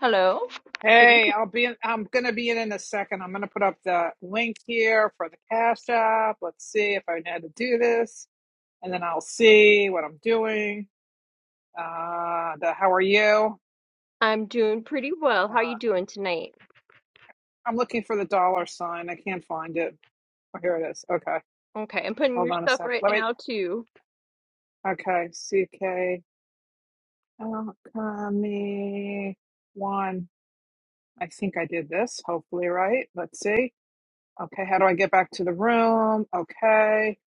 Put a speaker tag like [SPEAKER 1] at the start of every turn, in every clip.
[SPEAKER 1] Hello. Good
[SPEAKER 2] Hey,
[SPEAKER 1] evening.
[SPEAKER 2] I'll be in, I'm gonna be in in a second. I'm gonna put up the link here for the Cash App. Let's see if I know how to do this, and then I'll see what I'm doing. Uh, the how are you?
[SPEAKER 1] I'm doing pretty well. How
[SPEAKER 2] Uh,
[SPEAKER 1] you doing tonight?
[SPEAKER 2] I'm looking for the dollar sign. I can't find it. Oh, here it is. Okay,
[SPEAKER 1] Okay, I'm putting
[SPEAKER 2] hold
[SPEAKER 1] your
[SPEAKER 2] on a
[SPEAKER 1] stuff
[SPEAKER 2] sec.
[SPEAKER 1] right
[SPEAKER 2] Let me.
[SPEAKER 1] now too.
[SPEAKER 2] Okay, CK. Alchemy one. I think I did this, hopefully, right? Let's see. Okay, how do I get back to the room? Okay.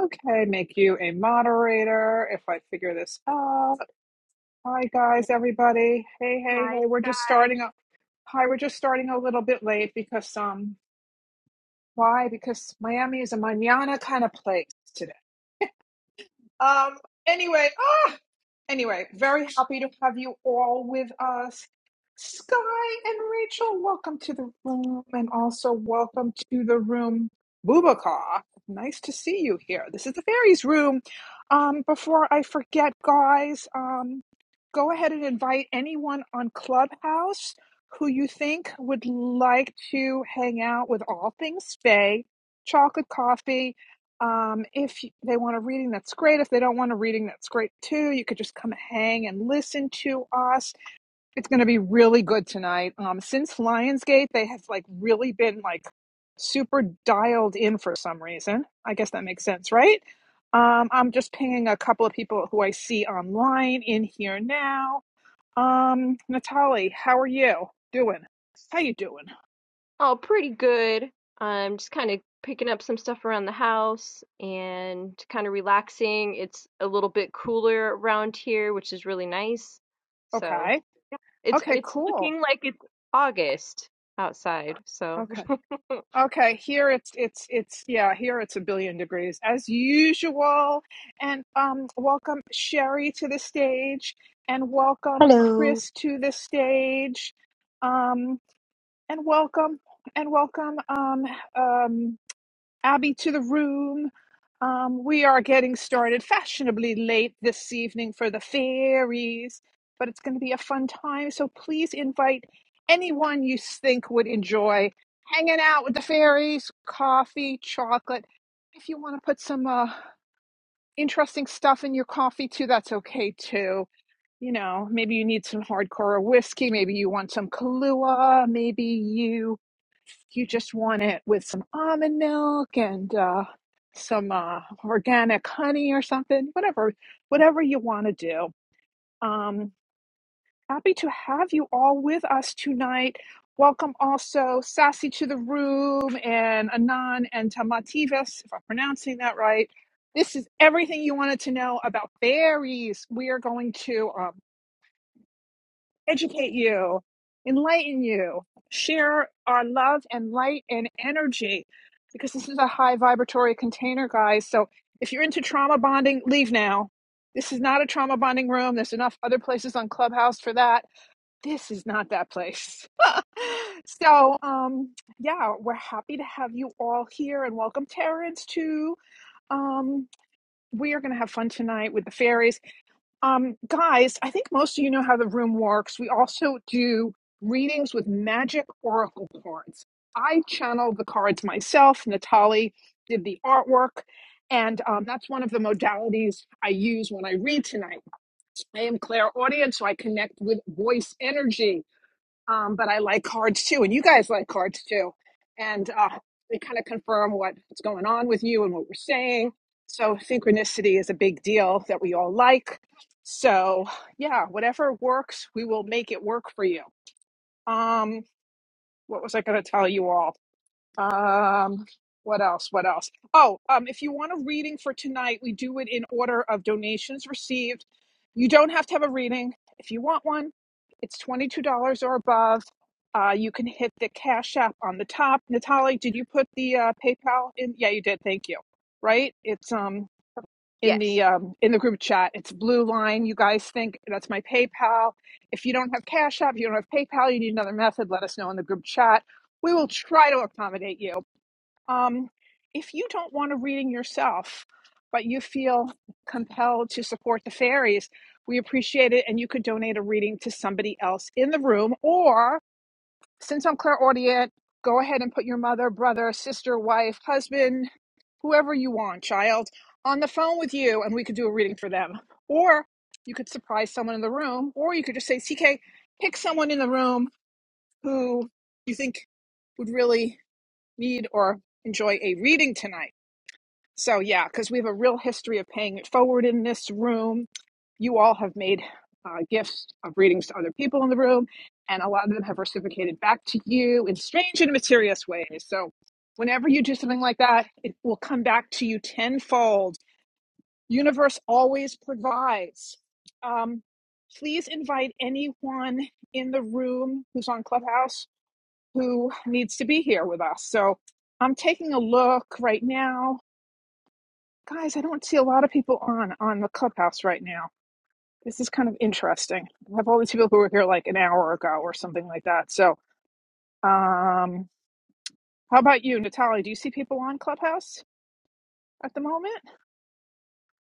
[SPEAKER 2] Okay, make you a moderator if I figure this out. Hi, guys, everybody. Hey, hey,
[SPEAKER 1] Hi,
[SPEAKER 2] hey, we're
[SPEAKER 1] Scott.
[SPEAKER 2] just starting up. Hi, we're just starting a little bit late because, um, why? Because Miami is a manana kind of place today. Um, anyway, ah. Anyway, very happy to have you all with us. Sky and Rachel, welcome to the room, and also welcome to the room, Bubakar. Nice to see you here. This is the fairies room. Um, before I forget, guys, um, go ahead and invite anyone on Clubhouse who you think would like to hang out with all things Faye, chocolate coffee. Um, if they want a reading, that's great. If they don't want a reading, that's great too. You could just come hang and listen to us. It's going to be really good tonight. Um, since Lionsgate, they have like really been like super dialed in for some reason. I guess that makes sense, right? Um, I'm just pinging a couple of people who I see online in here now. Um, Natalie, how are you doing? How you doing?
[SPEAKER 1] Oh, pretty good. I'm just kind of picking up some stuff around the house and kind of relaxing. It's a little bit cooler around here, which is really nice. So,
[SPEAKER 2] Okay.
[SPEAKER 1] it's
[SPEAKER 2] Okay,
[SPEAKER 1] it's
[SPEAKER 2] cool.
[SPEAKER 1] looking like it's August outside. So,
[SPEAKER 2] Okay. Okay, here it's it's it's yeah, here it's a billion degrees as usual. And um welcome Sherry to the stage and welcome
[SPEAKER 3] Hello.
[SPEAKER 2] Chris to the stage. Um and welcome and welcome um um Abby to the room. Um, we are getting started fashionably late this evening for the fairies, but it's going to be a fun time. So please invite anyone you think would enjoy hanging out with the fairies, coffee, chocolate. If you want to put some uh, interesting stuff in your coffee too, that's okay too. You know, maybe you need some hardcore whiskey, maybe you want some Kahlua, maybe you you just want it with some almond milk and uh, some uh, organic honey or something, whatever, whatever you want to do. Um, happy to have you all with us tonight. Welcome also Sassy to the room and Anan and Tamativas, if I'm pronouncing that right. This is everything you wanted to know about berries. We are going to. um, educate you, enlighten you, share our love and light and energy because this is a high vibratory container, guys. So if you're into trauma bonding, leave now. This is not a trauma bonding room. There's enough other places on Clubhouse for that. This is not that place. so, um, yeah, we're happy to have you all here and welcome Terrence to um, we are going to have fun tonight with the fairies. Um, guys, I think most of you know how the room works. We also do readings with magic oracle cards. I channeled the cards myself. Natali did the artwork, and um, that's one of the modalities I use when I read tonight. I am clairaudient, so I connect with voice energy. Um, but I like cards too, and you guys like cards too. And uh, they kind of confirm what, what's going on with you and what we're saying. So synchronicity is a big deal that we all like. So yeah, whatever works, we will make it work for you. Um, what was I going to tell you all? Um, what else? What else? Oh, um, if you want a reading for tonight, we do it in order of donations received. You don't have to have a reading. If you want one, it's $22 or above. Uh, you can hit the Cash App on the top. Natalie, did you put the uh, PayPal in? Yeah, you did. Thank you. Right? It's um in
[SPEAKER 1] yes.
[SPEAKER 2] the um in the group chat. It's blue line. You guys think that's my PayPal. If you don't have Cash App, you don't have PayPal, you need another method, let us know in the group chat. We will try to accommodate you um, if you don't want a reading yourself, but you feel compelled to support the fairies, we appreciate it. And you could donate a reading to somebody else in the room. Or since I'm clairaudient, go ahead and put your mother, brother, sister, wife, husband, whoever you want, child, on the phone with you, and we could do a reading for them. Or you could surprise someone in the room, or you could just say, CK, pick someone in the room who you think would really need or enjoy a reading tonight so, yeah, because we have a real history of paying it forward in this room. You all have made uh, gifts of readings to other people in the room, and a lot of them have reciprocated back to you in strange and mysterious ways. So, whenever you do something like that, it will come back to you tenfold. Universe always provides. Um, please invite anyone in the room who's on Clubhouse who needs to be here with us. So, I'm taking a look right now Guys, I don't see a lot of people on on the clubhouse right now. This is kind of interesting. I have all these people who were here like an hour ago or something like that. So, um, how about you, Natalie? Do you see people on Clubhouse at the moment?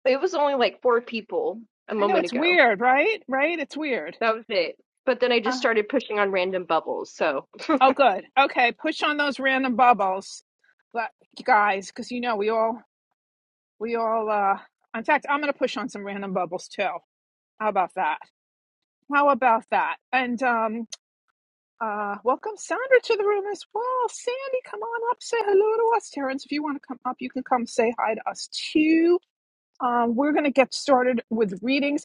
[SPEAKER 1] It was only like four people a
[SPEAKER 2] I know
[SPEAKER 1] moment
[SPEAKER 2] it's
[SPEAKER 1] ago.
[SPEAKER 2] weird, right? Right? It's weird.
[SPEAKER 1] That was it. But then I just
[SPEAKER 2] Uh,
[SPEAKER 1] started pushing on random bubbles, so
[SPEAKER 2] oh, good. Okay, push on those random bubbles, but guys, because you know we all we all. uh In fact, I'm going to push on some random bubbles too. How about that? How about that? And um, Uh, welcome Sandra to the room as well. Sandy, come on up, say hello to us. Terrence, if you want to come up, you can come say hi to us too. Um, we're going to get started with readings.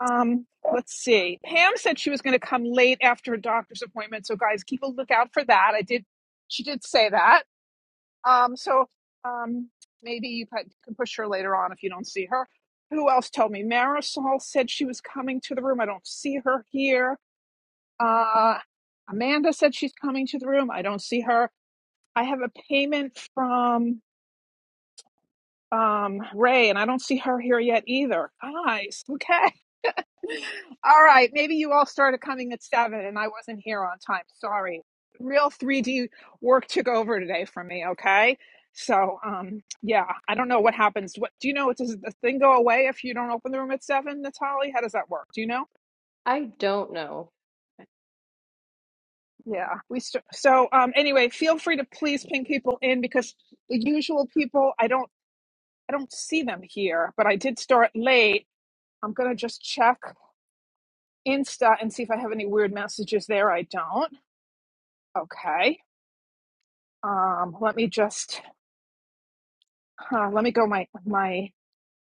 [SPEAKER 2] Um, let's see. Pam said she was going to come late after a doctor's appointment, so guys, keep a lookout for that. I did. She did say that. Um, so um, maybe you can can push her later on if you don't see her. Who else told me? Marisol said she was coming to the room. I don't see her here. Uh, Amanda said she's coming to the room. I don't see her. I have a payment from um, Ray, and I don't see her here yet either. Guys, okay. All right. Maybe you all started coming at seven, and I wasn't here on time. Sorry. Real 3D work took over today for me. Okay. So, um, yeah, I don't know what happens. What do you know? Does the thing go away if you don't open the room at seven, Natalie? How does that work? Do you know?
[SPEAKER 1] I don't know.
[SPEAKER 2] Yeah, we st- so um anyway, feel free to please ping people in because the usual people I don't I don't see them here, but I did start late. I'm going to just check Insta and see if I have any weird messages there. I don't. Okay. Um let me just uh, let me go my my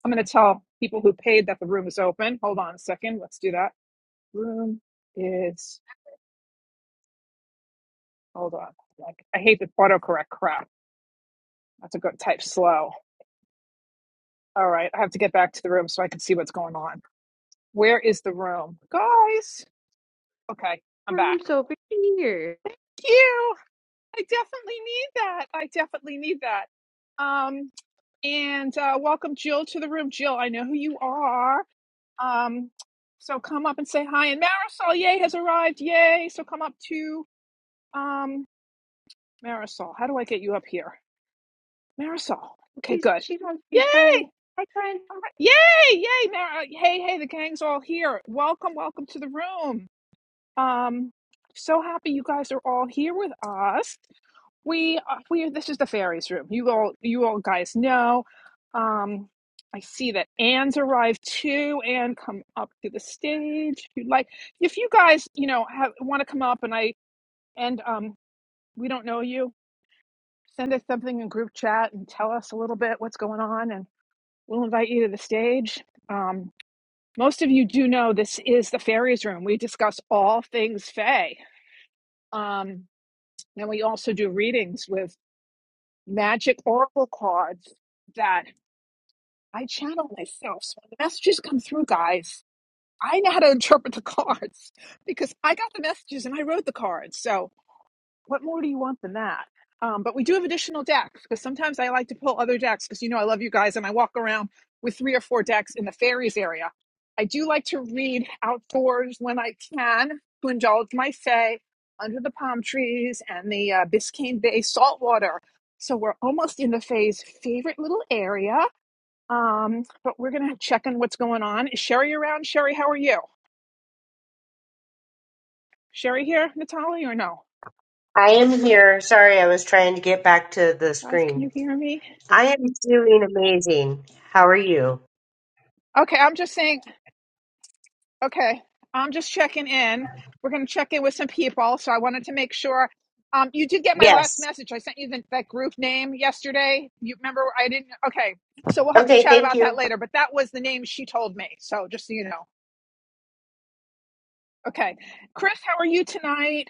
[SPEAKER 2] I'm going to tell people who paid that the room is open. Hold on a second. Let's do that. Room is hold on. Like I hate the autocorrect crap. I have to go type slow. All right, I have to get back to the room so I can see what's going on. Where is the room? Guys, okay, I'm back.
[SPEAKER 1] Room's over here.
[SPEAKER 2] You, I definitely need that. I definitely need that. Um, and uh, welcome Jill to the room. Jill, I know who you are. Um, so come up and say hi. And Marisol, yay, has arrived. Yay. So come up to um, Marisol. How do I get you up here? Marisol. Okay,
[SPEAKER 1] She's
[SPEAKER 2] good.
[SPEAKER 1] she's on stage. Hi.
[SPEAKER 2] Yay.
[SPEAKER 1] Hi, friend.
[SPEAKER 2] All right. Yay, yay, Mar- hey, hey, the gang's all here. Welcome, welcome to the room. Um, so happy you guys are all here with us. We uh, we this is the fairies room. You all you all guys know. Um, I see that Anne's arrived too. Anne, come up to the stage if you'd like. If you guys you know have want to come up and I and um we don't know you, send us something in group chat and tell us a little bit what's going on, and we'll invite you to the stage. Um, most of you do know this is the fairies room. We discuss all things fae. Um, And we also do readings with magic oracle cards that I channel myself. So when the messages come through, guys, I know how to interpret the cards because I got the messages and I wrote the cards. So what more do you want than that? Um, but we do have additional decks because sometimes I like to pull other decks because you know I love you guys and I walk around with three or four decks in the fairies area. I do like to read outdoors when I can to indulge my fae under the palm trees and the uh, Biscayne Bay saltwater. So we're almost in the fae's favorite little area. Um, but we're gonna check on what's going on. Is Sherry around? Sherry, how are you? Sherry here, Natalie, or no?
[SPEAKER 3] I am here. Sorry, I was trying to get back to the
[SPEAKER 2] Guys, can
[SPEAKER 3] screen.
[SPEAKER 2] you hear me?
[SPEAKER 3] I am doing amazing. How are you?
[SPEAKER 2] Okay, I'm just saying Okay, I'm just checking in. We're going to check in with some people, so I wanted to make sure. Um, you did get my last
[SPEAKER 3] Yes.
[SPEAKER 2] message. I sent you the, that group name yesterday. You remember? I didn't. Okay, so we'll have to
[SPEAKER 3] Okay,
[SPEAKER 2] chat
[SPEAKER 3] thank
[SPEAKER 2] about
[SPEAKER 3] you.
[SPEAKER 2] that later. But that was the name she told me. So just so you know. Okay, Chris, how are you tonight,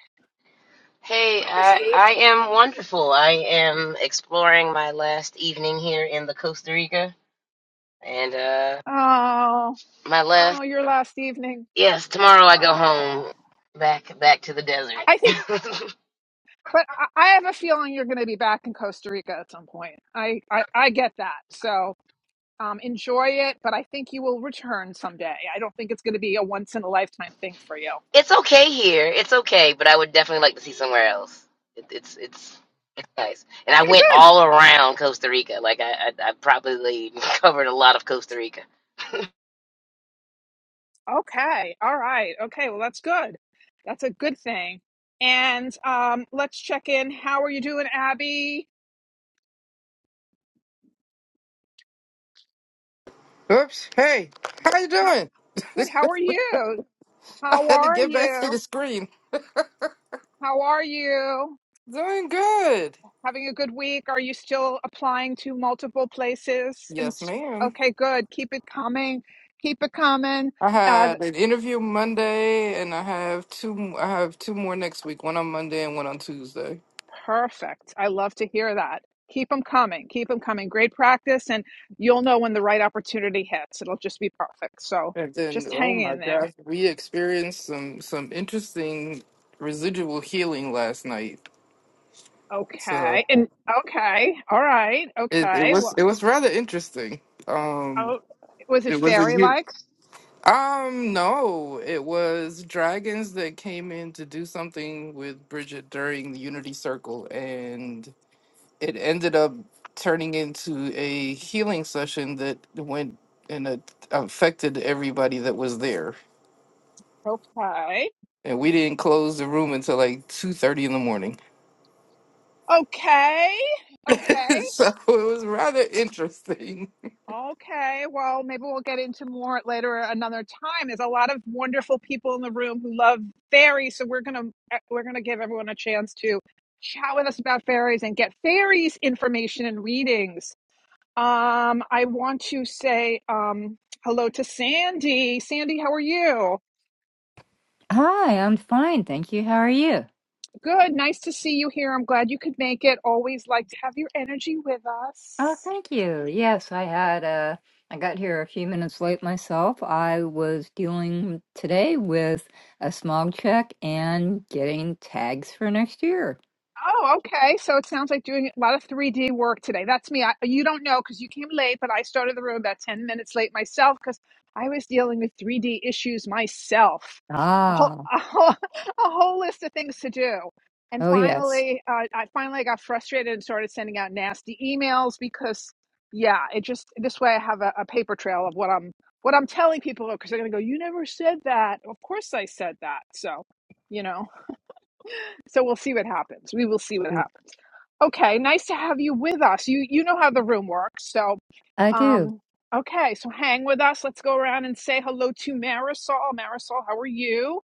[SPEAKER 4] Hey, I,
[SPEAKER 2] Chrissy?
[SPEAKER 4] I am wonderful. I am exploring my last evening here in the Costa Rica, and uh,
[SPEAKER 2] Oh,
[SPEAKER 4] my last
[SPEAKER 2] oh, your last evening.
[SPEAKER 4] yes, tomorrow I go
[SPEAKER 2] Oh,
[SPEAKER 4] home back back to the
[SPEAKER 2] I think,
[SPEAKER 4] desert.
[SPEAKER 2] but I, I have a feeling you're going to be back in Costa Rica at some point. I, I, I get that. So Um, enjoy it, but I think you will return someday. I don't think it's going to be a once in a lifetime thing for you.
[SPEAKER 4] it's okay here. It's okay, but I would definitely like to see somewhere else. It, it's it's it's nice, and I
[SPEAKER 2] Okay,
[SPEAKER 4] went
[SPEAKER 2] good.
[SPEAKER 4] all around Costa Rica. Like I I, I probably covered a lot of Costa Rica.
[SPEAKER 2] Okay, all right. Okay, well, that's good. That's a good thing. And um, let's check in. How are you doing, Abby?
[SPEAKER 5] Oops. Hey, how you
[SPEAKER 2] How,
[SPEAKER 5] doing?
[SPEAKER 2] good. How are you?
[SPEAKER 5] I
[SPEAKER 2] How
[SPEAKER 5] had to
[SPEAKER 2] are
[SPEAKER 5] get back to
[SPEAKER 2] you?
[SPEAKER 5] the screen.
[SPEAKER 2] How are you?
[SPEAKER 5] Doing good.
[SPEAKER 2] Having a good week? Are you still applying to multiple places? And
[SPEAKER 5] Yes,
[SPEAKER 2] s-
[SPEAKER 5] ma'am.
[SPEAKER 2] okay, good. Keep it coming. Keep it coming.
[SPEAKER 5] I
[SPEAKER 2] Uh,
[SPEAKER 5] had an interview Monday, and I have two. I have two more next week. One on Monday and one on Tuesday.
[SPEAKER 2] Perfect. I love to hear that. Keep them coming. Keep them coming. Great practice, and you'll know when the right opportunity hits. It'll just be perfect. So
[SPEAKER 5] And then,
[SPEAKER 2] just
[SPEAKER 5] oh
[SPEAKER 2] hang
[SPEAKER 5] my
[SPEAKER 2] in there.
[SPEAKER 5] gosh, we experienced some some interesting residual healing last night. So
[SPEAKER 2] Okay. And okay. All right.
[SPEAKER 5] it, it
[SPEAKER 2] Okay.
[SPEAKER 5] was
[SPEAKER 2] Well,
[SPEAKER 5] it was rather interesting. Um,
[SPEAKER 2] oh, was it
[SPEAKER 5] it was a
[SPEAKER 2] fairy
[SPEAKER 5] huge.
[SPEAKER 2] like?
[SPEAKER 5] Um, no, it was dragons that came in to do something with Bridget during the Unity Circle, and it ended up turning into a healing session that went and it affected everybody that was there.
[SPEAKER 2] Okay.
[SPEAKER 5] And we didn't close the room until like two thirty in the morning,
[SPEAKER 2] Okay. Okay.
[SPEAKER 5] so it was rather interesting.
[SPEAKER 2] Okay, well, maybe we'll get into more later another time. There's a lot of wonderful people in the room who love fairies, so we're gonna eh, we're gonna give everyone a chance to chat with us about fairies and get fairies information and readings. Um, I want to say um, hello to Sandy. Sandy, how are you?
[SPEAKER 6] Hi, I'm fine, thank you. How are you?
[SPEAKER 2] Good. Nice to see you here. I'm glad you could make it. Always like to have your energy with us.
[SPEAKER 6] Oh, thank you. Yes, I had uh I got here a few minutes late myself. I was dealing today with a smog check and getting tags for next year.
[SPEAKER 2] Oh, okay. So it sounds like doing a lot of 3D work today. That's me. I, you don't know because you came late, but I started the room about 10 minutes late myself because I was dealing with 3D issues myself. A whole,
[SPEAKER 6] Ah,
[SPEAKER 2] a whole, a whole list of things to do. And
[SPEAKER 6] oh yes.
[SPEAKER 2] finally, uh, I finally got frustrated and started sending out nasty emails because, yeah, it just this way I have a, a paper trail of what I'm what I'm telling people because they're gonna go, "You never said that." Of course, I said that. So, you know, so we'll see what happens. We will see what happens. Okay, nice to have you with us. You you know how the room works, so
[SPEAKER 6] I do.
[SPEAKER 2] um okay, so hang with us. Let's go around and say hello to Marisol. Marisol, how are you?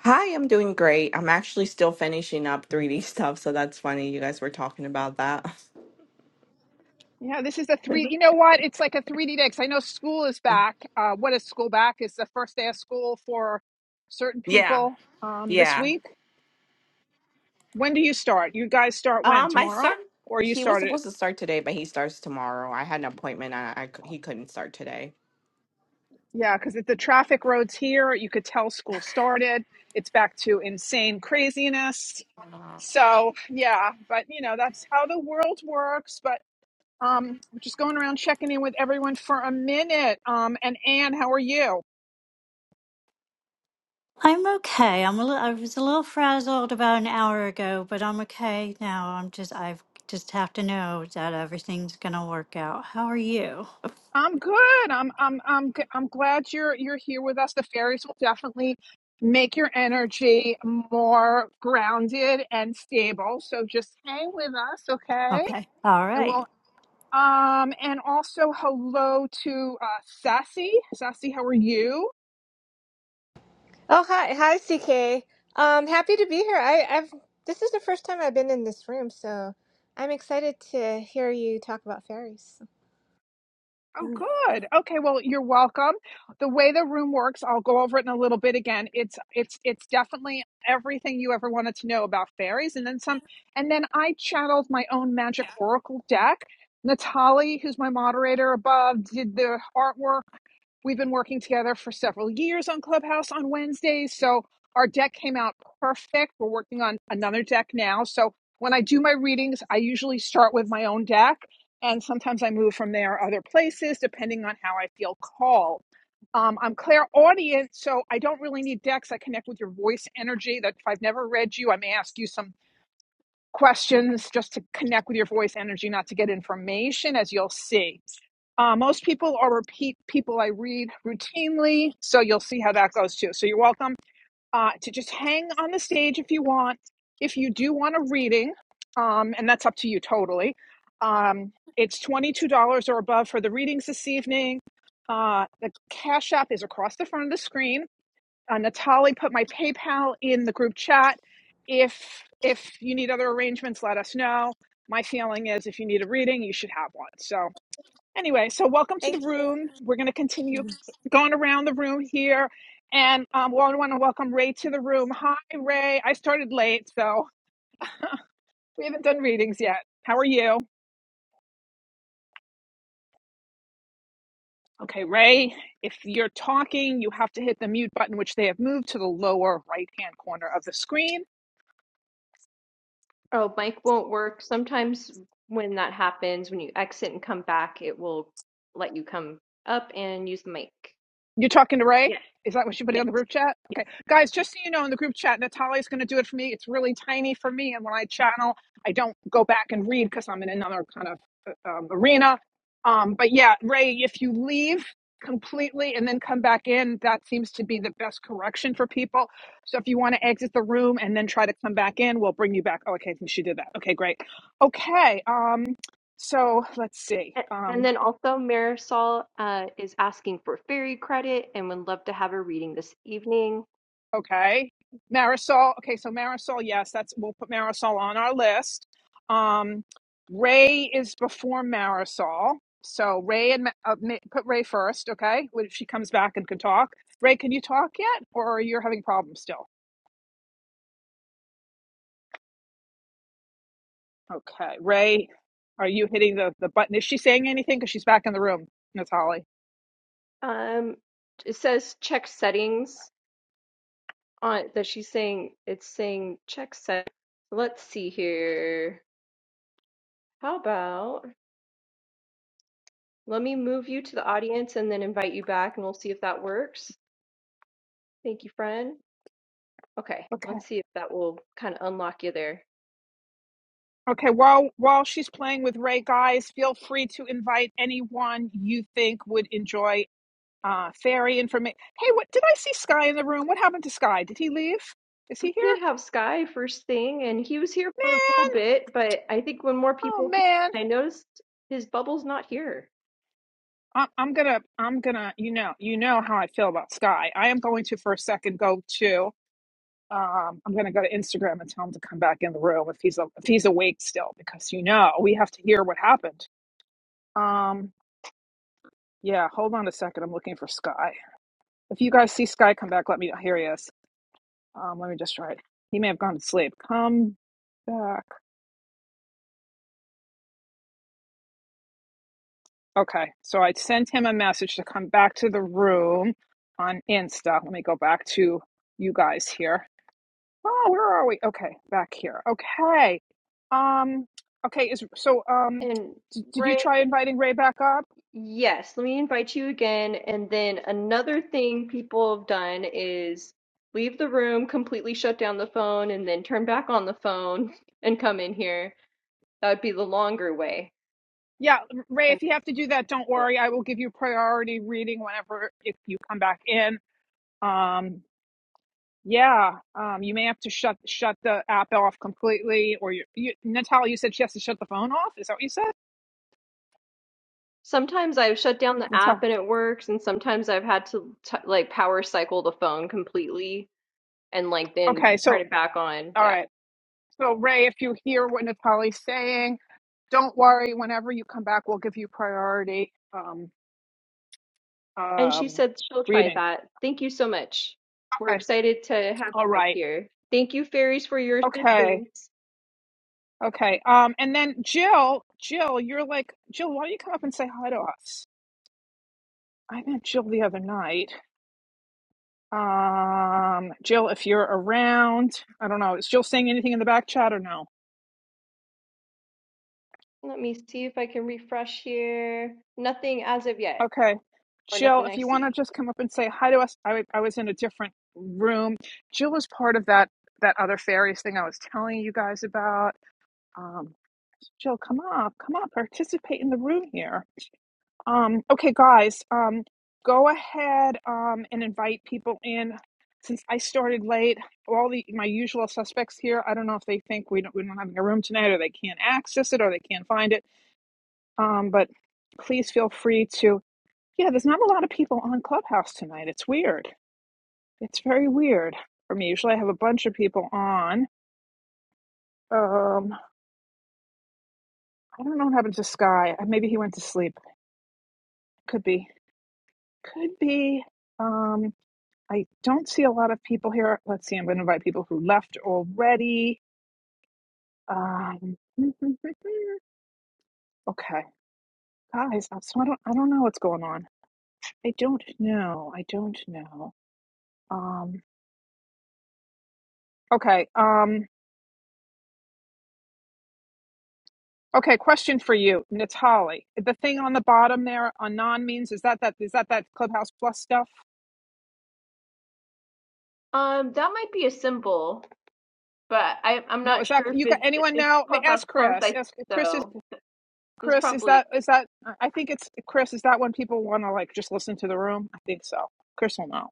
[SPEAKER 7] Hi, I'm doing great. I'm actually still finishing up 3D stuff, so that's funny. You guys were talking about that.
[SPEAKER 2] Yeah, this is a three. You know what? It's like a 3D day day because I know school is back. Uh, what is school back? It's the first day of school for certain
[SPEAKER 7] Yeah,
[SPEAKER 2] people um, this
[SPEAKER 7] yeah.
[SPEAKER 2] week. When do you start? You guys start when?
[SPEAKER 7] Um, my
[SPEAKER 2] Tomorrow?
[SPEAKER 7] son,
[SPEAKER 2] Or you
[SPEAKER 7] he was
[SPEAKER 2] started?
[SPEAKER 7] supposed to start today, but he starts tomorrow. I had an appointment, and I, I c- he couldn't start today.
[SPEAKER 2] Yeah, because the traffic roads here, you could tell school started. It's back to insane craziness
[SPEAKER 7] Uh,
[SPEAKER 2] So yeah, but you know, that's how the world works. But um we're just going around checking in with everyone for a minute. Um and Anne, how are you?
[SPEAKER 8] I'm okay. I'm a little, I was a little frazzled about an hour ago, but I'm okay now. I'm just I've just have to know that everything's gonna work out. How are you?
[SPEAKER 2] I'm good. I'm I'm I'm g- I'm glad you're you're here with us. The fairies will definitely make your energy more grounded and stable. So just hang with us, okay?
[SPEAKER 8] Okay. All
[SPEAKER 2] And
[SPEAKER 8] right.
[SPEAKER 2] we'll um and also hello to uh Sassy. Sassy, how are you?
[SPEAKER 9] Oh, hi. Hi, CK. Um, happy to be here. I, I've this is the first time I've been in this room, so I'm excited to hear you talk about fairies.
[SPEAKER 2] Oh,
[SPEAKER 9] Mm.
[SPEAKER 2] good. Okay, well, you're welcome. The way the room works, I'll go over it in a little bit again. It's it's it's definitely everything you ever wanted to know about fairies, and then some. And then I channeled my own magic oracle deck. Natalie, who's my moderator above, did the artwork We've been working together for several years on Clubhouse on Wednesdays. So our deck came out perfect. We're working on another deck now. So when I do my readings, I usually start with my own deck. And sometimes I move from there other places depending on how I feel called. Um, I'm clairaudient, so I don't really need decks. I connect with your voice energy. That if I've never read you, I may ask you some questions just to connect with your voice energy, not to get information, as you'll see. Uh, most people are repeat people I read routinely, so you'll see how that goes too. So you're welcome uh, to just hang on the stage if you want. If you do want a reading, um, and that's up to you totally, um, it's $22 or above for the readings this evening. Uh, the Cash App is across the front of the screen uh, Natalie put my PayPal in the group chat. If if you need other arrangements, let us know. My feeling is if you need a reading, you should have one. So anyway, so welcome to the
[SPEAKER 9] Thank
[SPEAKER 2] room. We're going to continue
[SPEAKER 9] you.
[SPEAKER 2] going around the room here, and um, well, I want to welcome Ray to the room. Hi, Ray. I started late, so we haven't done readings yet. How are you? Okay, Ray, if you're talking, you have to hit the mute button, which they have moved to the lower right hand corner of the screen.
[SPEAKER 1] Oh, mic won't work. Sometimes when that happens, when you exit and come back, it will let you come up and use the mic.
[SPEAKER 2] You're talking to Ray?
[SPEAKER 1] Yes,
[SPEAKER 2] Is that what you put
[SPEAKER 1] yes.
[SPEAKER 2] on the group chat?
[SPEAKER 1] yes.
[SPEAKER 2] Okay. Guys, just so you know, in the group chat, Natalia's going to do it for me. It's really tiny for me. And when I channel, I don't go back and read because I'm in another kind of uh, um, arena. Um, but yeah, Ray, if you leave completely and then come back in, that seems to be the best correction for people. So if you want to exit the room and then try to come back in, we'll bring you back. Oh, okay. I think she did that. Okay, great. Okay. Um, so let's see.
[SPEAKER 1] A-
[SPEAKER 2] Um.
[SPEAKER 1] And then also Marisol uh, is asking for fairy credit and would love to have a reading this evening.
[SPEAKER 2] Okay. Marisol. Okay, so Marisol, yes, that's we'll put Marisol on our list. Um, Ray is before Marisol. So Ray and Ma- uh, ma- put Ray first, okay? When she comes back and can talk. Ray, can you talk yet or you're having problems still? Okay. Ray, are you hitting the the button? Is she saying anything cuz she's back in the room, Natalie?
[SPEAKER 1] Um, it says check settings on that she's saying it's saying check set. Let's see here. How about let me move you to the audience and then invite you back and we'll see if that works. Thank you, friend. Okay,
[SPEAKER 2] Okay.
[SPEAKER 1] let's see if that will kind of unlock you there.
[SPEAKER 2] Okay, while while she's playing with Ray, guys, feel free to invite anyone you think would enjoy uh, fairy information. Hey, what did I see Sky in the room? What happened to Sky? Did he leave? Is
[SPEAKER 1] We
[SPEAKER 2] he here?
[SPEAKER 1] did have Sky first thing and he was here for a little
[SPEAKER 2] Man,
[SPEAKER 1] bit, but I think when more
[SPEAKER 2] oh
[SPEAKER 1] people came,
[SPEAKER 2] man.
[SPEAKER 1] I noticed his bubble's not here.
[SPEAKER 2] I'm, I'm gonna, I'm gonna, you know, you know how I feel about Sky. I am going to for a second go to, um, I'm gonna go to Instagram and tell him to come back in the room if he's, a- if he's awake still, because you know, we have to hear what happened. Um, yeah, hold on a second. I'm looking for Sky. If you guys see Sky come back, let me, here he is. Um, let me just try it. He may have gone to sleep. Come back. Okay, so I sent him a message to come back to the room on Insta. Let me go back to you guys here. Oh, where are we? Okay, back here. Okay. Um okay, is so um
[SPEAKER 1] And
[SPEAKER 2] d- did you
[SPEAKER 1] Ray
[SPEAKER 2] try inviting Ray back up?
[SPEAKER 1] Yes, let me invite you again. And then another thing people have done is leave the room, completely shut down the phone, and then turn back on the phone and come in here. That would be the longer way,
[SPEAKER 2] Yeah, Ray,
[SPEAKER 1] and it
[SPEAKER 2] if you have to do that, don't
[SPEAKER 1] works.
[SPEAKER 2] worry. I will give you priority reading whenever if you come back in. Um yeah, um you may have to shut shut the app off completely or you, you Natalia, you said she has to shut the phone off? Is that what you said?
[SPEAKER 1] Sometimes I've shut down the app
[SPEAKER 2] Natalia.
[SPEAKER 1] and it works, and sometimes I've had to t like power cycle the phone completely and like then
[SPEAKER 2] Okay, so
[SPEAKER 1] turn it back on.
[SPEAKER 2] All
[SPEAKER 1] Yeah.
[SPEAKER 2] right. So, Ray, if you hear what Natalie's saying, don't worry. Whenever you come back, we'll give you priority um,
[SPEAKER 1] And she
[SPEAKER 2] um,
[SPEAKER 1] said she'll try
[SPEAKER 2] reading.
[SPEAKER 1] that. Thank you so much. We're
[SPEAKER 2] Okay.
[SPEAKER 1] excited to have
[SPEAKER 2] All
[SPEAKER 1] you up
[SPEAKER 2] right.
[SPEAKER 1] here. Thank you, fairies, for your
[SPEAKER 2] Okay.
[SPEAKER 1] assistance.
[SPEAKER 2] Okay. Um, and then Jill, Jill, you're like Jill. Why don't you come up and say hi to us? I met Jill the other night. Um, Jill, if you're around, I don't know. Is Jill saying anything in the back chat or no?
[SPEAKER 1] Let me see if I can refresh here. Nothing as of yet,
[SPEAKER 2] Okay.
[SPEAKER 1] or
[SPEAKER 2] Jill,
[SPEAKER 1] nothing I
[SPEAKER 2] if you want to
[SPEAKER 1] see.
[SPEAKER 2] just come up and say hi to us, I I was in a different room. Jill is part of that that other fairies thing I was telling you guys about. Um, Jill, come up, come up, participate in the room here. Um, okay, guys, um, go ahead um, and invite people in. Since I started late, all the my usual suspects here. I don't know if they think we don't we don't have a room tonight, or they can't access it, or they can't find it. Um, but please feel free to yeah, there's not a lot of people on Clubhouse tonight. It's weird. It's very weird for me. Usually I have a bunch of people on. Um, I don't know what happened to Sky. Uh, Maybe he went to sleep. Could be. Could be. Um, I don't see a lot of people here. Let's see. I'm going to invite people who left already. Um, okay, guys. So I don't. I don't know what's going on. I don't know. I don't know. Um, okay. Um, Okay, question for you, Natali. The thing on the bottom there on non means is that that is that that Clubhouse Plus stuff?
[SPEAKER 1] Um, that might be a symbol, but I I'm
[SPEAKER 2] No,
[SPEAKER 1] not
[SPEAKER 2] is that
[SPEAKER 1] sure if
[SPEAKER 2] you got
[SPEAKER 1] it's
[SPEAKER 2] anyone
[SPEAKER 1] it's
[SPEAKER 2] now?
[SPEAKER 1] Clubhouse
[SPEAKER 2] Ask
[SPEAKER 1] Plus. I
[SPEAKER 2] Chris.
[SPEAKER 1] think
[SPEAKER 2] Ask Chris is
[SPEAKER 1] so that's
[SPEAKER 2] Chris. Is
[SPEAKER 1] probably
[SPEAKER 2] that is that? I think it's Chris. Is that when people want to like just listen to the room? I think so. Chris will know.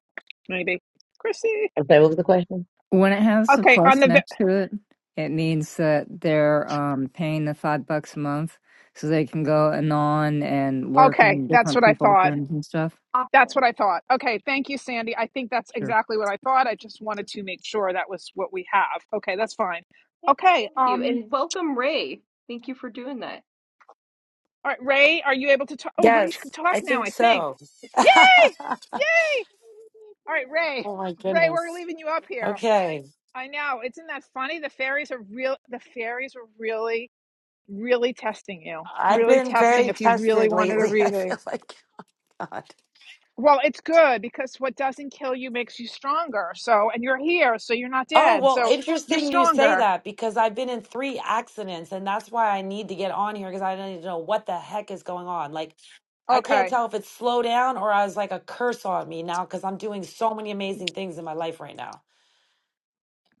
[SPEAKER 2] Maybe Chrissy.
[SPEAKER 4] I'm sorry, what was the question?
[SPEAKER 6] When it has the
[SPEAKER 2] Okay, on
[SPEAKER 6] plus
[SPEAKER 2] the
[SPEAKER 6] next
[SPEAKER 2] vi-
[SPEAKER 6] to it, it means that they're um paying the five bucks a month so they can go anon and lurk
[SPEAKER 2] okay,
[SPEAKER 6] in
[SPEAKER 2] that's
[SPEAKER 6] different
[SPEAKER 2] what I
[SPEAKER 6] people's
[SPEAKER 2] thought.
[SPEAKER 6] rooms and stuff.
[SPEAKER 2] That's what
[SPEAKER 1] awesome.
[SPEAKER 2] I thought. Okay, thank you, Sandy. I think that's
[SPEAKER 6] Sure.
[SPEAKER 2] exactly what I thought. I just wanted to make sure that was what we have. Okay, that's fine.
[SPEAKER 1] Yep,
[SPEAKER 2] Okay,
[SPEAKER 1] thank you,
[SPEAKER 2] um,
[SPEAKER 1] and welcome Ray. Thank you for doing that.
[SPEAKER 2] All right, Ray, are you able to talk? Oh, wait, you can
[SPEAKER 10] Yes,
[SPEAKER 2] talk
[SPEAKER 10] I
[SPEAKER 2] now,
[SPEAKER 10] think
[SPEAKER 2] I think.
[SPEAKER 10] so. oh
[SPEAKER 2] Yay! Yay! All right, Ray.
[SPEAKER 10] my
[SPEAKER 2] Ray, we're
[SPEAKER 10] goodness.
[SPEAKER 2] leaving you up here.
[SPEAKER 10] Okay.
[SPEAKER 2] I know. Isn't that funny? The fairies are real. The fairies are really, really testing you.
[SPEAKER 10] I've
[SPEAKER 2] Really
[SPEAKER 10] been
[SPEAKER 2] testing
[SPEAKER 10] very
[SPEAKER 2] if you really
[SPEAKER 10] tested
[SPEAKER 2] wanted a
[SPEAKER 10] lately. I
[SPEAKER 2] reading.
[SPEAKER 10] feel like God.
[SPEAKER 2] Well, it's good because what doesn't kill you makes you stronger. So, and you're here, so you're not
[SPEAKER 10] Oh,
[SPEAKER 2] dead.
[SPEAKER 10] well,
[SPEAKER 2] So you're
[SPEAKER 10] interesting you say
[SPEAKER 2] stronger.
[SPEAKER 10] that because I've been in three accidents and that's why I need to get on here because I don't even know what the heck is going on. Like, I can't
[SPEAKER 2] Okay.
[SPEAKER 10] tell if it's slow down or I was like a curse on me now because I'm doing so many amazing things in my life right now.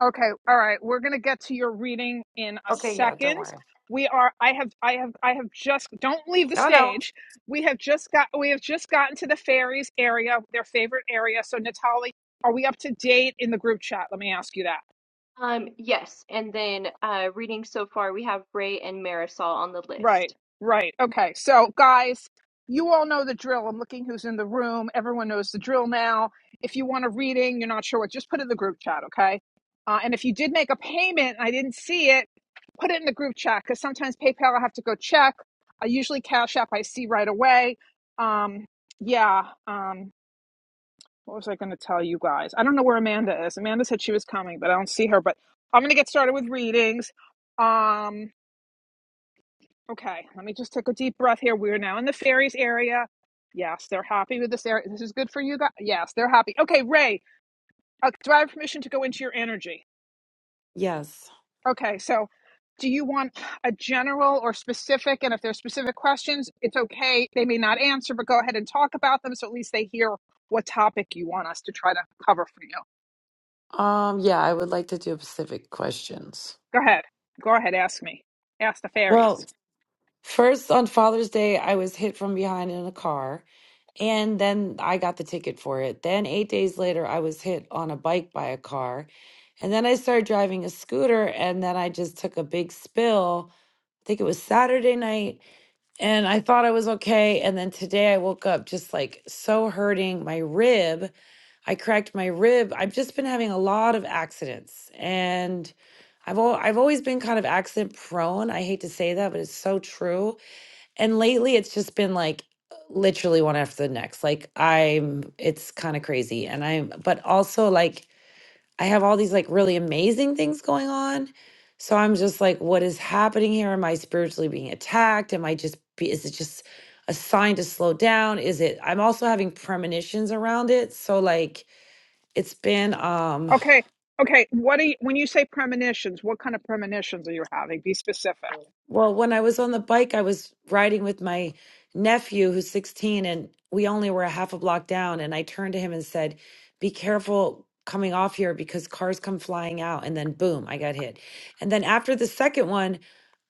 [SPEAKER 2] Okay, all right. We're gonna get to your reading in a
[SPEAKER 10] Okay, yeah, don't
[SPEAKER 2] second.
[SPEAKER 10] worry.
[SPEAKER 2] We are. I have. I have. I have just. Don't leave the
[SPEAKER 10] No, no.
[SPEAKER 2] stage. We have just got. We have just gotten to the fairies area, their favorite area. So, Natalie, are we up to date in the group chat? Let me ask you that.
[SPEAKER 1] Um, yes, and then uh, reading so far, we have Ray and Marisol on the
[SPEAKER 2] Right,
[SPEAKER 1] list.
[SPEAKER 2] right. Okay, so guys, you all know the drill. I'm looking who's in the room. Everyone knows the drill now. If you want a reading, you're not sure what, just put it in the group chat, okay? Uh, and if you did make a payment, I didn't see it, put it in the group chat because sometimes PayPal I have to go check. I usually Cash App I see right away. Um, yeah. Um, what was I going to tell you guys? I don't know where Amanda is. Amanda said she was coming, but I don't see her. But I'm going to get started with readings. Um, Okay, let me just take a deep breath here. We're now in the fairies area. Yes, they're happy with this area. This is good for you guys. Yes, they're happy. Okay, Ray, uh, do I have permission to go into your energy?
[SPEAKER 10] Yes.
[SPEAKER 2] Okay, so do you want a general or specific? And if there's specific questions, it's okay. They may not answer, but go ahead and talk about them so at least they hear what topic you want us to try to cover for you.
[SPEAKER 10] Um, yeah, I would like to do specific questions.
[SPEAKER 2] Go ahead. Go ahead, ask me. Ask the
[SPEAKER 10] Well,
[SPEAKER 2] fairies.
[SPEAKER 10] First, on Father's Day, I was hit from behind in a car, and then I got the ticket for it. Then, eight days later, I was hit on a bike by a car. And then I started driving a scooter, and then I just took a big spill. I think it was Saturday night, and I thought I was okay. And then today I woke up just like so hurting my rib. I cracked my rib. I've just been having a lot of accidents, and I've al- I've always been kind of accident prone. I hate to say that, but it's so true and lately it's just been like literally one after the next. Like I'm it's kind of crazy and I'm but also like I have all these like really amazing things going on. So I'm just like what is happening here? Am I spiritually being attacked? Am I just be is it just a sign to slow down? Is it I'm also having premonitions around it. So like it's been um
[SPEAKER 2] Okay, okay. What do you, when you say premonitions, what kind of premonitions are you having? Be specific.
[SPEAKER 10] Well, when I was on the bike, I was riding with my nephew who's 16, and we only were a half a block down. And I turned to him and said, Be careful coming off here because cars come flying out. And then, boom, I got hit. And then after the second one,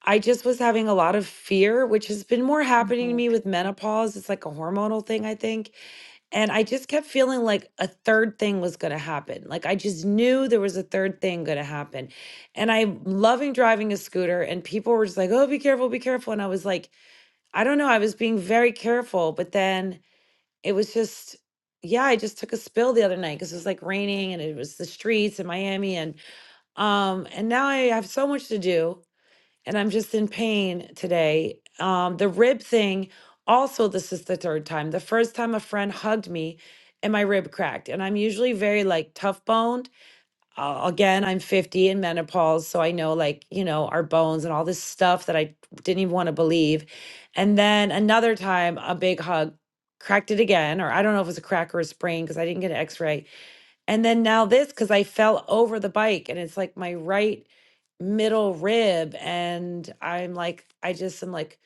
[SPEAKER 10] I just was having a lot of fear, which has been more happening to
[SPEAKER 2] hmm
[SPEAKER 10] me with menopause. It's like a hormonal thing, I think. And I just kept feeling like a third thing was going to happen. Like I just knew there was a third thing going to happen. And I'm loving driving a scooter, and people were just like, oh, be careful, be careful. And I was like, I don't know. I was being very careful. But then it was just, yeah, I just took a spill the other night because it was like raining and it was the streets in Miami. And, um, and now I have so much to do and I'm just in pain today. Um, the rib thing, also, this is the third time. The first time a friend hugged me and my rib cracked. And I'm usually very like tough boned. Uh, again, I'm 50 in menopause. So I know like, you know, our bones and all this stuff that I didn't even want to believe. And then another time, a big hug cracked it again. Or I don't know if it was a crack or a sprain because I didn't get an x ray. And then now this because I fell over the bike and it's like my right middle rib and I'm like I just am like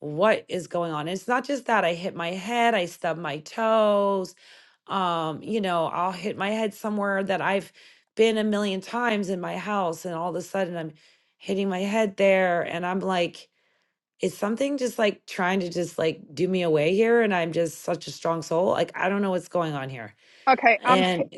[SPEAKER 10] what is going on? And it's not just that I hit my head, I stub my toes. Um, you know, I'll hit my head somewhere that I've been a million times in my house and all of a sudden I'm hitting my head there and I'm like is something just like trying to just like do me away here and I'm just such a strong soul? Like I don't know what's going on here.
[SPEAKER 2] Okay, I'm. pi-
[SPEAKER 10] And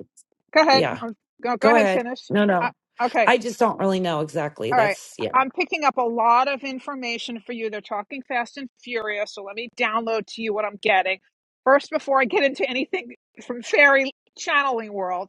[SPEAKER 2] Go ahead.
[SPEAKER 10] yeah,
[SPEAKER 2] I'm, go go
[SPEAKER 10] go
[SPEAKER 2] ahead.
[SPEAKER 10] ahead.
[SPEAKER 2] Finish.
[SPEAKER 10] No,
[SPEAKER 2] I,
[SPEAKER 10] no.
[SPEAKER 2] okay.
[SPEAKER 10] I just don't really know exactly.
[SPEAKER 2] All right.
[SPEAKER 10] That's yeah.
[SPEAKER 2] I'm picking up a lot of information for you. They're talking fast and furious, so let me download to you what I'm getting first before I get into anything from fairy channeling world.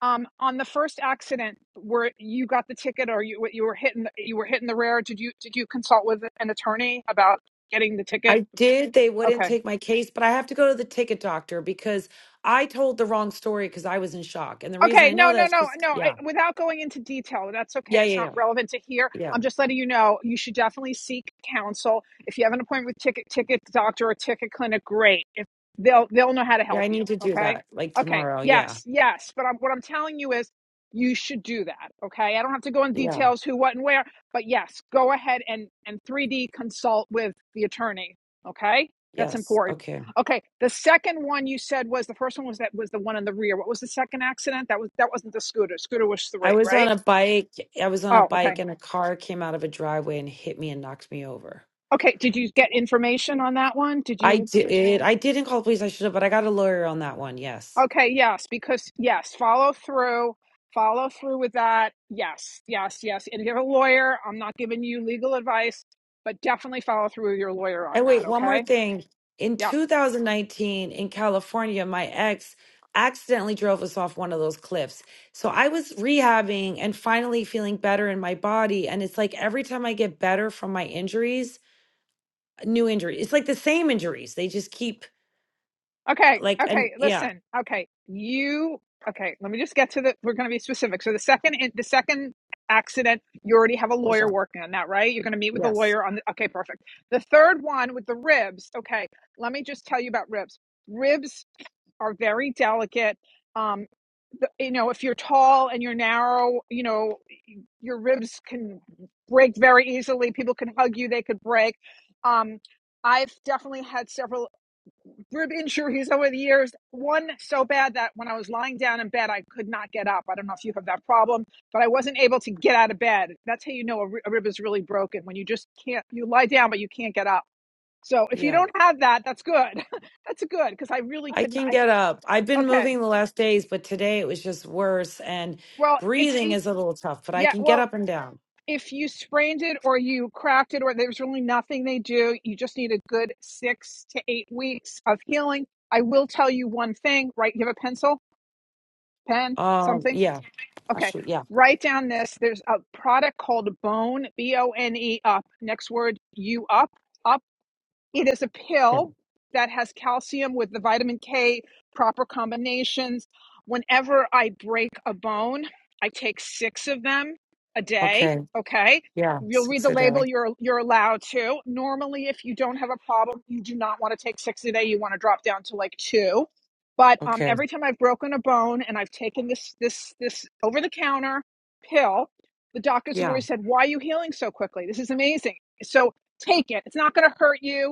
[SPEAKER 2] Um, on the first accident where you got the ticket or you you were hitting you were hitting the rear, did you did you consult with an attorney about getting the ticket?
[SPEAKER 10] I did. They wouldn't
[SPEAKER 2] Okay.
[SPEAKER 10] take my case, but I have to go to the ticket doctor because I told the wrong story because I was in shock. And the reason
[SPEAKER 2] Okay,
[SPEAKER 10] I know
[SPEAKER 2] no,
[SPEAKER 10] that
[SPEAKER 2] no,
[SPEAKER 10] is
[SPEAKER 2] no,
[SPEAKER 10] because,
[SPEAKER 2] no. I,
[SPEAKER 10] yeah,
[SPEAKER 2] without going into detail, that's okay.
[SPEAKER 10] yeah,
[SPEAKER 2] It's
[SPEAKER 10] yeah,
[SPEAKER 2] not
[SPEAKER 10] yeah,
[SPEAKER 2] relevant to here.
[SPEAKER 10] yeah.
[SPEAKER 2] I'm just letting you know you should definitely seek counsel. If you have an appointment with ticket ticket doctor or ticket clinic, great. If they'll they'll know how to
[SPEAKER 10] Yeah,
[SPEAKER 2] help
[SPEAKER 10] I
[SPEAKER 2] you.
[SPEAKER 10] need to do
[SPEAKER 2] Okay,
[SPEAKER 10] that like
[SPEAKER 2] okay,
[SPEAKER 10] tomorrow. Yeah,
[SPEAKER 2] yes, yes. But I'm, what I'm telling you is you should do that. Okay, I don't have to go in
[SPEAKER 10] yeah,
[SPEAKER 2] details who, what, and where. But yes, go ahead and and 3D consult with the attorney. Okay, that's
[SPEAKER 10] yes.
[SPEAKER 2] important.
[SPEAKER 10] Okay.
[SPEAKER 2] Okay, the second one you said was the first one was that was the one in the rear. What was the second accident? That was that wasn't the scooter. Scooter was
[SPEAKER 10] I
[SPEAKER 2] three,
[SPEAKER 10] was on
[SPEAKER 2] right?
[SPEAKER 10] a bike. I was on a
[SPEAKER 2] Oh, okay.
[SPEAKER 10] bike and a car came out of a driveway and hit me and knocked me over.
[SPEAKER 2] Okay, did you get information on that one? Did
[SPEAKER 10] I
[SPEAKER 2] you?
[SPEAKER 10] did. I didn't call the police. I should have, but I got a lawyer on that one. Yes.
[SPEAKER 2] Okay, yes, because yes, follow through, follow through with that. Yes, yes, yes. And if you're a lawyer, I'm not giving you legal advice, but definitely follow through with your lawyer on
[SPEAKER 10] And wait,
[SPEAKER 2] that.
[SPEAKER 10] one more
[SPEAKER 2] Okay.
[SPEAKER 10] thing. In
[SPEAKER 2] Yeah.
[SPEAKER 10] 2019 in California, my ex accidentally drove us off one of those cliffs. So I was rehabbing and finally feeling better in my body. And it's like every time I get better from my injuries, a new injury. It's like the same injuries. They just keep
[SPEAKER 2] Okay,
[SPEAKER 10] like, and
[SPEAKER 2] okay,
[SPEAKER 10] yeah,
[SPEAKER 2] listen. Okay, you okay, let me just get to the we're going to be specific. So the second in- the second accident, you already have a
[SPEAKER 10] what's
[SPEAKER 2] lawyer
[SPEAKER 10] up?
[SPEAKER 2] working on that, right? You're going to meet with the
[SPEAKER 10] Yes.
[SPEAKER 2] lawyer on the Okay, perfect. The third one with the ribs. Okay, let me just tell you about ribs. Ribs are very delicate. Um the, you know, if you're tall and you're narrow, you know, your ribs can break very easily. People can hug you, they could break. Um I've definitely had several rib injuries over the years. One so bad that when I was lying down in bed, I could not get up. I don't know if you have that problem, but I wasn't able to get out of bed. That's how you know a, rib is really broken when you just can't, you lie down, but you can't get up. So if you
[SPEAKER 10] Yeah.
[SPEAKER 2] don't have that, that's good. that's good because I really
[SPEAKER 10] I
[SPEAKER 2] couldn't.
[SPEAKER 10] can
[SPEAKER 2] I
[SPEAKER 10] get
[SPEAKER 2] could,
[SPEAKER 10] up. I've been
[SPEAKER 2] okay.
[SPEAKER 10] moving the last days, but today it was just worse. And
[SPEAKER 2] Well, it's,
[SPEAKER 10] breathing
[SPEAKER 2] it,
[SPEAKER 10] is a little tough, but I
[SPEAKER 2] yeah,
[SPEAKER 10] can get
[SPEAKER 2] well,
[SPEAKER 10] up and down.
[SPEAKER 2] if you sprained it or you cracked it or there's really nothing they do, you just need a good six to eight weeks of healing. I will tell you one thing, right? You have a pencil, pen,
[SPEAKER 10] Um,
[SPEAKER 2] something
[SPEAKER 10] yeah. I
[SPEAKER 2] Okay,
[SPEAKER 10] should, yeah.
[SPEAKER 2] write down this. There's a product called Bone, B O N E Up. Next word, you up, up. It is a
[SPEAKER 10] Yeah.
[SPEAKER 2] pill that has calcium with the vitamin K proper combinations. Whenever I break a bone, I take six of them a day.
[SPEAKER 10] Okay.
[SPEAKER 2] Okay.
[SPEAKER 10] Yeah,
[SPEAKER 2] You'll read
[SPEAKER 10] six
[SPEAKER 2] the
[SPEAKER 10] a day.
[SPEAKER 2] label, you're you're allowed to. Normally, if you don't have a problem, you do not want to take six a day. You want to drop down to like two. But um,
[SPEAKER 10] Okay.
[SPEAKER 2] every time I've broken a bone and I've taken this this this over the counter pill, the doctors have
[SPEAKER 10] Yeah.
[SPEAKER 2] always said, Why are you healing so quickly? This is amazing. So take it. It's not going to hurt you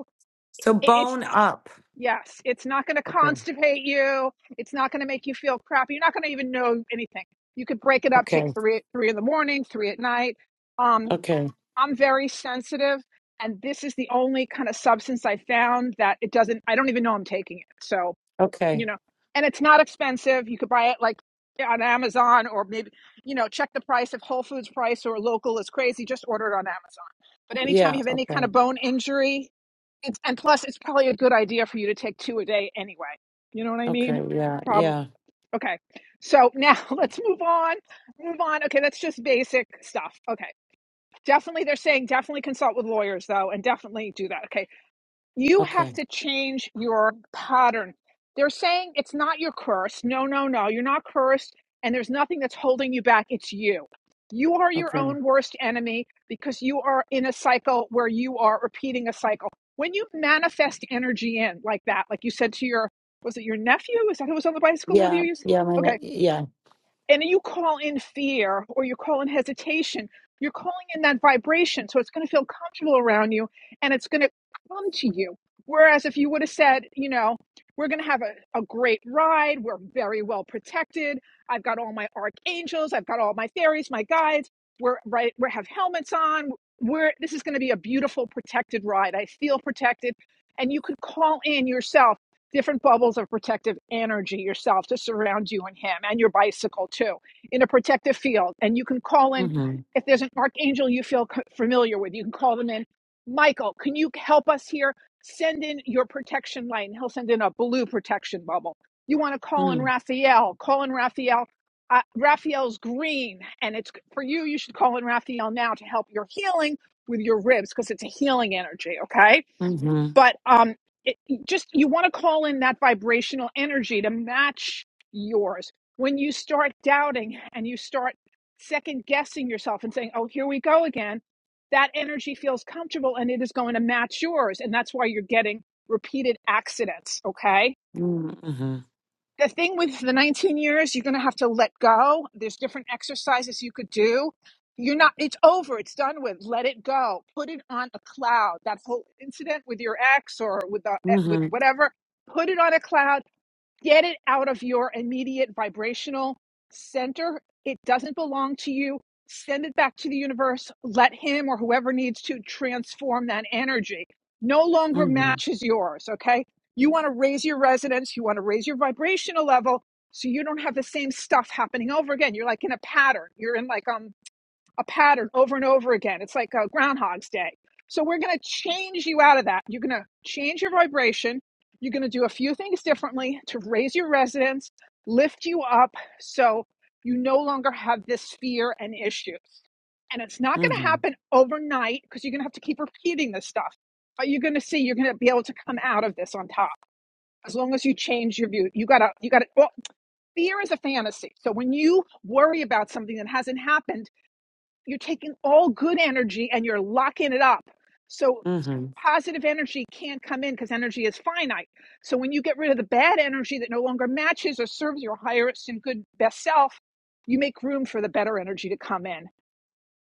[SPEAKER 10] So
[SPEAKER 2] it- it's
[SPEAKER 10] bone up.
[SPEAKER 2] yes it's not going to
[SPEAKER 10] Okay.
[SPEAKER 2] constipate you it's not going to make you feel crappy you're not going to even know anything you could break it up take
[SPEAKER 10] Okay.
[SPEAKER 2] three three in the morning three at night um
[SPEAKER 10] Okay.
[SPEAKER 2] i'm very sensitive and this is the only kind of substance i found that it doesn't i don't even know i'm taking it so
[SPEAKER 10] Okay.
[SPEAKER 2] you know and it's not expensive you could buy it like on amazon or maybe you know check the price if whole foods price or local is crazy just order it on amazon but anytime
[SPEAKER 10] Yeah.
[SPEAKER 2] you have any kind
[SPEAKER 10] Okay.
[SPEAKER 2] of bone injury it's and plus it's probably a good idea for you to take two a day anyway you know what i mean
[SPEAKER 10] Okay. Yeah.
[SPEAKER 2] Probably
[SPEAKER 10] Yeah.
[SPEAKER 2] okay so now let's move on move on okay that's just basic stuff okay definitely they're saying definitely consult with lawyers though and definitely do that okay you have
[SPEAKER 10] Okay.
[SPEAKER 2] to change your pattern. They're saying it's not your curse. No, no, no. You're not cursed, and there's nothing that's holding you back. It's you. You are your
[SPEAKER 10] Okay.
[SPEAKER 2] own worst enemy because you are in a cycle where you are repeating a cycle. When you manifest energy in like that, like you said to your, was it your nephew? Is that who was on the bicycle with you?
[SPEAKER 10] Yeah. Yeah. My
[SPEAKER 2] Okay
[SPEAKER 10] God. yeah.
[SPEAKER 2] and you call in fear or you call in hesitation, you're calling in that vibration. So it's going to feel comfortable around you and it's going to come to you. Whereas if you would have said, you know, we're going to have a, a great ride, we're very well protected. I've got all my archangels, I've got all my fairies, my guides. We're right, we have helmets on. We're this is going to be a beautiful protected ride. I feel protected. And you could call in yourself different bubbles of protective energy yourself to surround you and him and your bicycle too in a protective field. And you can call in
[SPEAKER 10] Mhm.
[SPEAKER 2] if there's an archangel you feel familiar with, you can call them in. Michael, can you help us here? Send in your protection light, and he'll send in a blue protection bubble. You want to call in
[SPEAKER 10] Mhm.
[SPEAKER 2] Raphael, call in Raphael. Uh, Raphael's green, and it's for you. You should call in Raphael now to help your healing with your ribs because it's a healing energy, okay?
[SPEAKER 10] Mhm.
[SPEAKER 2] but um it, just you want to call in that vibrational energy to match yours when you start doubting and you start second guessing yourself and saying oh here we go again that energy feels comfortable and it is going to match yours and that's why you're getting repeated accidents okay
[SPEAKER 10] Mhm.
[SPEAKER 2] the thing with the 19 years you're going to have to let go there's different exercises you could do you're not it's over it's done with let it go put it on a cloud that whole incident with your ex or with the, eh, with
[SPEAKER 10] Mhm.
[SPEAKER 2] whatever put it on a cloud Get it out of your immediate vibrational center. It doesn't belong to you. Send it back to the universe. Let him or whoever needs to transform that energy. No longer
[SPEAKER 10] Mhm.
[SPEAKER 2] matches yours, okay? You want to raise your resonance, you want to raise your vibrational level so you don't have the same stuff happening over again. You're like in a pattern. You're in like um a pattern over and over again. It's like a Groundhog's Day. So we're going to change you out of that. You're going to change your vibration. You're going to do a few things differently to raise your resonance, lift you up so you no longer have this fear and issues. And it's not going to
[SPEAKER 10] Mhm. Mhm.
[SPEAKER 2] happen overnight because you're going to have to keep repeating this stuff. But you're going to see you're going to be able to come out of this on top as long as you change your view. You got to, you got to, well, fear is a fantasy. So when you worry about something that hasn't happened, you're taking all good energy and you're locking it up. So
[SPEAKER 10] Mhm.
[SPEAKER 2] positive energy can't come in because energy is finite. So when you get rid of the bad energy that no longer matches or serves your highest and good best self, you make room for the better energy to come in.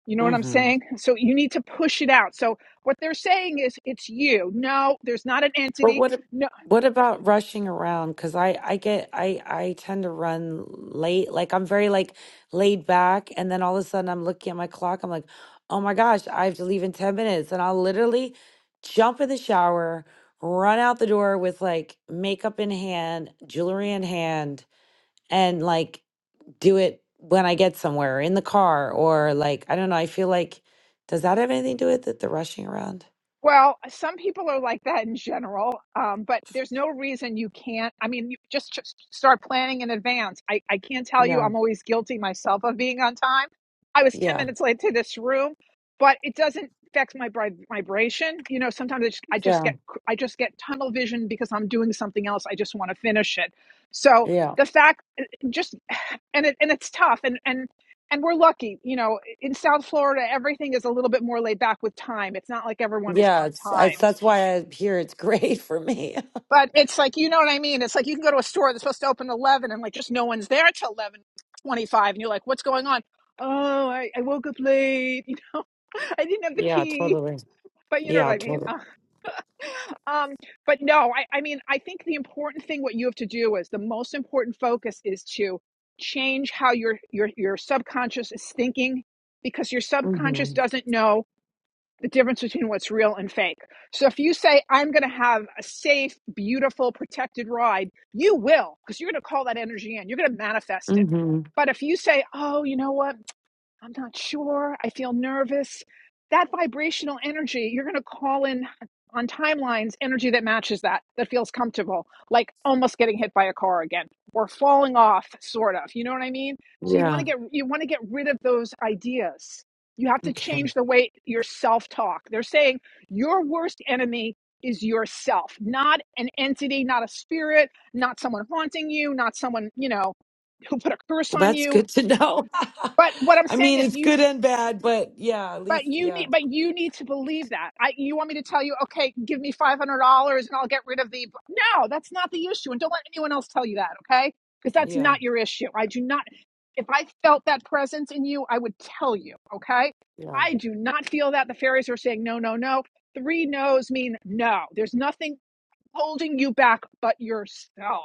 [SPEAKER 2] You know what I'm
[SPEAKER 10] Mhm.
[SPEAKER 2] saying? So you need to push it out. So what they're saying is it's you. No, there's not an
[SPEAKER 10] But
[SPEAKER 2] entity.
[SPEAKER 10] what ab-
[SPEAKER 2] No.
[SPEAKER 10] what about rushing around? Because I I get I I tend to run late. Like I'm very like laid back, and then all of a sudden I'm looking at my clock. I'm like, oh my gosh, I have to leave in ten minutes, and I'll literally jump in the shower, run out the door with like makeup in hand, jewelry in hand, and like do it when I get somewhere in the car or like I don't know. I feel like does that have anything to do with it? The rushing around?
[SPEAKER 2] Well, some people are like that in general, um, but there's no reason you can't. I mean, you just ch- start planning in advance. I, I can't tell you,
[SPEAKER 10] Yeah.
[SPEAKER 2] I'm always guilty myself of being on time. I was 10
[SPEAKER 10] Yeah.
[SPEAKER 2] minutes late to this room, but it doesn't affect my vib- vibration. You know, sometimes I just, I just
[SPEAKER 10] Yeah.
[SPEAKER 2] get cr- I just get tunnel vision because I'm doing something else. I just want to finish it. So
[SPEAKER 10] Yeah.
[SPEAKER 2] the fact, eh, just and it and it's tough. And and and we're lucky you know in south florida everything is a little bit more laid back with time it's not like everyone is
[SPEAKER 10] Yeah,
[SPEAKER 2] on
[SPEAKER 10] it's, I,
[SPEAKER 2] time
[SPEAKER 10] that's why I hear it's great for me.
[SPEAKER 2] but it's like you know what i mean it's like you can go to a store that's supposed to open at 11 and like just no one's there till 11 25, and you're like what's going on oh i, I woke up late you know i didn't have the
[SPEAKER 10] yeah,
[SPEAKER 2] key
[SPEAKER 10] totally.
[SPEAKER 2] but you know
[SPEAKER 10] Yeah,
[SPEAKER 2] what i mean
[SPEAKER 10] totally.
[SPEAKER 2] um but no I, I mean i think the important thing what you have to do is the most important focus is to change how your your your subconscious is thinking because your
[SPEAKER 10] mm
[SPEAKER 2] subconscious
[SPEAKER 10] hmm
[SPEAKER 2] doesn't know the difference between what's real and fake. So if you say, I'm going to have a safe, beautiful, protected ride, you will, because you're going to call that energy in. You're going to manifest it.
[SPEAKER 10] mm hmm
[SPEAKER 2] But if you say, oh, you know what? I'm not sure. I feel nervous. That vibrational energy, you're going to call in on timelines energy that matches that, that feels comfortable, like almost getting hit by a car again or falling off, sort of. You know what I mean? So you want to
[SPEAKER 10] Yeah.
[SPEAKER 2] get you want to get rid of those ideas. You have to
[SPEAKER 10] Okay.
[SPEAKER 2] change the way your self talk. They're saying your worst enemy is yourself, not an entity, not a spirit, not someone haunting you, not someone, you know, who put a curse
[SPEAKER 10] Well,
[SPEAKER 2] on
[SPEAKER 10] that's
[SPEAKER 2] you,
[SPEAKER 10] good to know.
[SPEAKER 2] but what I'm
[SPEAKER 10] I
[SPEAKER 2] saying
[SPEAKER 10] mean,
[SPEAKER 2] is,
[SPEAKER 10] it's
[SPEAKER 2] you
[SPEAKER 10] good and bad, but yeah, at
[SPEAKER 2] but
[SPEAKER 10] least,
[SPEAKER 2] you
[SPEAKER 10] yeah,
[SPEAKER 2] need, but you need to believe that. I, you want me to tell you, okay, give me five hundred dollars and I'll get rid of the. No, that's not the issue, and don't let anyone else tell you that, okay? Because that's
[SPEAKER 10] yeah,
[SPEAKER 2] not your issue. I do not. If I felt that presence in you, I would tell you, okay?
[SPEAKER 10] yeah,
[SPEAKER 2] I do not feel that. The fairies are saying no, no, no. Three no's mean no. There's nothing holding you back but yourself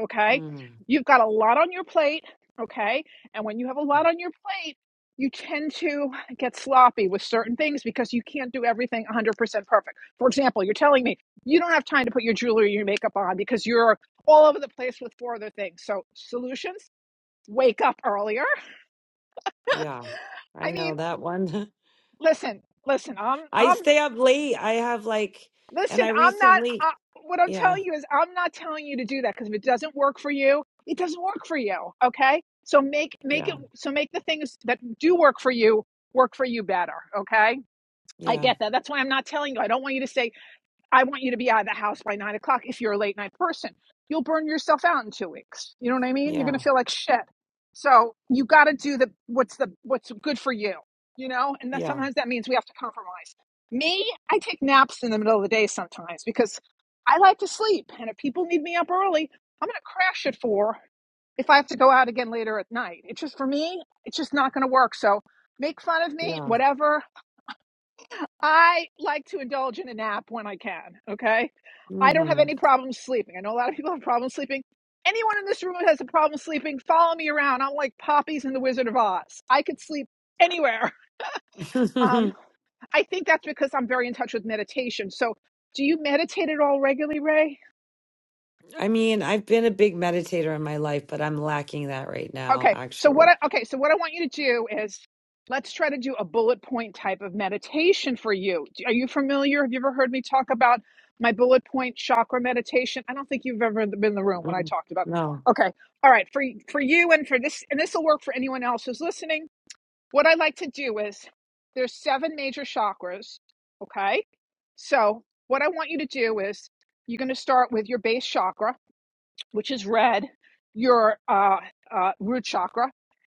[SPEAKER 2] okay?
[SPEAKER 10] mm,
[SPEAKER 2] You've got a lot on your plate, okay? And when you have a lot on your plate, you tend to get sloppy with certain things because you can't do everything 100% perfect. For example, you're telling me you don't have time to put your jewelry or your makeup on because you're all over the place with four other things. So, solutions, wake up earlier.
[SPEAKER 10] yeah. I
[SPEAKER 2] I
[SPEAKER 10] know
[SPEAKER 2] mean,
[SPEAKER 10] that one.
[SPEAKER 2] listen, listen, I'm
[SPEAKER 10] I
[SPEAKER 2] I'm
[SPEAKER 10] stay up late. I have like, and
[SPEAKER 2] Listen,
[SPEAKER 10] I
[SPEAKER 2] I'm not.
[SPEAKER 10] recently,
[SPEAKER 2] Uh, what I'm
[SPEAKER 10] yeah,
[SPEAKER 2] telling you is, I'm not telling you to do that because if it doesn't work for you, it doesn't work for you. Okay, so make make
[SPEAKER 10] yeah,
[SPEAKER 2] it so make the things that do work for you work for you better. Okay, I
[SPEAKER 10] yeah,
[SPEAKER 2] get that. That's why I'm not telling you. I don't want you to say I want you to be out of the house by nine o'clock if you're a late night person. You'll burn yourself out in two weeks. You know what I mean? You're
[SPEAKER 10] yeah,
[SPEAKER 2] gonna feel like shit. So you gotta do the what's the what's good for you, you know? And that
[SPEAKER 10] yeah,
[SPEAKER 2] sometimes that means we have to compromise. Me, I take naps in the middle of the day sometimes because I like to sleep. And if people need me up early, I'm gonna crash at four if I have to go out again later at night. It's just for me, it's just not gonna work. So make fun of me,
[SPEAKER 10] yeah.
[SPEAKER 2] whatever. I like to indulge in a nap when I can. Okay. I don't have
[SPEAKER 10] mm
[SPEAKER 2] any problem sleeping. I know a lot of people have problems sleeping. Anyone in this room who has a problem sleeping, follow me around. I'm like poppies in the Wizard of Oz. I could sleep anywhere.
[SPEAKER 10] hmm
[SPEAKER 2] Um, I think that's because I'm very in touch with meditation. So, do you meditate at all regularly, Ray?
[SPEAKER 10] I mean, I've been a big meditator in my life, but I'm lacking that right now,
[SPEAKER 2] Okay. So what
[SPEAKER 10] actually.
[SPEAKER 2] I, okay, so what I want you to do is let's try to do a bullet point type of meditation for you. Do- Are you familiar? Have you ever heard me talk about my bullet point chakra meditation? I don't think you've ever been in the room when I
[SPEAKER 10] Mm,
[SPEAKER 2] talked about.
[SPEAKER 10] No.
[SPEAKER 2] Okay. All right, for for you and for this and this will work for anyone else who's listening. What I like to do is there's seven major chakras, okay? So, what I want you to do is you're going to start with your base chakra, which is red, your uh, uh, root chakra,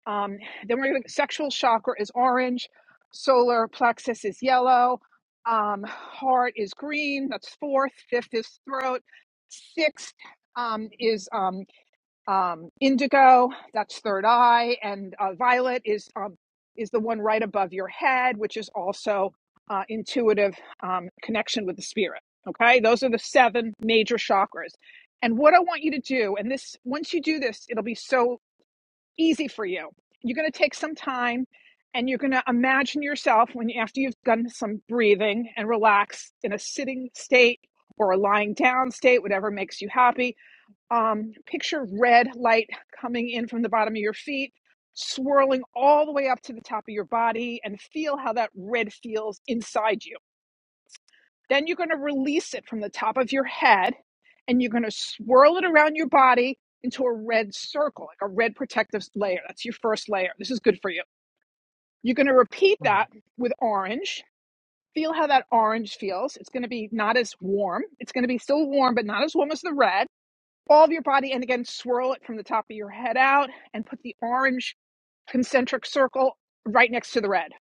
[SPEAKER 2] um, then we're going to sexual chakra is orange, solar plexus is yellow, um, heart is green. That's fourth. Fifth is throat. Sixth um, is um, um, indigo. That's third eye, and uh, violet is um, is the one right above your head, which is also uh, intuitive um, connection with the spirit. Okay, those are the seven major chakras. And what I want you to do, and this once you do this, it'll be so easy for you. You're going to take some time and you're going to imagine yourself when after you've done some breathing and relax in a sitting state or a lying down state, whatever makes you happy. Um, picture red light coming in from the bottom of your feet, swirling all the way up to the top of your body, and feel how that red feels inside you then you're going to release it from the top of your head and you're going to swirl it around your body into a red circle, like a red protective layer. That's your first layer. This is good for you. You're going to repeat that with orange. Feel how that orange feels. It's going to be not as warm. It's going to be still warm, but not as warm as the red. All of your body, and again, swirl it from the top of your head out and put the orange concentric circle right next to the red.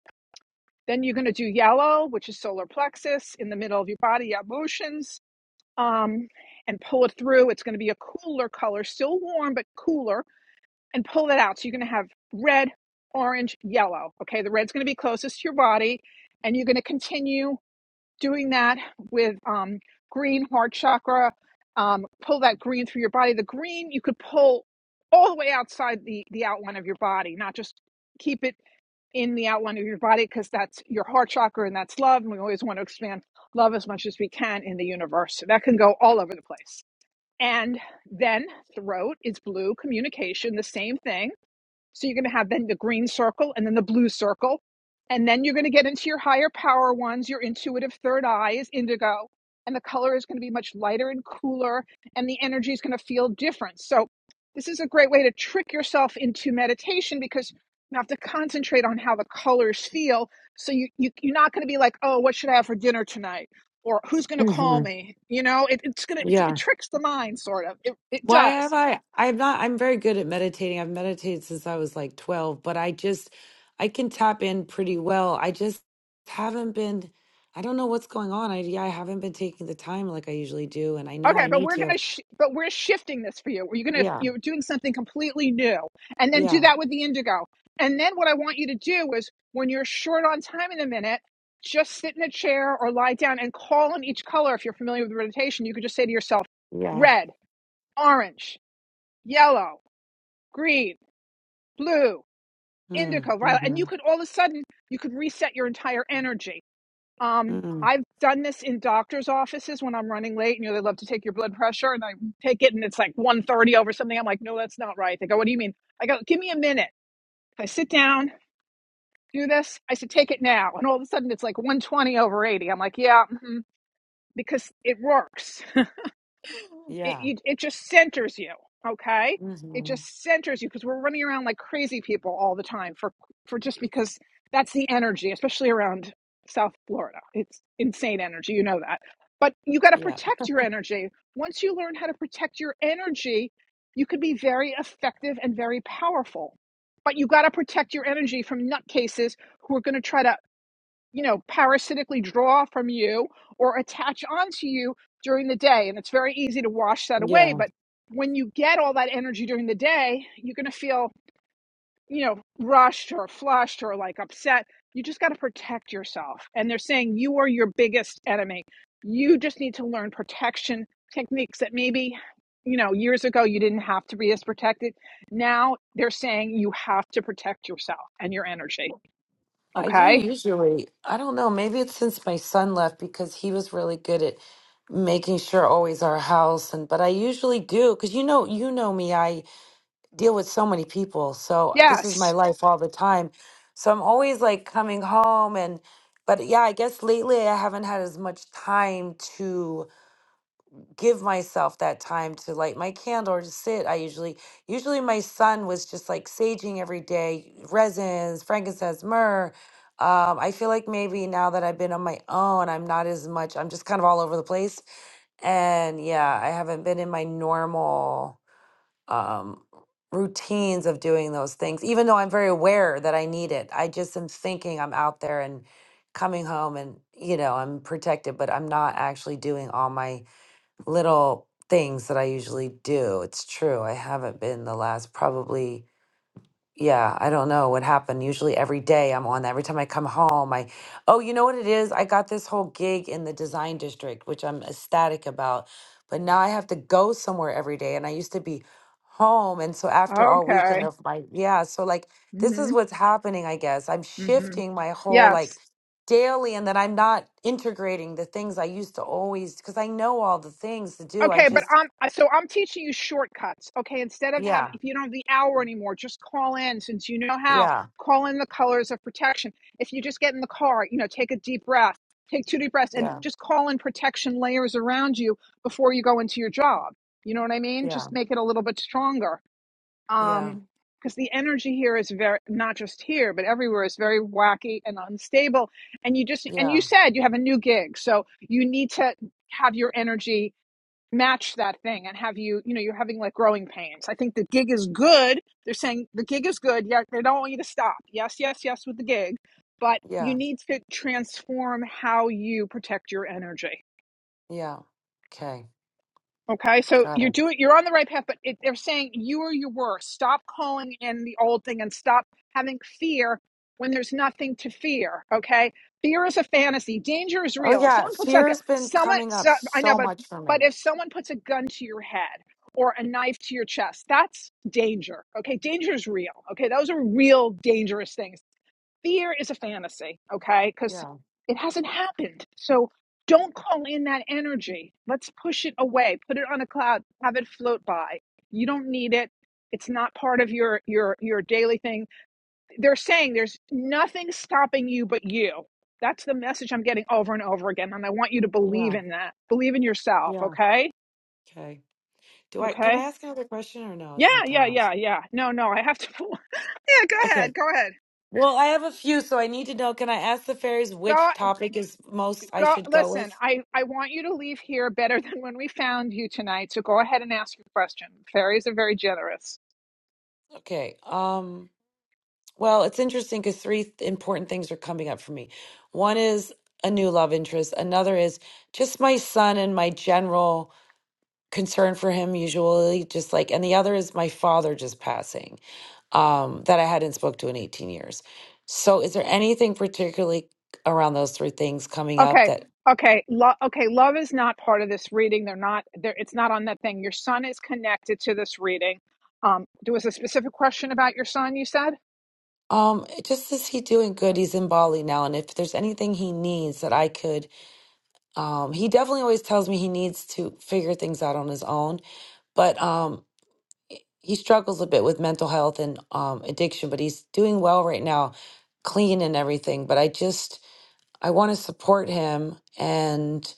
[SPEAKER 2] Then you're going to do yellow, which is solar plexus in the middle of your body, your emotions um, and pull it through. It's going to be a cooler color, still warm, but cooler, and pull that out. So you're going to have red, orange, yellow. Okay, the red's going to be closest to your body, and you're going to continue doing that with um, green, heart chakra. Um, pull that green through your body. The green you could pull all the way outside the, the outline of your body, not just keep it in the outline of your body because that's your heart chakra and that's love. And we always want to expand love as much as we can in the universe. So that can go all over the place. And then throat is blue, communication, the same thing so you're going to have then the green circle and then the blue circle. And then you're going to get into your higher power ones. Your intuitive third eye is indigo. And the color is going to be much lighter and cooler. And the energy is going to feel different. So this is a great way to trick yourself into meditation because you have to concentrate on how the colors feel. So you, you, you're not going to be like, oh, what should I have for dinner tonight? Or who's going to call
[SPEAKER 10] hmm
[SPEAKER 2] me? You know, it, it's going to, it
[SPEAKER 10] Yeah.
[SPEAKER 2] tricks the mind, sort of. It, it
[SPEAKER 10] Why
[SPEAKER 2] does
[SPEAKER 10] have I? I'm not, I'm very good at meditating. I've meditated since I was like 12, but I just, I can tap in pretty well. I just haven't been, I don't know what's going on. I, yeah, I haven't been taking the time like I usually do, and I know
[SPEAKER 2] Okay,
[SPEAKER 10] I
[SPEAKER 2] but
[SPEAKER 10] need
[SPEAKER 2] we're
[SPEAKER 10] to.
[SPEAKER 2] gonna, sh- but we're shifting this for you. You're gonna,
[SPEAKER 10] Yeah.
[SPEAKER 2] you're doing something completely new, and then do
[SPEAKER 10] Yeah.
[SPEAKER 2] that with the indigo. And then what I want you to do is, when you're short on time in a minute, just sit in a chair or lie down and call on each color. If you're familiar with meditation, you could just say to yourself,
[SPEAKER 10] Yeah.
[SPEAKER 2] red, orange, yellow, green, blue,
[SPEAKER 10] Mm,
[SPEAKER 2] indigo, violet, and
[SPEAKER 10] Mm-hmm.
[SPEAKER 2] you could all of a sudden you could reset your entire energy. Um,
[SPEAKER 10] mm
[SPEAKER 2] I've done this in doctor's offices when I'm running late. and You know, they love to take your blood pressure, and I take it, and it's like 130 over something. I'm like, no, that's not right. They go, what do you mean? I go, give me a minute. I sit down, do this. I said, take it now, and all of a sudden it's like 120 over 80. I'm like, yeah, mhm, because it works it
[SPEAKER 10] Yeah.
[SPEAKER 2] you, it just centers you okay it
[SPEAKER 10] hmm
[SPEAKER 2] just centers you because we're running around like crazy people all the time for for just because that's the energy especially around south florida it's insane energy you know that but you got to
[SPEAKER 10] Yeah.
[SPEAKER 2] protect your energy once you learn how to protect your energy you can be very effective and very powerful but you got to protect your energy from nutcases who are going to try to you know, parasitically draw from you or attach onto you during the day. And it's very easy to wash that
[SPEAKER 10] yeah.
[SPEAKER 2] away. But when you get all that energy during the day, you're going to feel, you know, rushed or flushed or like upset. You just got to protect yourself. And they're saying you are your biggest enemy. You just need to learn protection techniques that maybe, you know, years ago you didn't have to be as protected. Now they're saying you have to protect yourself and your energy.
[SPEAKER 10] I do
[SPEAKER 2] Okay.
[SPEAKER 10] usually. I don't know. Maybe it's since my son left because he was really good at making sure always our house and but I usually do cuz you know you know me. I deal with so many people. So this is my
[SPEAKER 2] Yes.
[SPEAKER 10] life all the time. So I'm always like coming home and but yeah, I guess lately I haven't had as much time to give myself that time to light my candle or to sit. I usually, usually my son was just like saging every day, resins, frankincense, myrrh. Um, I feel like maybe now that I've been on my own, I'm not as much, I'm just kind of all over the place. And yeah, I haven't been in my normal um, routines of doing those things, even though I'm very aware that I need it. I just am thinking I'm out there and coming home and, you know, I'm protected, but I'm not actually doing all my little things that I usually do. It's true. I haven't been the last probably yeah, I don't know what happened. Usually every day I'm on that. Every time I come home, I, oh, you know what it is? I got this whole gig in the design district, which I'm ecstatic about. But now I have to go somewhere every day. And I used to be home. And so after all
[SPEAKER 2] Okay.
[SPEAKER 10] weekend of my, yeah, so like this is
[SPEAKER 2] Mm-hmm.
[SPEAKER 10] what's happening, I guess. I'm
[SPEAKER 2] Mm-hmm.
[SPEAKER 10] shifting my whole like
[SPEAKER 2] Yes.
[SPEAKER 10] daily and that I'm not integrating the things I used to always, because I know all the things to do. I
[SPEAKER 2] Okay, but
[SPEAKER 10] just,
[SPEAKER 2] um, so I'm teaching you shortcuts. Okay, instead of having,
[SPEAKER 10] yeah,
[SPEAKER 2] if you don't have the hour anymore, just call in since you know how.
[SPEAKER 10] yeah,
[SPEAKER 2] Call in the colors of protection. If you just get in the car, you know, take a deep breath, take two deep breaths, and
[SPEAKER 10] yeah,
[SPEAKER 2] just call in protection layers around you before you go into your job. You know what I mean?
[SPEAKER 10] yeah,
[SPEAKER 2] Just make it a little bit stronger.
[SPEAKER 10] yeah,
[SPEAKER 2] um because the energy here is very not just here but everywhere is very wacky and unstable and you just and you
[SPEAKER 10] yeah,
[SPEAKER 2] said you have a new gig so you need to have your energy match that thing and have you you know you're having like growing pains i think the gig is good they're saying the gig is good yeah they don't want you to stop yes yes yes with the gig but
[SPEAKER 10] yeah.
[SPEAKER 2] you need to transform how you protect your energy
[SPEAKER 10] Yeah. Okay.
[SPEAKER 2] Okay, so
[SPEAKER 10] Got
[SPEAKER 2] you're
[SPEAKER 10] it.
[SPEAKER 2] doing you're on the right path, but it, they're saying you are your worst. Stop calling in the old thing and stop having fear when there's nothing to fear. Okay, fear is a fantasy. Danger is
[SPEAKER 10] Oh
[SPEAKER 2] real. If
[SPEAKER 10] yeah.
[SPEAKER 2] someone puts
[SPEAKER 10] Fear
[SPEAKER 2] like a gu-
[SPEAKER 10] has been
[SPEAKER 2] someone,
[SPEAKER 10] coming up
[SPEAKER 2] so, I know,
[SPEAKER 10] so
[SPEAKER 2] but
[SPEAKER 10] much for
[SPEAKER 2] but
[SPEAKER 10] me.
[SPEAKER 2] if someone puts a gun to your head or a knife to your chest, that's danger. Okay, danger is real. Okay, those are real dangerous things fear is a fantasy, okay? Because
[SPEAKER 10] Yeah.
[SPEAKER 2] it hasn't happened. So don't call in that energy. Let's push it away. Put it on a cloud. Have it float by. You don't need it. It's not part of your your your daily thing. They're saying there's nothing stopping you but you. That's the message I'm getting over and over again, and I want you to believe
[SPEAKER 10] Yeah.
[SPEAKER 2] in that. Believe in yourself,
[SPEAKER 10] Yeah.
[SPEAKER 2] okay?
[SPEAKER 10] Okay. Do I can I
[SPEAKER 2] Okay?
[SPEAKER 10] ask another question or no? Is
[SPEAKER 2] Yeah,
[SPEAKER 10] my
[SPEAKER 2] yeah,
[SPEAKER 10] time up?
[SPEAKER 2] yeah, yeah. No, no, I have to. yeah, go
[SPEAKER 10] Okay.
[SPEAKER 2] ahead. Go ahead.
[SPEAKER 10] Well, I have a few, so I need to know. Can I ask the fairies
[SPEAKER 2] Go.
[SPEAKER 10] which topic is most I
[SPEAKER 2] Go
[SPEAKER 10] should go
[SPEAKER 2] listen,
[SPEAKER 10] with?
[SPEAKER 2] I, I want you to leave here better than when we found you tonight. So go ahead and ask your question. Fairies are very generous.
[SPEAKER 10] Okay. Um, well, it's interesting because three th- important things are coming up for me. One is a new love interest, another is just my son and my general concern for him usually just like and the other is my father just passing um that i hadn't spoke to in 18 years so is there anything particularly around those three things coming up
[SPEAKER 2] Okay.
[SPEAKER 10] that
[SPEAKER 2] Okay. Lo- okay, love is not part of this reading. They're not there it's not on that thing. Your son is connected to this reading. Um there was a specific question about your son, you said?
[SPEAKER 10] um just is he doing good he's in bali now and if there's anything he needs that i could um he definitely always tells me he needs to figure things out on his own but um he struggles a bit with mental health and um addiction but he's doing well right now clean and everything but i just I want to support him, and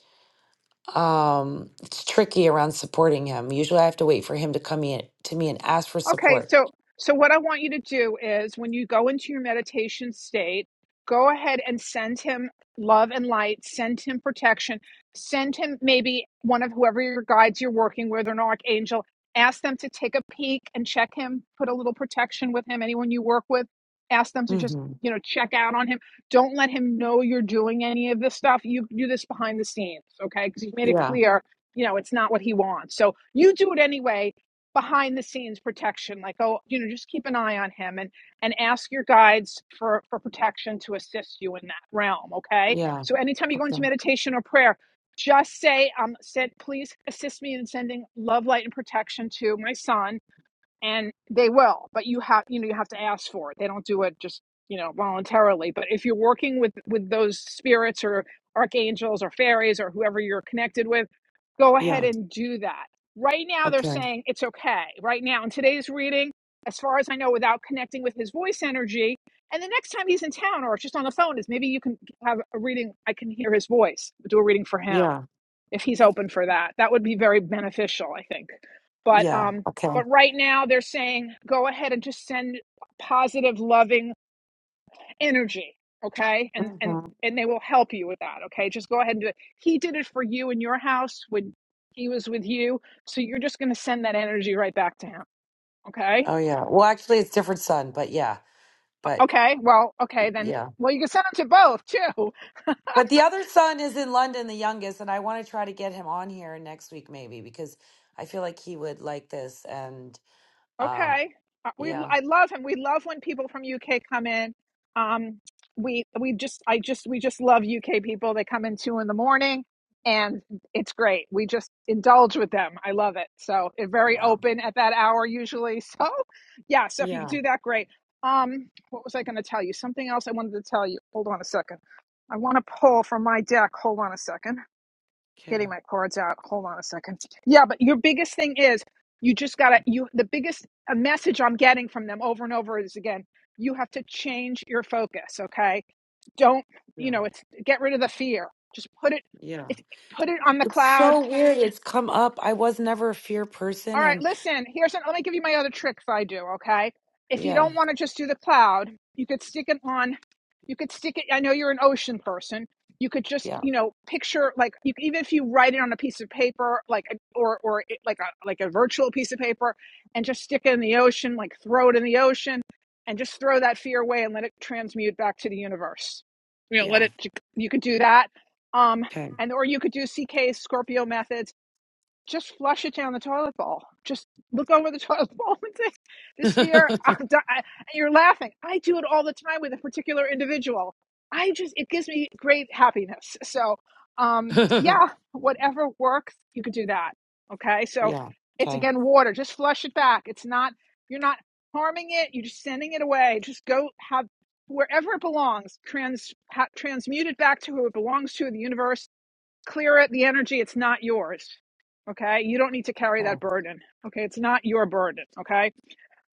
[SPEAKER 10] um, it's tricky around supporting him. Usually, I have to wait for him to come in to me and ask for
[SPEAKER 2] Okay,
[SPEAKER 10] support.
[SPEAKER 2] so so what I want you to do is when you go into your meditation state, go ahead and send him love and light, send him protection, send him maybe one of whoever your guides you're working with or an archangel, ask them to take a peek and check him, put a little protection with him, anyone you work with, ask them to just,
[SPEAKER 10] hmm
[SPEAKER 2] you know, check out on him. Don't let him know you're doing any of this stuff. You do this behind the scenes, okay? Because he's made it
[SPEAKER 10] Yeah,
[SPEAKER 2] clear, you know, it's not what he wants. So you do it anyway behind the scenes protection like oh you know just keep an eye on him and and ask your guides for for protection to assist you in that realm okay
[SPEAKER 10] yeah,
[SPEAKER 2] so anytime you go into
[SPEAKER 10] okay,
[SPEAKER 2] meditation or prayer just say um said please assist me in sending love light and protection to my son and they will but you have you know you have to ask for it they don't do it just you know voluntarily but if you're working with with those spirits or archangels or fairies or whoever you're connected with go ahead
[SPEAKER 10] yeah,
[SPEAKER 2] and do that right now they're
[SPEAKER 10] okay,
[SPEAKER 2] saying it's okay right now in today's reading as far as i know without connecting with his voice energy and the next time he's in town or just on the phone is maybe you can have a reading i can hear his voice do a reading for him
[SPEAKER 10] yeah,
[SPEAKER 2] if he's open for that. That would be very beneficial, I think. But
[SPEAKER 10] yeah,
[SPEAKER 2] um
[SPEAKER 10] okay.
[SPEAKER 2] but right now they're saying go ahead and just send positive loving energy, okay? And and
[SPEAKER 10] hmm
[SPEAKER 2] and they will help you with that, okay? Just go ahead and do it. He did it for you in your house when he was with you, so you're just going to send that energy right back to him, okay?
[SPEAKER 10] Oh yeah. Well, actually, it's different son, but yeah, but
[SPEAKER 2] Okay. Well, okay, then
[SPEAKER 10] yeah,
[SPEAKER 2] well you can send them to both too.
[SPEAKER 10] but the other son is in London, the youngest, and I want to try to get him on here next week maybe because I feel like he would like this, and um,
[SPEAKER 2] Okay. Uh, We
[SPEAKER 10] yeah,
[SPEAKER 2] I love him. We love when people from UK come in. Um, we we just I just we just love UK people. They come in two in the morning, and it's great. We just indulge with them. I love it. So it very
[SPEAKER 10] yeah,
[SPEAKER 2] open at that hour usually. So yeah. So if you could
[SPEAKER 10] yeah.
[SPEAKER 2] do that, great. Um, what was I going to tell you? Something else I wanted to tell you. Hold on a second. I want to pull from my deck. Hold on a second
[SPEAKER 10] Okay.
[SPEAKER 2] getting my cords out. Hold on a second. Yeah, but your biggest thing is you just gotta you the biggest a message I'm getting from them over and over is again, you have to change your focus, okay? Don't
[SPEAKER 10] Yeah.
[SPEAKER 2] you know it's get rid of the fear. Just put it
[SPEAKER 10] Yeah.
[SPEAKER 2] it's put it on the
[SPEAKER 10] It's
[SPEAKER 2] cloud
[SPEAKER 10] so weird. It's come up. I was never a fear person.
[SPEAKER 2] all right,
[SPEAKER 10] And
[SPEAKER 2] listen, here's an, let me give you my other tricks I do, okay? If you
[SPEAKER 10] yeah,
[SPEAKER 2] don't want to just do the cloud, you could stick it on, you could stick it, I know you're an ocean person. You could just,
[SPEAKER 10] yeah,
[SPEAKER 2] you know, picture like you even if you write it on a piece of paper, like or or it, like a like a virtual piece of paper, and just stick it in the ocean, like throw it in the ocean, and just throw that fear away and let it transmute back to the universe. You know, let
[SPEAKER 10] yeah.
[SPEAKER 2] it. You could do that, um,
[SPEAKER 10] Okay.
[SPEAKER 2] and or you could do CK Scorpio methods just flush it down the toilet bowl. Just look over the toilet bowl and say, "This fear." I'm di-" And you're laughing. I do it all the time with a particular individual. I just it gives me great happiness. So, um, yeah, whatever works, you could do that. Okay, so
[SPEAKER 10] yeah.
[SPEAKER 2] it's
[SPEAKER 10] Okay.
[SPEAKER 2] again water. Just flush it back. It's not you're not harming it. You're just sending it away. Just go have wherever it belongs. Trans ha, transmute it back to who it belongs to, in the universe clear it the energy it's not yours okay you don't need to carry
[SPEAKER 10] Okay.
[SPEAKER 2] that burden okay it's not your burden okay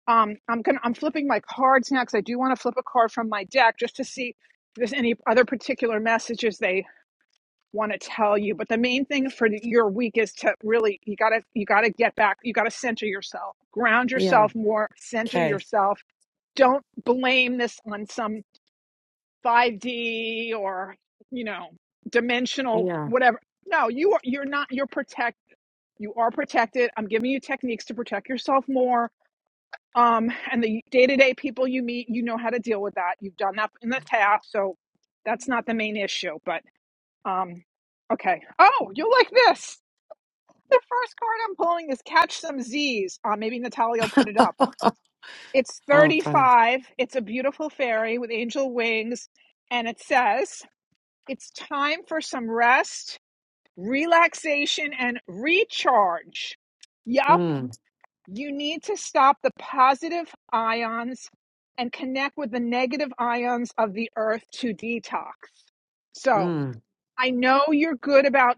[SPEAKER 2] um i'm gonna i'm flipping my cards now because i do want to flip a card from my deck just to see if there's any other particular messages they want to tell you but the main thing for the- your week is to really you gotta you gotta get back you gotta center yourself ground
[SPEAKER 10] Yeah.
[SPEAKER 2] yourself more center
[SPEAKER 10] Okay.
[SPEAKER 2] yourself don't blame this on some 5D or you know dimensional
[SPEAKER 10] Yeah.
[SPEAKER 2] whatever. No, you are you're not you're protect you are protected. I'm giving you techniques to protect yourself more. Um, and the day-to-day people you meet, you know how to deal with that. You've done that in the past, so that's not the main issue. But um, okay. Oh, you'll like this. The first card I'm pulling is Catch Some Z's. Uh, maybe Natalia will put it up. It's
[SPEAKER 10] Oh, funny.
[SPEAKER 2] 35. It's a beautiful fairy with angel wings, and it says. It's time for some rest, relaxation, and recharge. Yup,
[SPEAKER 10] Mm,
[SPEAKER 2] you need to stop the positive ions and connect with the negative ions of the earth to detox. So
[SPEAKER 10] mm.
[SPEAKER 2] I know you're good about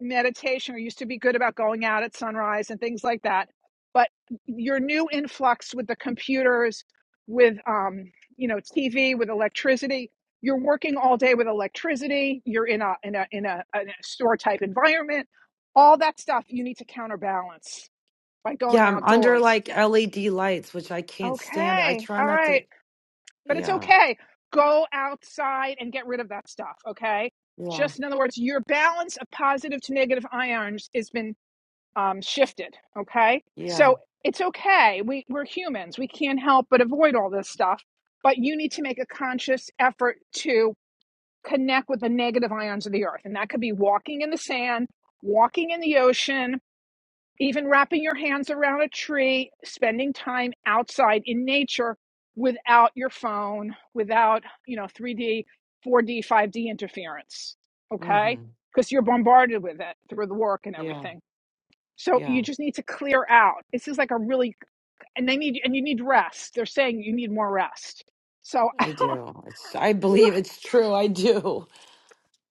[SPEAKER 2] meditation or used to be good about going out at sunrise and things like that but your new influx with the computers with um you know tv with electricity you're working all day with electricity you're in a in a in a, in a store type environment all that stuff you need to counterbalance by going
[SPEAKER 10] Yeah. I'm under
[SPEAKER 2] outdoors
[SPEAKER 10] like LED lights, which I can't stand. I
[SPEAKER 2] okay
[SPEAKER 10] try
[SPEAKER 2] all
[SPEAKER 10] not
[SPEAKER 2] right
[SPEAKER 10] to.
[SPEAKER 2] but it's
[SPEAKER 10] Yeah.
[SPEAKER 2] okay go outside and get rid of that stuff okay
[SPEAKER 10] Yeah.
[SPEAKER 2] just in other words your balance of positive to negative ions has been um, shifted. Okay.
[SPEAKER 10] Yeah.
[SPEAKER 2] So it's okay. We, we're humans. We can't help but avoid all this stuff. But you need to make a conscious effort to connect with the negative ions of the earth. And that could be walking in the sand, walking in the ocean, even wrapping your hands around a tree, spending time outside in nature without your phone, without, you know, 3D, 4D, 5D interference. Okay.
[SPEAKER 10] Mm-hmm.
[SPEAKER 2] Because you're bombarded with it through the work and
[SPEAKER 10] Yeah.
[SPEAKER 2] everything. So
[SPEAKER 10] Yeah.
[SPEAKER 2] you just need to clear out. This is like a really, and they need, and you need rest. They're saying you need more rest. So
[SPEAKER 10] I do. It's, I
[SPEAKER 2] you,
[SPEAKER 10] believe it's true. I do.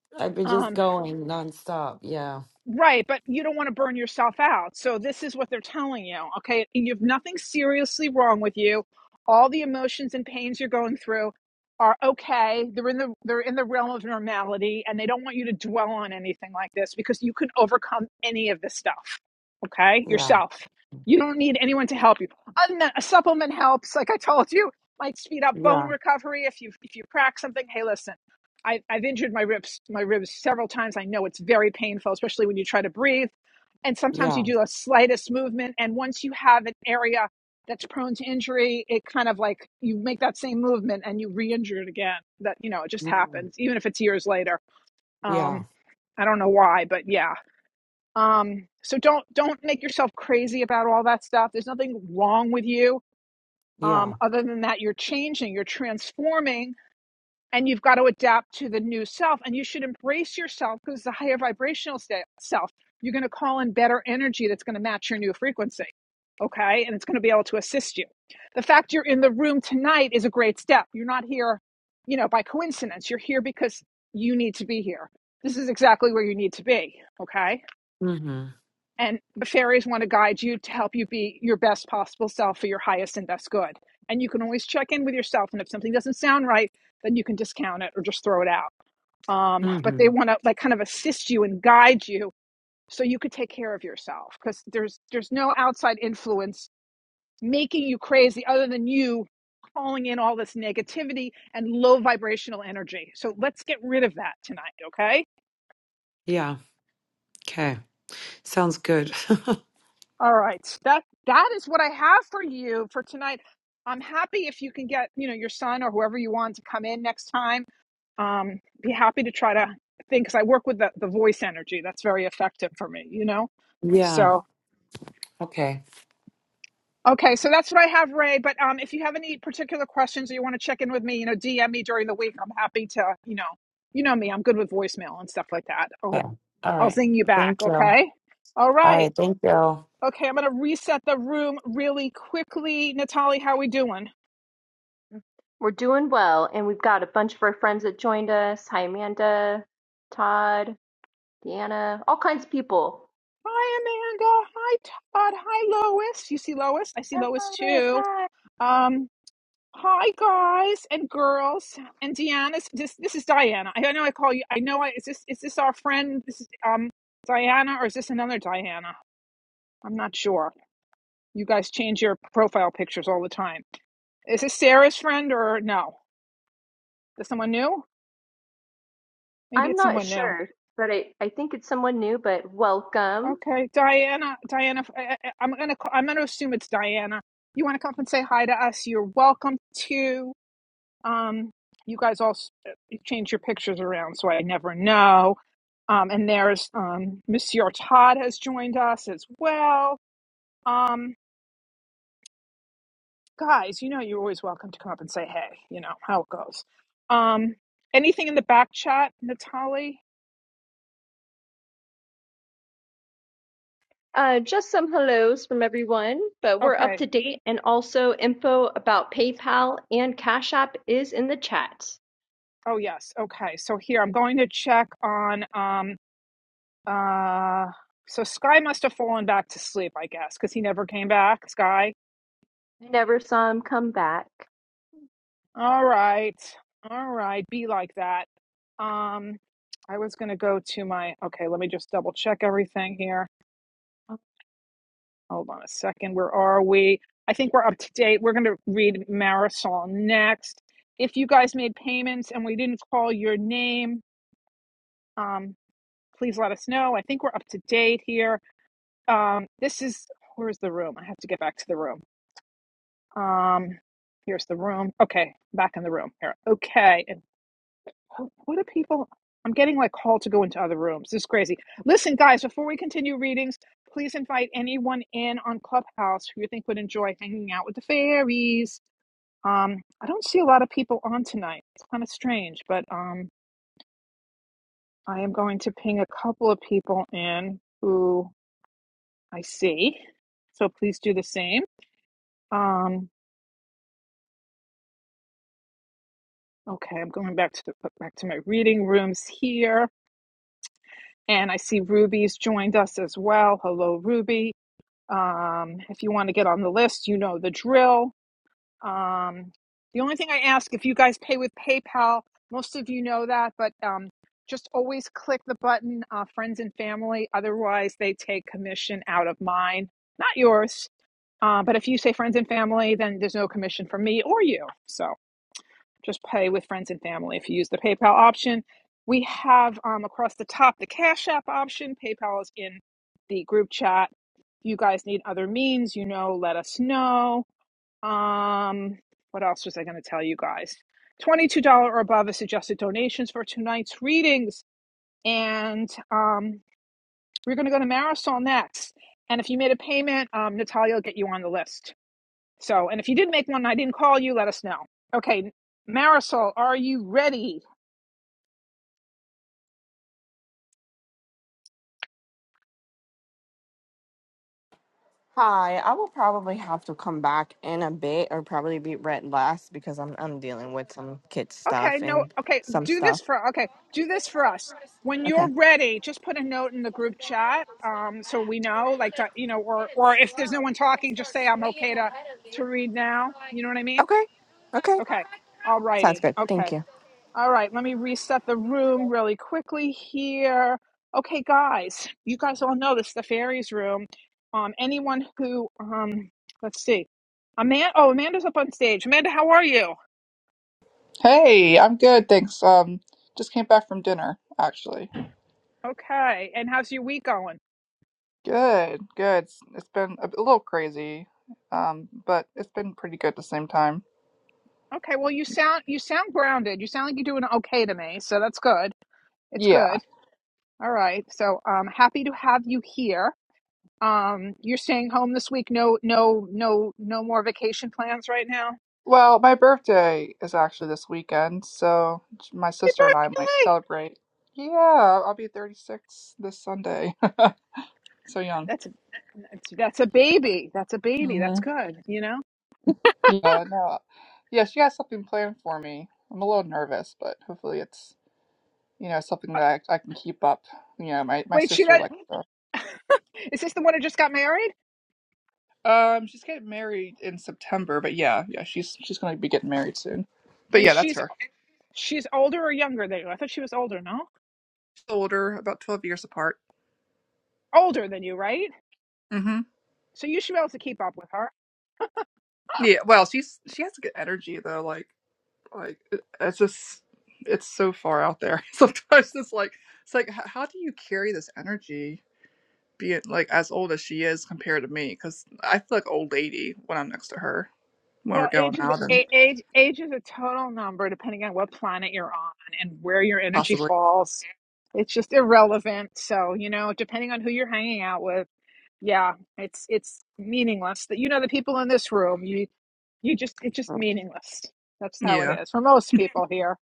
[SPEAKER 10] I've been just
[SPEAKER 2] um,
[SPEAKER 10] going nonstop. Yeah.
[SPEAKER 2] Right, but you don't want to burn yourself out. So this is what they're telling you, okay? And you have nothing seriously wrong with you. All the emotions and pains you're going through are okay. They're in the they're in the realm of normality and they don't want you to dwell on anything like this because you can overcome any of this stuff. Okay?
[SPEAKER 10] Yeah.
[SPEAKER 2] Yourself. You don't need anyone to help you. Other than that, a supplement helps, like I told you, might speed up bone
[SPEAKER 10] Yeah.
[SPEAKER 2] recovery if you if you crack something. Hey, listen. I've, I've injured my ribs my ribs several times. I know it's very painful, especially when you try to breathe. And sometimes
[SPEAKER 10] Yeah.
[SPEAKER 2] you do a slightest movement, and once you have an area that's prone to injury, it kind of like you make that same movement and you re-injure it again. That you know it just
[SPEAKER 10] Mm,
[SPEAKER 2] happens, even if it's years later.
[SPEAKER 10] yeah,
[SPEAKER 2] Um, I don't know why, but yeah. Um, so don't don't make yourself crazy about all that stuff. There's nothing wrong with you. Um,
[SPEAKER 10] yeah.
[SPEAKER 2] other than that, you're changing, you're transforming and you've got to adapt to the new self and you should embrace yourself because the higher vibrational se- self you're going to call in better energy that's going to match your new frequency okay and it's going to be able to assist you the fact you're in the room tonight is a great step you're not here you know by coincidence you're here because you need to be here this is exactly where you need to be okay
[SPEAKER 10] Mm-hmm.
[SPEAKER 2] and the fairies want to guide you to help you be your best possible self for your highest and best good. And you can always check in with yourself. And if something doesn't sound right, then you can discount it or just throw it out. Um, but they
[SPEAKER 10] Mm-hmm.
[SPEAKER 2] want to like kind of assist you and guide you so you could take care of yourself because there's there's no outside influence making you crazy other than you calling in all this negativity and low vibrational energy. So let's get rid of that tonight, okay?
[SPEAKER 10] Yeah. Okay. Sounds good.
[SPEAKER 2] All right. so That that is what I have for you for tonight. I'm happy if you can get, you know, your son or whoever you want to come in next time. Um, be happy to try to think because I work with the, the voice energy. That's very effective for me, you know?
[SPEAKER 10] yeah.
[SPEAKER 2] So
[SPEAKER 10] Okay.
[SPEAKER 2] okay, so that's what I have, Ray. But um if you have any particular questions or you want to check in with me, you know, DM me during the week. I'm happy to, you know, you know me, I'm good with voicemail and stuff like that.
[SPEAKER 10] Okay.
[SPEAKER 2] Oh,
[SPEAKER 10] All
[SPEAKER 2] I'll
[SPEAKER 10] right.
[SPEAKER 2] zing you back,
[SPEAKER 10] Thank you.
[SPEAKER 2] okay? All
[SPEAKER 10] All
[SPEAKER 2] right.
[SPEAKER 10] right. Thank you.
[SPEAKER 2] Okay, I'm gonna reset the room really quickly. Natalie, how we doing?
[SPEAKER 1] We're doing well, and we've got a bunch of our friends that joined us. Hi, Amanda, Todd, Deanna, all kinds of people
[SPEAKER 2] Hi, Amanda. Hi, Todd. Hi, Lois. You see Lois? I see Lois
[SPEAKER 1] Elvis,
[SPEAKER 2] too.
[SPEAKER 1] hi.
[SPEAKER 2] Um, hi, guys and girls. And Deanna's this. This is Diana. I know I call you. I know. I is this is this our friend? This is um Diana, or is this another Diana? I'm not sure. You guys change your profile pictures all the time. Is this Sarah's friend or no? Is this someone new? Maybe
[SPEAKER 1] I'm
[SPEAKER 2] it's
[SPEAKER 1] not
[SPEAKER 2] someone new.
[SPEAKER 1] sure, but I, I think it's someone new, but welcome.
[SPEAKER 2] Okay, Diana, Diana, I, I- I'm gonna ca- I'm gonna assume it's Diana. You want to come up and say hi to us? You're welcome to. Um, you guys all s- you change your pictures around, so I never know. Um, and there's um, Monsieur Todd has joined us as well. Um, guys, you know you're always welcome to come up and say hey. You know how it goes. Um, anything in the back chat, Natalie?
[SPEAKER 1] Uh, just some hellos from everyone, but we're up
[SPEAKER 2] Okay.
[SPEAKER 1] to date and also info about PayPal and Cash App is in the chat.
[SPEAKER 2] Oh yes. Okay. So here I'm going to check on. Um, Uh, so Sky must have fallen back to sleep, I guess, because he never came back. Sky.
[SPEAKER 1] I never saw him come back.
[SPEAKER 2] All right. All right. Be like that. Um, I was going to go to my. Okay, let me just double check everything here. Hold on a second. Where are we? I think we're up to date. We're going to read Marisol next. If you guys made payments and we didn't call your name, um, please let us know. I think we're up to date here. Um, this is. Where's the room? I have to get back to the room. Um, here's the room. Okay, back in the room here. Okay, and what are people? I'm getting like called to go into other rooms. This is crazy. Listen, guys, before we continue readings, please invite anyone in on Clubhouse who you think would enjoy hanging out with the fairies. Um, I don't see a lot of people on tonight. It's kind of strange, but um, I am going to ping a couple of people in who I see. So please do the same. Um, okay, I'm going back to the, back to my reading rooms here. And I see Ruby's joined us as well. Hello, Ruby. Um, if you want to get on the list, you know the drill. Um, the only thing I ask if you guys pay with PayPal, most of you know that, but um, just always click the button, uh, friends and family. Otherwise, they take commission out of mine, not yours. Uh, but if you say friends and family, then there's no commission for me or you. So just pay with friends and family if you use the PayPal option. We have um, across the top the Cash App option. PayPal is in the group chat. If you guys need other means, you know, let us know. Um, what else was I going to tell you guys? $22 or above is suggested donations for tonight's readings. And um, we're going to go to Marisol next. And if you made a payment, um, Natalia will get you on the list. So, and if you did make one and I didn't call you, let us know. Okay, Marisol, are you ready?
[SPEAKER 7] Hi, I will probably have to come back in a bit, or probably be read last because I'm I'm dealing with some kid
[SPEAKER 2] Okay,
[SPEAKER 7] stuff
[SPEAKER 2] no,
[SPEAKER 7] and
[SPEAKER 2] okay,
[SPEAKER 7] some
[SPEAKER 2] do
[SPEAKER 7] stuff.
[SPEAKER 2] this for, okay, do this for us. When you're
[SPEAKER 7] Okay,
[SPEAKER 2] ready, just put a note in the group chat um, so we know, like, to, you know, or, or if there's no one talking, just say I'm okay to, to read now. You know what I mean?
[SPEAKER 7] okay, okay.
[SPEAKER 2] Okay, all
[SPEAKER 7] Sounds
[SPEAKER 2] righty.
[SPEAKER 7] good.
[SPEAKER 2] Okay,
[SPEAKER 7] Thank you.
[SPEAKER 2] All right, let me reset the room really quickly here. Okay, guys, you guys all know this the fairies room. Um, anyone who um, let's see, Amanda. Oh, Amanda's up on stage. Amanda, how are you?
[SPEAKER 11] Hey, I'm good, thanks. Um, just came back from dinner, actually.
[SPEAKER 2] Okay, and how's your week going?
[SPEAKER 11] Good, good. It's, it's been a, little crazy, um, but it's been pretty good at the same time.
[SPEAKER 2] Okay, well you sound you sound grounded. You sound like you're doing okay to me, so that's good. It's
[SPEAKER 11] Yeah.
[SPEAKER 2] good. All right, so um, happy to have you here. Um, you're staying home this week. No, no, no, no more vacation plans right now.
[SPEAKER 11] Well, my birthday is actually this weekend, so my
[SPEAKER 2] Happy
[SPEAKER 11] sister and I might
[SPEAKER 2] birthday!
[SPEAKER 11] celebrate. Yeah, I'll be 36 this Sunday. So young.
[SPEAKER 2] That's a that's, that's a baby. That's a baby.
[SPEAKER 11] hmm
[SPEAKER 2] That's good. You know.
[SPEAKER 11] Yeah, no. Yeah, she has something planned for me. I'm a little nervous, but hopefully it's, you know, something
[SPEAKER 2] Uh,
[SPEAKER 11] that I, I can keep up. You know, my, my
[SPEAKER 2] wait, she
[SPEAKER 11] sister
[SPEAKER 2] got.
[SPEAKER 11] likes to.
[SPEAKER 2] Is this the one who just got married?
[SPEAKER 11] Um, she's getting married in September, but yeah, yeah, she's she's gonna be getting married soon. But
[SPEAKER 2] And
[SPEAKER 11] yeah, that's
[SPEAKER 2] she's
[SPEAKER 11] her.
[SPEAKER 2] she's older or younger than you? I thought she was older. No,
[SPEAKER 11] She's older, about twelve years apart.
[SPEAKER 2] older than you, right?
[SPEAKER 11] hmm
[SPEAKER 2] So you should be able to keep up with her.
[SPEAKER 11] Yeah. Well, she's she has good energy though. Like like it- it's just it's so far out there. Sometimes it's like it's like h- how do you carry this energy being like as old as she is compared to me? Because I feel like old lady when I'm next to her when we're
[SPEAKER 2] Well,
[SPEAKER 11] going
[SPEAKER 2] age is
[SPEAKER 11] out and
[SPEAKER 2] a- age age is a total number depending on what planet you're on and where your energy
[SPEAKER 11] possibly
[SPEAKER 2] falls. It's just irrelevant. So you know, depending on who you're hanging out with, yeah, it's it's meaningless. That you know the people in this room. you. you just it's just meaningless that's how it
[SPEAKER 11] yeah.
[SPEAKER 2] is for most people here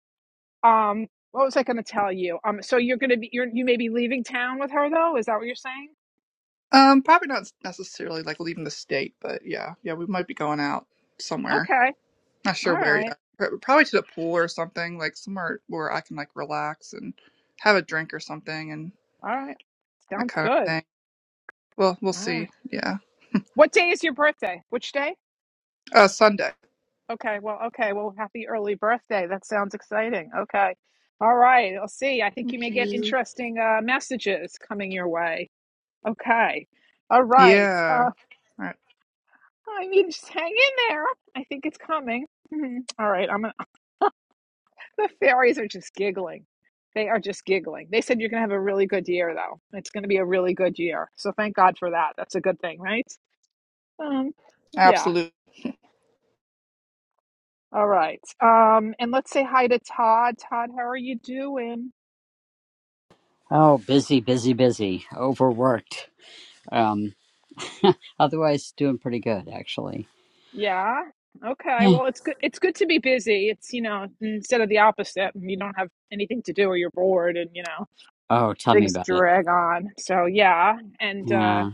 [SPEAKER 2] um what was i going to tell you um so you're going to be you're you may be leaving town with her though is that what you're saying
[SPEAKER 11] Um, probably not necessarily like leaving the state, but yeah, yeah, we might be going out somewhere.
[SPEAKER 2] okay
[SPEAKER 11] Not
[SPEAKER 2] all
[SPEAKER 11] sure where
[SPEAKER 2] right
[SPEAKER 11] yet. Pro- Probably to the pool or something, like somewhere where I can like relax and have a drink or something and
[SPEAKER 2] all right
[SPEAKER 11] that
[SPEAKER 2] sounds
[SPEAKER 11] kind of
[SPEAKER 2] good
[SPEAKER 11] thing. Well, we'll
[SPEAKER 2] all right
[SPEAKER 11] see. Yeah.
[SPEAKER 2] what day is your birthday which day
[SPEAKER 11] Uh, Sunday.
[SPEAKER 2] okay well okay well happy early birthday that sounds exciting okay all right i'll see i think you
[SPEAKER 11] Thank
[SPEAKER 2] may get
[SPEAKER 11] you.
[SPEAKER 2] interesting uh messages coming your way okay all right Uh,
[SPEAKER 11] Yeah. All right.
[SPEAKER 2] I mean, just hang in there. I think it's coming. All right, I'm gonna. The fairies are just giggling. They are just giggling. They said you're gonna have a really good year, though. It's gonna be a really good year. So thank God for that. That's a good thing, right? Um, yeah.
[SPEAKER 11] Absolutely.
[SPEAKER 2] All right. Um, and let's say hi to Todd. Todd, how are you doing?
[SPEAKER 12] Oh, busy, busy, busy. Overworked. Um, otherwise, doing pretty good, actually.
[SPEAKER 2] Yeah. Okay.
[SPEAKER 12] Yeah.
[SPEAKER 2] Well, it's good. It's good to be busy. It's you know instead of the opposite, you don't have anything to do or you're bored and you know
[SPEAKER 12] Oh, tell me
[SPEAKER 2] things
[SPEAKER 12] about it.
[SPEAKER 2] drag on. So yeah. And uh
[SPEAKER 12] Yeah.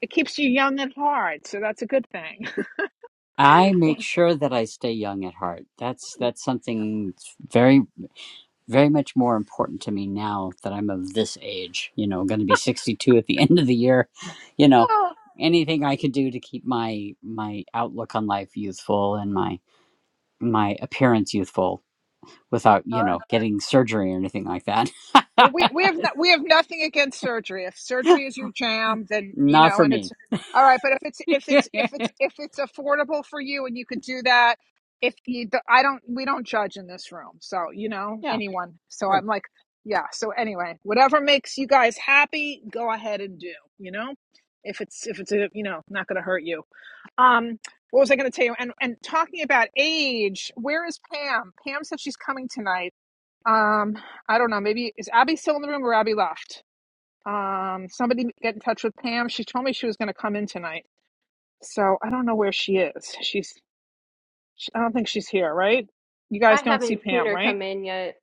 [SPEAKER 2] It keeps you young at heart, so that's a good thing.
[SPEAKER 12] I make
[SPEAKER 2] Oh,
[SPEAKER 12] sure that I stay young at heart. That's that's something very very much more important to me now that I'm of this age. You know, going to be 62 at the end of the year. You know, anything I could do to keep my my outlook on life youthful and my my appearance youthful without
[SPEAKER 2] All
[SPEAKER 12] you
[SPEAKER 2] right.
[SPEAKER 12] know getting surgery or anything like that.
[SPEAKER 2] Well, we we have no, we have nothing against surgery. If surgery is your jam, then you
[SPEAKER 12] Not
[SPEAKER 2] know,
[SPEAKER 12] for
[SPEAKER 2] and it's
[SPEAKER 12] me.
[SPEAKER 2] all right. But if it's if it's if
[SPEAKER 12] yeah.
[SPEAKER 2] it's if it's affordable for you and you could do that, if you, the- I don't, we don't judge in this room. So you know, anyone. So
[SPEAKER 12] Sure.
[SPEAKER 2] I'm like, yeah. So anyway, whatever makes you guys happy, go ahead and do. You know, if it's if it's a, you know not going to hurt you. Um, what was I going to tell you? And and talking about age, where is Pam? Pam said she's coming tonight. Um, I don't know. Maybe is Abby still in the room or Abby left? Um, somebody get in touch with Pam. She told me she was going to come in tonight, so I don't know where she is. She's, she, I don't think she's here, right? You
[SPEAKER 1] I
[SPEAKER 2] guys don't see
[SPEAKER 1] haven't seen
[SPEAKER 2] Pam,
[SPEAKER 1] her
[SPEAKER 2] right?
[SPEAKER 1] come in yet.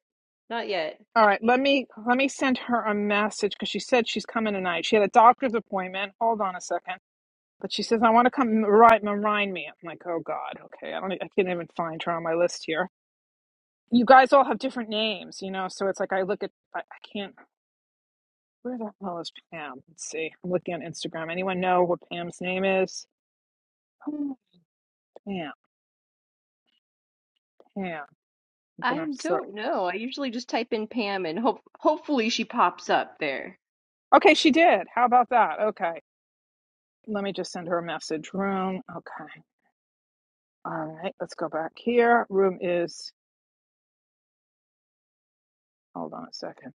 [SPEAKER 1] Not yet.
[SPEAKER 2] All right, let me let me send her a message because she said she's coming tonight. She had a doctor's appointment. Hold on a second, but she says I want to come. Right, remind me. I'm like, oh God, okay. I don't. e, I can't even find her on my list here. You guys all have different names, you know, so it's like I look at I, I can't. Where the hell is Pam? Let's see. I'm looking on Instagram. Anyone know what Pam's name is? Oh, Pam, Pam. I'm
[SPEAKER 1] I
[SPEAKER 2] gonna sorry.
[SPEAKER 1] don't know. I usually just type in Pam and hope hopefully she pops up there.
[SPEAKER 2] Okay, she did. How about that? Okay. Let me just send her a message. Room. Okay. All right. Let's go back here. Room is. Hold on a second.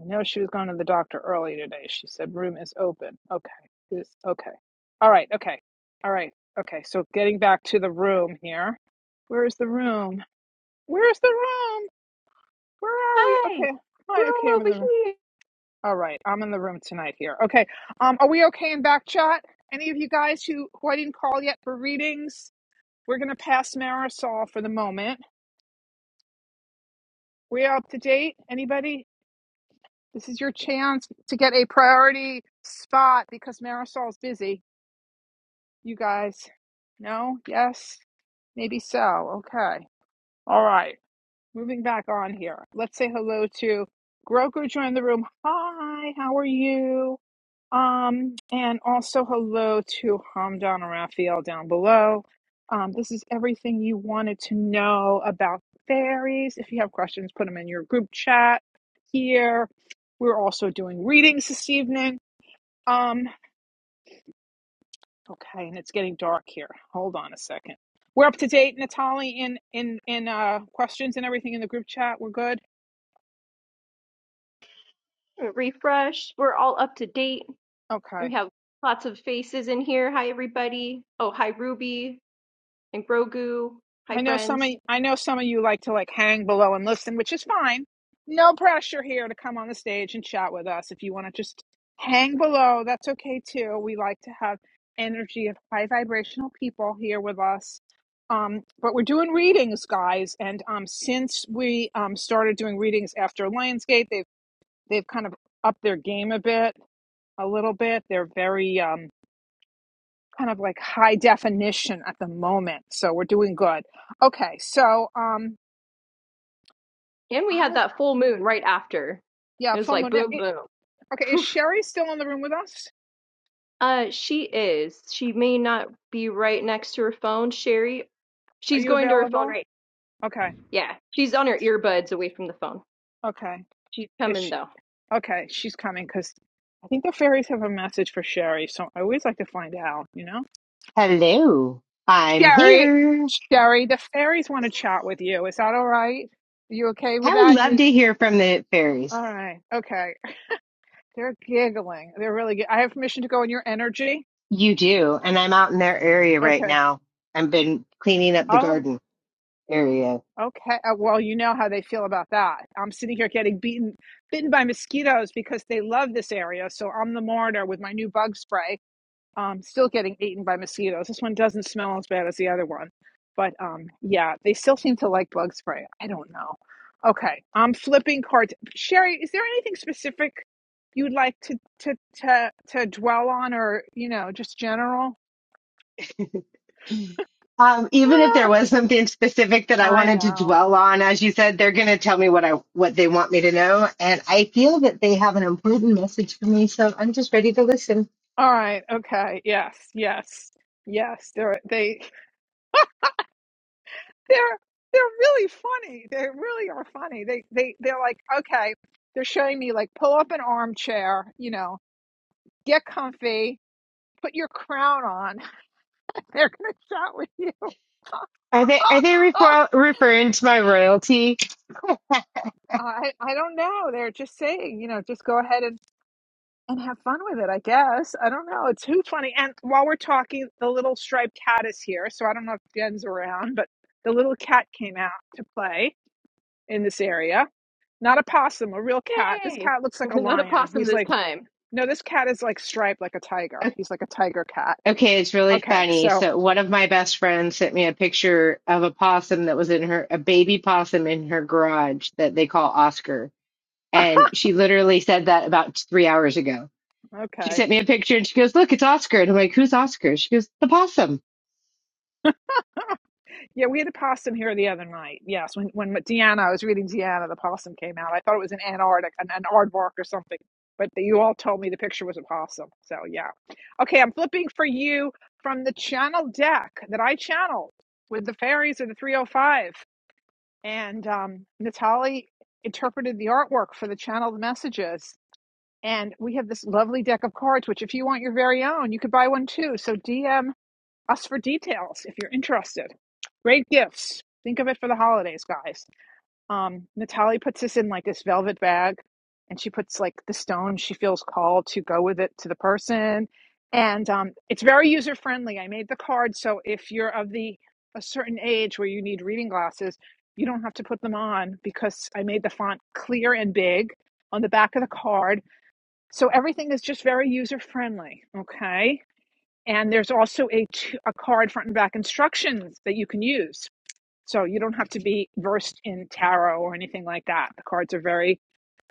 [SPEAKER 2] I know she was going to the doctor early today. She said room is open. Okay. Is okay. All right. Okay. All right. Okay. So getting back to the room here. Where is the room? Where's the room? Where are we?
[SPEAKER 1] Hi,
[SPEAKER 2] Okay. Hi.
[SPEAKER 1] room
[SPEAKER 2] Okay. I'm
[SPEAKER 1] over
[SPEAKER 2] in the room. All right, I'm in the room tonight here. Okay, um, are we okay in back chat? Any of you guys who, who I didn't call yet for readings? We're gonna pass Marisol for the moment. We are up to date? Anybody? This is your chance to get a priority spot because Marisol's busy. You guys, no? Yes? Maybe so. Okay. All right. Moving back on here. Let's say hello to Groker. Joined the room. Hi. How are you? Um, and also hello to Hamdan and Raphael down below. Um, this is everything you wanted to know about fairies. If you have questions, put them in your group chat here. We're also doing readings this evening. Um, okay, and it's getting dark here. Hold on a second. We're up to date, Natalie, in in in uh questions and everything in the group chat. We're good.
[SPEAKER 1] here. Refresh. We're all up to date.
[SPEAKER 2] Okay.
[SPEAKER 1] We have lots of faces in here. Hi, everybody. Oh, hi, Ruby and Grogu. Hi,
[SPEAKER 2] I know some
[SPEAKER 1] friends.
[SPEAKER 2] of I know some of you like to like hang below and listen, which is fine. No pressure here to come on the stage and chat with us. If you want to just hang below, that's okay too. We like to have energy of high vibrational people here with us. Um, but we're doing readings, guys, and um, since we um, started doing readings after Lionsgate, they've they've kind of upped their game a bit, a little bit. They're very um, kind of like high definition at the moment, so we're doing good. Okay, so um,
[SPEAKER 1] And we
[SPEAKER 2] I
[SPEAKER 1] had that full moon right after. It
[SPEAKER 2] yeah,
[SPEAKER 1] was like
[SPEAKER 2] FOMO. Now,
[SPEAKER 1] boom,
[SPEAKER 2] it,
[SPEAKER 1] boom.
[SPEAKER 2] okay, is Sherry still in the room with us?
[SPEAKER 1] uh, she is. She may not be right next to her phone, Sherry.
[SPEAKER 2] Are
[SPEAKER 1] She's
[SPEAKER 2] you
[SPEAKER 1] going to her phone
[SPEAKER 2] available?
[SPEAKER 1] right.
[SPEAKER 2] Okay,
[SPEAKER 1] now. Yeah, she's on her earbuds away from the phone.
[SPEAKER 2] okay.
[SPEAKER 1] She's
[SPEAKER 2] Is
[SPEAKER 1] coming
[SPEAKER 2] she,
[SPEAKER 1] though.
[SPEAKER 2] okay? She's coming because I think the fairies have a message for Sherry. So I always like to find out. You know,
[SPEAKER 3] Hello, I'm
[SPEAKER 2] Sherry,
[SPEAKER 3] here.
[SPEAKER 2] Sherry, the fairies want to chat with you. Is that all right? You okay with
[SPEAKER 3] I would
[SPEAKER 2] that?
[SPEAKER 3] love
[SPEAKER 2] You
[SPEAKER 3] to hear from the fairies.
[SPEAKER 2] all right? Okay. They're giggling. They're really. Gi- I have permission to go in your energy.
[SPEAKER 3] You do, and I'm out in their area right
[SPEAKER 2] Okay.
[SPEAKER 3] now. I've been cleaning up the
[SPEAKER 2] Oh.
[SPEAKER 3] garden area.
[SPEAKER 2] Okay. Uh, Well, you know how they feel about that. I'm sitting here getting beaten, bitten by mosquitoes because they love this area. So I'm the martyr with my new bug spray. Um, still getting eaten by mosquitoes. This one doesn't smell as bad as the other one, but um, yeah, they still seem to like bug spray. I don't know. Okay, I'm flipping cards. Sherry, is there anything specific you'd like to to to to dwell on, or you know, just general?
[SPEAKER 3] Um, even if there
[SPEAKER 2] Ah,
[SPEAKER 3] was something specific that I
[SPEAKER 2] I
[SPEAKER 3] wanted to
[SPEAKER 2] know.
[SPEAKER 3] dwell on, as you said, they're going to tell me what I what they want me to know, and I feel that they have an important message for me, so I'm just ready to listen.
[SPEAKER 2] All right. Okay. Yes. Yes. Yes. They're they they're they're really funny. They really are funny. They they they're like okay. They're showing me like pull up an armchair. You know, get comfy. Put your crown on. They're gonna chat with you.
[SPEAKER 3] Are they are they refer- referring to my royalty?
[SPEAKER 2] I I don't know. They're just saying you know just go ahead and and have fun with it. I guess I don't know. It's too funny. And while we're talking, the little striped cat is here. So I don't know if Jen's around, but the little cat came out to play in this area. Not a possum, a real cat. This
[SPEAKER 1] Yay!
[SPEAKER 2] cat looks like a
[SPEAKER 1] Not a
[SPEAKER 2] lion.
[SPEAKER 1] possum
[SPEAKER 2] He's
[SPEAKER 1] this
[SPEAKER 2] like,
[SPEAKER 1] time.
[SPEAKER 2] no, this cat is like striped like a tiger. He's like a tiger cat.
[SPEAKER 3] Okay, it's really
[SPEAKER 2] Okay,
[SPEAKER 3] funny.
[SPEAKER 2] so
[SPEAKER 3] So one of my best friends sent me a picture of a possum that was in her, a baby possum in her garage that they call Oscar. And she literally said that about three hours ago. She
[SPEAKER 2] okay,
[SPEAKER 3] sent me a picture and she goes, look, it's Oscar. And I'm like, who's Oscar? She goes, the possum.
[SPEAKER 2] yeah, we had a possum here the other night. Yes, when when Deanna, I was reading Deanna, the possum came out. I thought it was an Antarctic, an, an aardvark or something, but you all told me the picture was a possum. So yeah, okay, I'm flipping for you from the channel deck that I channeled with the fairies of the 305. and um, Natalie interpreted the artwork for the channeled messages. And we have this lovely deck of cards, which if you want your very own, you could buy one too. So DM us for details if you're interested. Great gifts. Think of it for the holidays, guys um Natalie puts this in like this velvet bag and she puts like the stone she feels called to go with it to the person and um it's very user friendly. I made the card so if you're of the a certain age where you need reading glasses, you don't have to put them on because I made the font clear and big on the back of the card. So everything is just very user friendly, okay? And there's also a a card front and back instructions that you can use. So you don't have to be versed in tarot or anything like that. The cards are very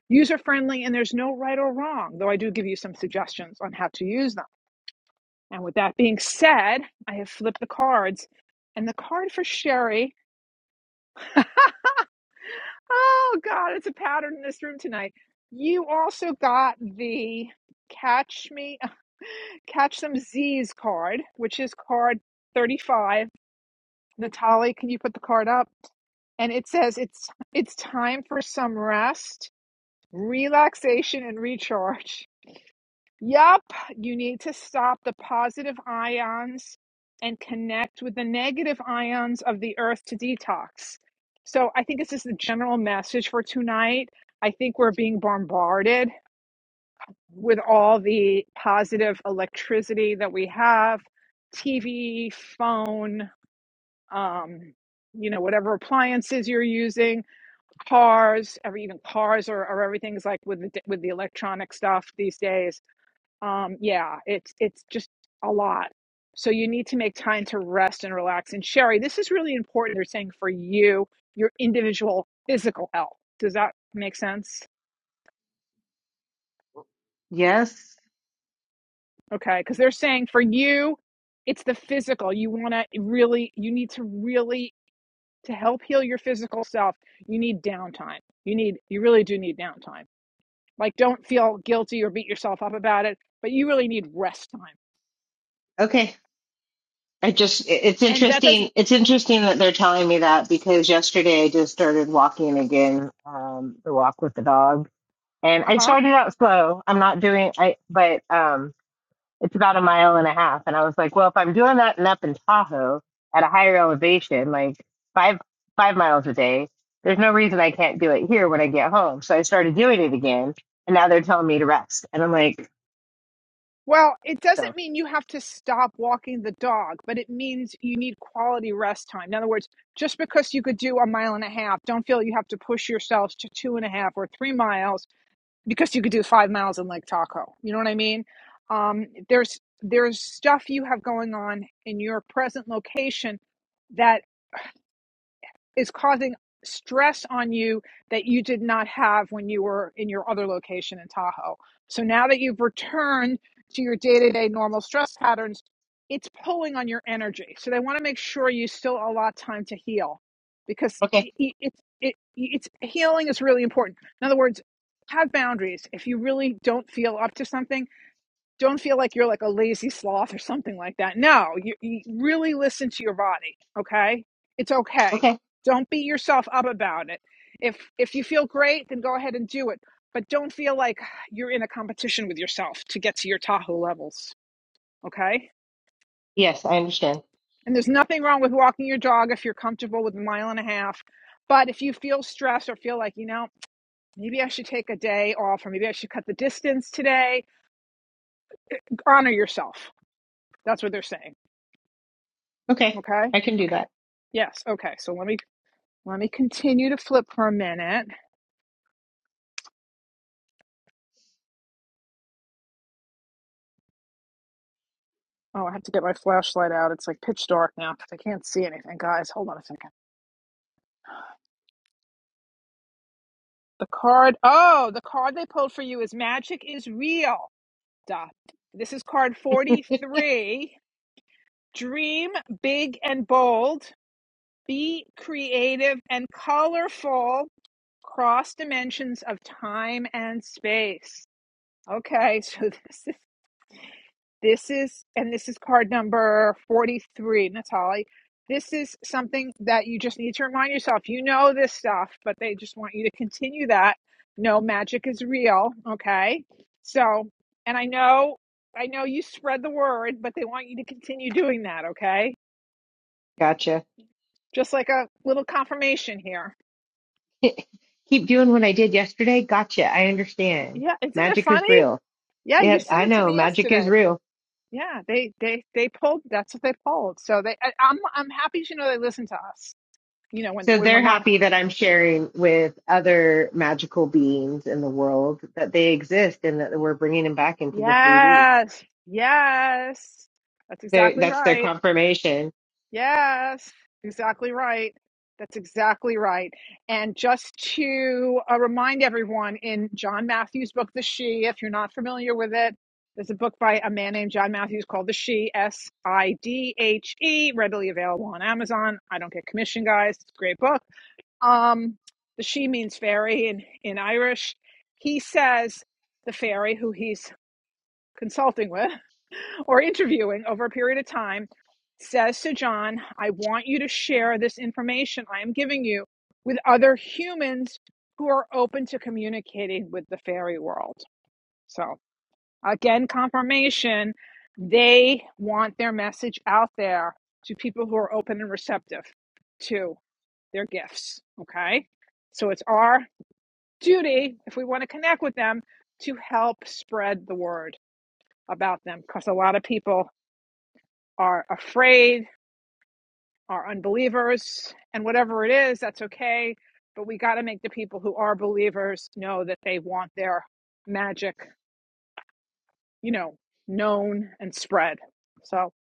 [SPEAKER 2] user friendly and there's no right or wrong, though I do give you some suggestions on how to use them. And with that being said, I have flipped the cards. And the card for Sherry, oh God, it's a pattern in this room tonight. You also got the Catch Me, Catch Some Z's card, which is card 35. Natalie, can you put the card up? And it says it's it's time for some rest relaxation and recharge. Yup, you need to stop the positive ions and connect with the negative ions of the earth to detox. So I think this is the general message for tonight. I think we're being bombarded with all the positive electricity that we have, TV, phone, um, you know, whatever appliances you're using cars every even cars or, or everything's like with the with the electronic stuff these days um yeah it's it's just a lot so you need to make time to rest and relax and sherry this is really important they're saying for you your individual physical health does that make sense
[SPEAKER 3] Yes.
[SPEAKER 2] okay because they're saying for you it's the physical you want to really you need to really to help heal your physical self you need downtime you need you really do need downtime Like, don't feel guilty or beat yourself up about it, but you really need rest time.
[SPEAKER 3] Okay. I just it's
[SPEAKER 2] And that doesn't,
[SPEAKER 3] interesting it's interesting that they're telling me that because yesterday I just started walking again um the walk with the dog and
[SPEAKER 2] uh
[SPEAKER 3] I
[SPEAKER 2] huh.
[SPEAKER 3] started out slow I'm not doing I but um it's about a mile and a half and I was like well if I'm doing that and up in Tahoe at a higher elevation like 5 5 miles a day there's no reason I can't do it here when I get home so I started doing it again and now they're telling me to rest and I'm like
[SPEAKER 2] Well, it
[SPEAKER 3] so
[SPEAKER 2] doesn't mean you have to stop walking the dog, but it means you need quality rest time. In other words, just because you could do a mile and a half, don't feel you have to push yourselves to two and a half or three miles because you could do five miles in Lake Tahoe. You know what I mean? Um, there's there's stuff you have going on in your present location that. is causing stress on you that you did not have when you were in your other location in Tahoe. So now that you've returned to your day to day normal stress patterns, it's pulling on your energy. So they want to make sure you still allow time to heal because
[SPEAKER 3] okay
[SPEAKER 2] y- y- it's it, it's healing is really important. In other words, have boundaries. If you really don't feel up to something, don't feel like you're like a lazy sloth or something like that. No, you, you really listen to your body. Okay, it's okay.
[SPEAKER 3] okay
[SPEAKER 2] Don't beat yourself up about it. If if you feel great, then go ahead and do it. But don't feel like you're in a competition with yourself to get to your Tahoe levels. Okay.
[SPEAKER 3] yes I understand
[SPEAKER 2] And there's nothing wrong with walking your dog if you're comfortable with a mile and a half. But if you feel stressed or feel like, you know, maybe I should take a day off or maybe I should cut the distance today, honor yourself. That's what they're saying.
[SPEAKER 3] okay
[SPEAKER 2] Okay.
[SPEAKER 3] I can do
[SPEAKER 2] Okay.
[SPEAKER 3] that
[SPEAKER 2] Yes. Okay. So let me let me continue to flip for a minute. Oh, I have to get my flashlight out. It's like pitch dark now because I can't see anything. Guys, hold on a second. The card. Oh, the card they pulled for you is magic is real. Duh. This is card forty-three. Dream big and bold. Be creative and colorful. Cross dimensions of time and space. Okay, so this is This is, and this is card number 43, Natalie. This is something that you just need to remind yourself. You know this stuff, but they just want you to continue that. No, magic is real. Okay. So, and I know, I know you spread the word, but they want you to continue doing that. Okay.
[SPEAKER 3] Gotcha.
[SPEAKER 2] Just like a little confirmation here.
[SPEAKER 3] Keep doing what I did yesterday. Gotcha. I understand.
[SPEAKER 2] Yeah. Isn't it
[SPEAKER 3] Magic is
[SPEAKER 2] funny?
[SPEAKER 3] real.
[SPEAKER 2] Yeah. You
[SPEAKER 3] Yep,
[SPEAKER 2] said
[SPEAKER 3] I
[SPEAKER 2] it to
[SPEAKER 3] know.
[SPEAKER 2] me
[SPEAKER 3] Magic is
[SPEAKER 2] yesterday.
[SPEAKER 3] real.
[SPEAKER 2] Yeah. They, they, they pulled, that's what they pulled. So they, I, I'm, I'm happy to know they listen to us you know when
[SPEAKER 3] So
[SPEAKER 2] when we're
[SPEAKER 3] they're
[SPEAKER 2] not
[SPEAKER 3] happy that I'm sharing with other magical beings in the world that they exist and that we're bringing them back into the 3D.
[SPEAKER 2] Yes. Yes. That's
[SPEAKER 3] They're,
[SPEAKER 2] exactly
[SPEAKER 3] that's their
[SPEAKER 2] right.
[SPEAKER 3] confirmation.
[SPEAKER 2] Yes. Exactly right. That's exactly right. And just to uh, remind everyone, in John Matthews' book, The She, if you're not familiar with it, there's a book by a man named John Matthews called The She, S I D H E, readily available on Amazon. I don't get commission, guys. It's a great book. Um, the She means fairy in, in Irish. He says the fairy who he's consulting with or interviewing over a period of time says to John, I want you to share this information I am giving you with other humans who are open to communicating with the fairy world. So, again, confirmation they want their message out there to people who are open and receptive to their gifts. Okay. So, it's our duty, if we want to connect with them, to help spread the word about them because a lot of people are afraid, are unbelievers, and whatever it is, that's okay. But we got to make the people who are believers know that they want their magic, you know, known and spread. So,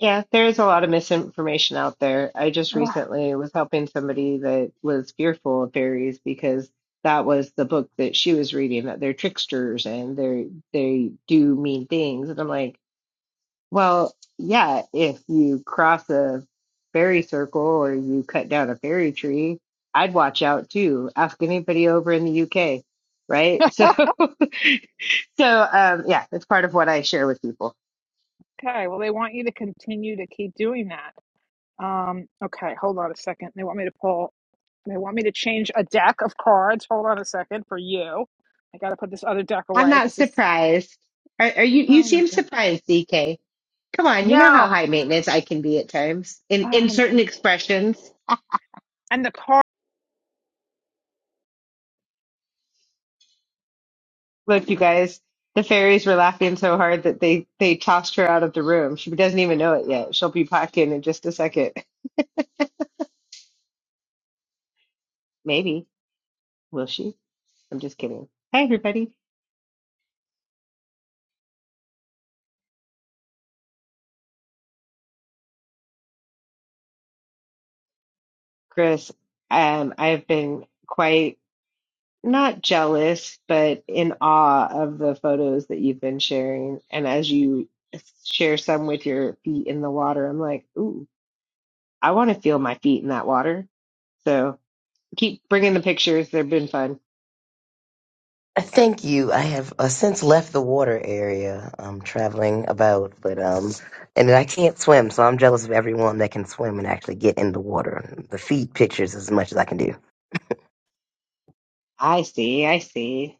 [SPEAKER 3] Yeah, there is a lot of misinformation out there. I just recently was helping somebody that was fearful of fairies because that was the book that she was reading that they're tricksters and they they do mean things. And I'm like, Well, yeah, if you cross a fairy circle or you cut down a fairy tree, I'd watch out too. Ask anybody over in the UK, right? So, so um, yeah, that's part of what I share with people.
[SPEAKER 2] okay, well, they want you to continue to keep doing that. Um, okay, hold on a second. They want me to pull, they want me to change a deck of cards. Hold on a second for you. I got to put this other deck
[SPEAKER 3] I'm
[SPEAKER 2] away
[SPEAKER 3] not
[SPEAKER 2] because this,
[SPEAKER 3] surprised. Are, are you? You
[SPEAKER 2] oh my
[SPEAKER 3] seem
[SPEAKER 2] God.
[SPEAKER 3] surprised, DK. Come on, you know how
[SPEAKER 2] Now,
[SPEAKER 3] high maintenance I can be at times in in
[SPEAKER 2] um,
[SPEAKER 3] certain
[SPEAKER 2] and,
[SPEAKER 3] expressions.
[SPEAKER 2] and the card,
[SPEAKER 3] Look, you guys, the fairies were laughing so hard that they they tossed her out of the room. She doesn't even know it yet. She'll be back in in just a second. Maybe. Will she? I'm just kidding. Hi, everybody. Chris, um, I've been quite not jealous, but in awe of the photos that you've been sharing. And as you share some with your feet in the water, I'm like, ooh, I want to feel my feet in that water. So keep bringing the pictures. They've been fun.
[SPEAKER 4] I Thank you. I have uh, since left the water area I'm traveling about, but um, and I can't swim, so I'm jealous of everyone that can swim and actually get in the water. The feed pictures as much as I can do.
[SPEAKER 3] I see. I see.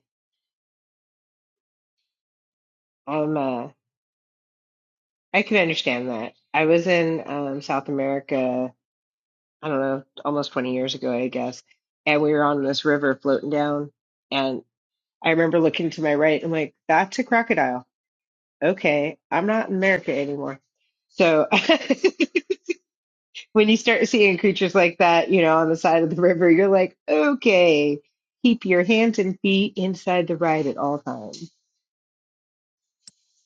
[SPEAKER 3] Um, uh, I can understand that. I was in um, South America, I don't know, almost 20 years ago, I guess, and we were on this river floating down. And I remember looking to my right, I'm like, that's a crocodile. Okay, I'm not in America anymore. So when you start seeing creatures like that, you know, on the side of the river, you're like, okay, keep your hands and feet inside the ride at all times.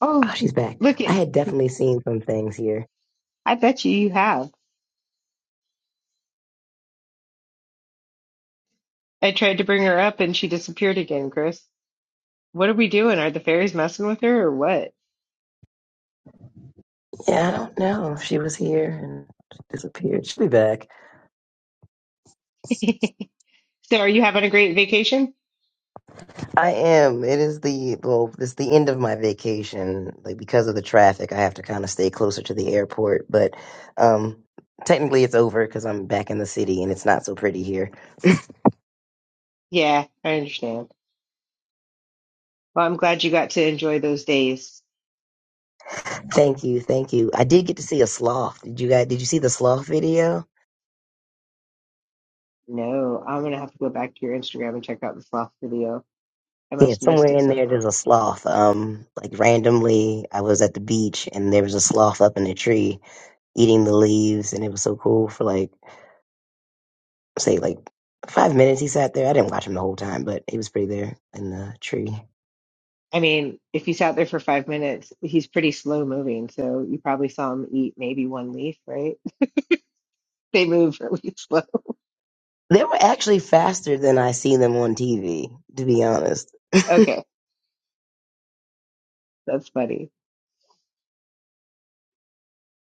[SPEAKER 3] Oh,
[SPEAKER 4] Oh, she's back.
[SPEAKER 3] look
[SPEAKER 4] I
[SPEAKER 3] at,
[SPEAKER 4] had definitely seen some things here.
[SPEAKER 3] I bet you you have. I tried to bring her up and she disappeared again, Chris. What are we doing? Are the fairies messing with her or what?
[SPEAKER 4] Yeah, I don't know. She was here and she disappeared. She'll be back.
[SPEAKER 3] so, are you having a great vacation?
[SPEAKER 4] I am. It is the well, it's the end of my vacation. Like because of the traffic, I have to kind of stay closer to the airport. But um, technically, it's over because I'm back in the city and it's not so pretty here.
[SPEAKER 3] Yeah, I understand. Well, I'm glad you got to enjoy those days.
[SPEAKER 4] Thank you, thank you. I did get to see a sloth. Did you guys? Did you see the sloth video?
[SPEAKER 3] No, I'm going to have to go back to your Instagram and check out the sloth video. I
[SPEAKER 4] Yeah,
[SPEAKER 3] must have missed
[SPEAKER 4] somewhere
[SPEAKER 3] it
[SPEAKER 4] in there,
[SPEAKER 3] somehow.
[SPEAKER 4] there's a sloth. Um, like randomly, I was at the beach and there was a sloth up in a tree eating the leaves, and it was so cool for like. say like five minutes he sat there. I didn't watch him the whole time, but he was pretty there in the tree.
[SPEAKER 3] I mean, if he sat there for five minutes, he's pretty slow moving. So, you probably saw him eat maybe one leaf, right? they move really slow.
[SPEAKER 4] They were actually faster than I see them on TV, to be honest.
[SPEAKER 3] Okay, that's funny.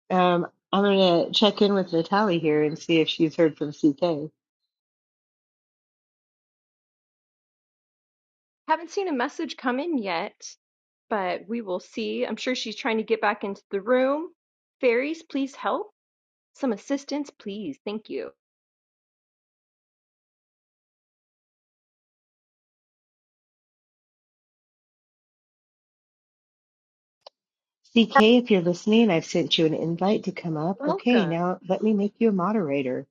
[SPEAKER 3] Um, I'm gonna check in with Natalie here and see if she's heard from CK.
[SPEAKER 1] Haven't seen a message come in yet, but we will see. I'm sure she's trying to get back into the room. Fairies, please help. Some assistance, please. Thank you.
[SPEAKER 3] CK, if you're listening, I've sent you an invite to come up. Okay,
[SPEAKER 1] Welcome.
[SPEAKER 3] now let me make you a moderator.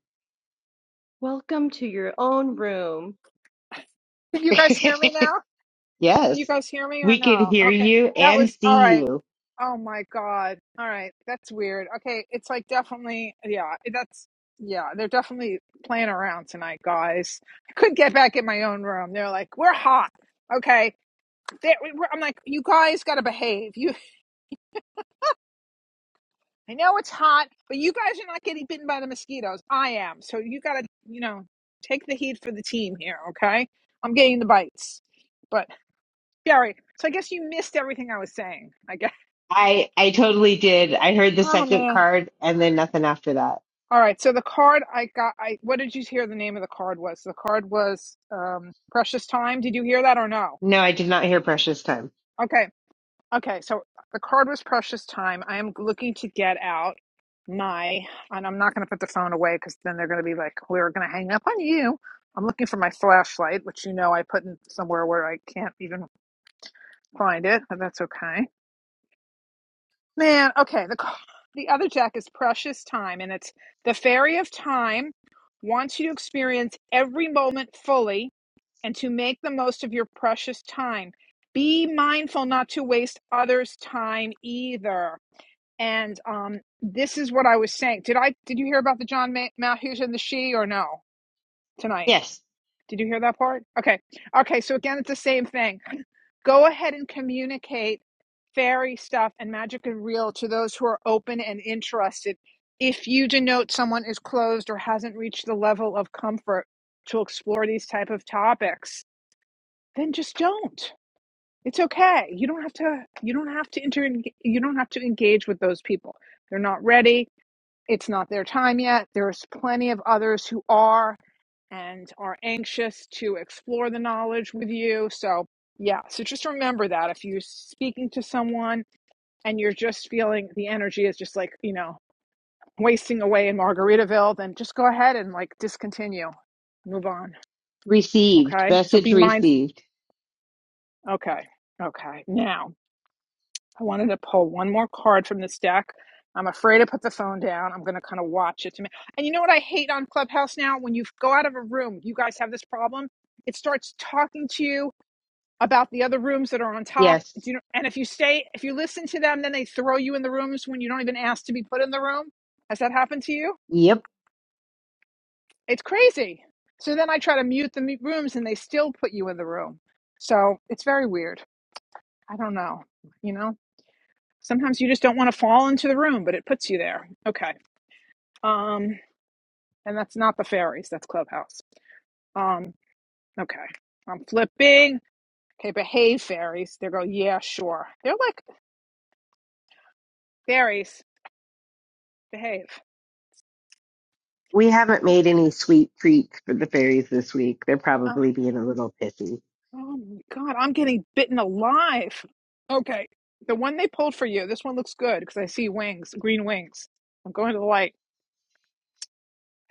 [SPEAKER 1] Welcome to your own room.
[SPEAKER 2] can you guys hear me now? Can you
[SPEAKER 3] yes,
[SPEAKER 2] guys hear me or
[SPEAKER 3] we can
[SPEAKER 2] no?
[SPEAKER 3] hear
[SPEAKER 2] Okay.
[SPEAKER 3] you
[SPEAKER 2] That
[SPEAKER 3] and
[SPEAKER 2] was all
[SPEAKER 3] see
[SPEAKER 2] right.
[SPEAKER 3] you.
[SPEAKER 2] Oh my God. All right. That's weird. Okay. It's like definitely, yeah, that's, yeah, they're definitely playing around tonight, guys. I couldn't get back in my own room. They're like, we're hot. Okay. They're, we're, I'm like, you guys got to behave. You, I know it's hot, but you guys are not getting bitten by the mosquitoes. I am. So you got to, you know, take the heat for the team here. Okay. I'm getting the bites. But Gary, so I guess you missed everything I was saying. I guess.
[SPEAKER 3] I I totally did. I heard the
[SPEAKER 2] Oh
[SPEAKER 3] second
[SPEAKER 2] man.
[SPEAKER 3] card and then nothing after that.
[SPEAKER 2] All right. So the card I got I what did you hear the name of the card was? The card was um Precious Time. Did you hear that or no?
[SPEAKER 3] No, I did not hear precious time.
[SPEAKER 2] Okay. Okay. So the card was Precious Time. I am looking to get out my and I'm not going to put the phone away cuz then they're going to be like we're going to hang up on you. I'm looking for my flashlight, which you know I put in somewhere where I can't even find it, but that's okay. Man, okay. The the other deck is precious time, and it's the fairy of time wants you to experience every moment fully and to make the most of your precious time. Be mindful not to waste others' time either. And um, this is what I was saying. Did I did you hear about the John Ma- Matthews and the she or no tonight?
[SPEAKER 3] Yes.
[SPEAKER 2] Did you hear that part? Okay. Okay. So again, it's the same thing. Go ahead and communicate fairy stuff and magic and real to those who are open and interested. If you denote someone is closed or hasn't reached the level of comfort to explore these type of topics, then just don't. It's okay. You don't have to you don't have to inter you don't have to engage with those people. They're not ready. It's not their time yet. There's plenty of others who are and are anxious to explore the knowledge with you. So, yeah, so just remember that if you're speaking to someone and you're just feeling the energy is just like, you know, wasting away in Margaritaville, then just go ahead and like discontinue, move on.
[SPEAKER 3] Received.
[SPEAKER 2] Okay. So
[SPEAKER 3] Message
[SPEAKER 2] be mindful.
[SPEAKER 3] received.
[SPEAKER 2] Okay. Okay. Now, I wanted to pull one more card from this deck. I'm afraid to put the phone down. I'm going to kind of watch it to me. And you know what I hate on Clubhouse now? When you go out of a room, you guys have this problem. It starts talking to you about the other rooms that are on top.
[SPEAKER 3] Yes.
[SPEAKER 2] Do you know, and if you stay, if you listen to them, then they throw you in the rooms when you don't even ask to be put in the room. Has that happened to you?
[SPEAKER 3] Yep.
[SPEAKER 2] It's crazy. So then I try to mute the mu- rooms and they still put you in the room. So it's very weird. I don't know. You know, sometimes you just don't want to fall into the room, but it puts you there. Okay. Um, and that's not the fairies. That's Clubhouse. Um, okay. I'm flipping. Okay, behave fairies. They go, yeah, sure. They're like fairies. Behave.
[SPEAKER 3] We haven't made any sweet treats for the fairies this week. They're probably being a little pissy.
[SPEAKER 2] Oh my God, I'm getting bitten alive. Okay, the one they pulled for you. This one looks good because I see wings, green wings. I'm going to the light.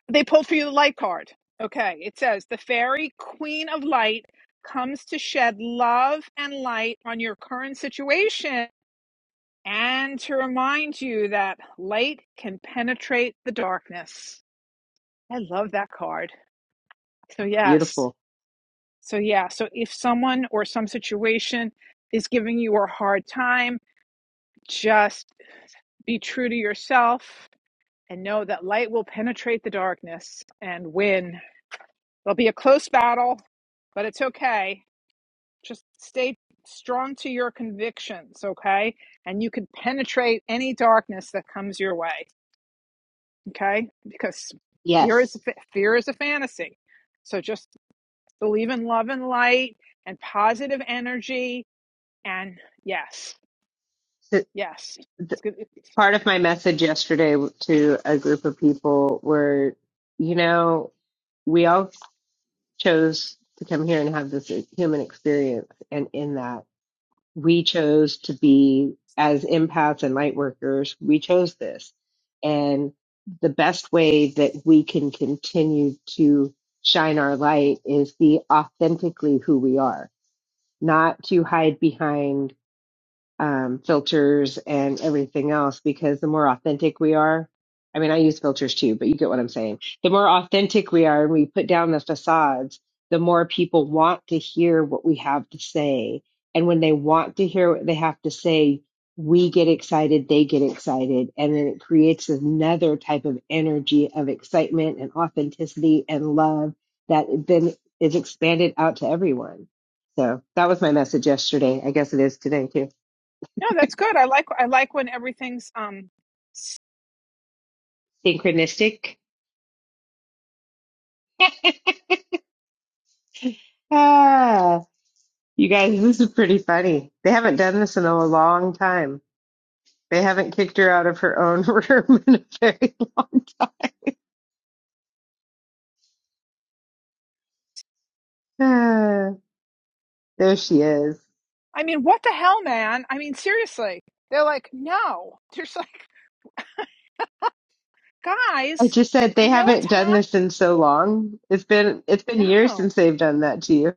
[SPEAKER 2] They pulled for you the light card. Okay, it says the fairy queen of light comes to shed love and light on your current situation and to remind you that light can penetrate the darkness. I love that card. So, yes.
[SPEAKER 3] Beautiful.
[SPEAKER 2] So, yeah. So, if someone or some situation is giving you a hard time, just be true to yourself and know that light will penetrate the darkness and win. There'll be a close battle, but it's okay. Just stay strong to your convictions, okay? And you can penetrate any darkness that comes your way, okay? Because fear is
[SPEAKER 3] Yes.
[SPEAKER 2] fear is a fantasy. So just believe in love and light and positive energy and yes.
[SPEAKER 3] So,
[SPEAKER 2] Yes.
[SPEAKER 3] th-
[SPEAKER 2] It's good.
[SPEAKER 3] part of my message yesterday to a group of people were, you know, we all chose to come here and have this human experience. And in that, we chose to be as empaths and light workers, we chose this. And the best way that we can continue to shine our light is be authentically who we are, not to hide behind um, filters and everything else because the more authentic we are, I mean, I use filters too, but you get what I'm saying. The more authentic we are and we put down the facades, the more people want to hear what we have to say. And when they want to hear what they have to say, we get excited, they get excited. And then it creates another type of energy of excitement and authenticity and love that then is expanded out to everyone. So that was my message yesterday. I guess it is today too.
[SPEAKER 2] No, that's good. I like I like when everything's um
[SPEAKER 3] Synchronistic. Ah, you guys, this is pretty funny. They haven't done this in a long time. They haven't kicked her out of her own room in a very long time. Ah, There she is.
[SPEAKER 2] I mean, what the hell, man? I mean, seriously. They're like, no. They're just like,
[SPEAKER 3] I
[SPEAKER 2] guys,
[SPEAKER 3] just said they
[SPEAKER 2] I know it's
[SPEAKER 3] haven't done
[SPEAKER 2] hot.
[SPEAKER 3] this in so long. It's been it's been years
[SPEAKER 2] No,
[SPEAKER 3] since they've done that to you.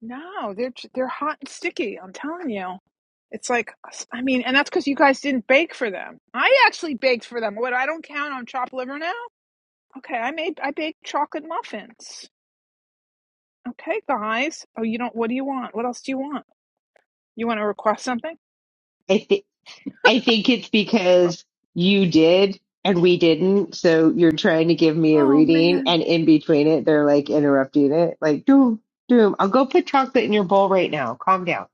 [SPEAKER 2] no, they're they're hot and sticky. I'm telling you. It's like, I mean, and that's because you guys didn't bake for them. I actually baked for them. What? I don't count on chopped liver now. Okay, I made I baked chocolate muffins. Okay, guys. Oh, you don't. What do you want? What else do you want? You want to request something?
[SPEAKER 3] I thi- I think it's because you did and we didn't. So you're trying to give me a
[SPEAKER 2] Oh
[SPEAKER 3] reading,
[SPEAKER 2] man.
[SPEAKER 3] and in between it, they're like interrupting it, like, Doom, Doom, I'll go put chocolate in your bowl right now. Calm down.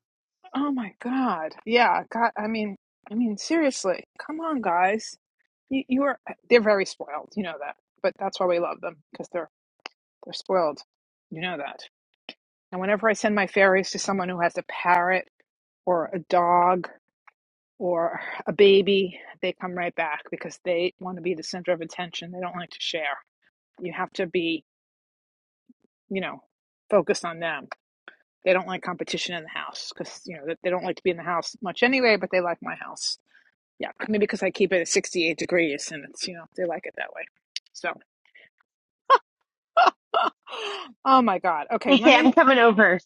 [SPEAKER 2] Oh my God. Yeah. God. I mean. I mean, seriously. Come on, guys. You, you are they're very spoiled, you know that. But that's why we love them because they're they're spoiled. You know that. And whenever I send my fairies to someone who has a parrot or a dog or a baby, they come right back because they want to be the center of attention. They don't like to share. You have to be, you know, focused on them. They don't like competition in the house because, you know, they don't like to be in the house much anyway, but they like my house. Yeah, maybe because I keep it at 68 degrees and it's, you know, they like it that way. So. Oh my God. Okay, let
[SPEAKER 3] Okay, I'm
[SPEAKER 2] me.
[SPEAKER 3] coming over.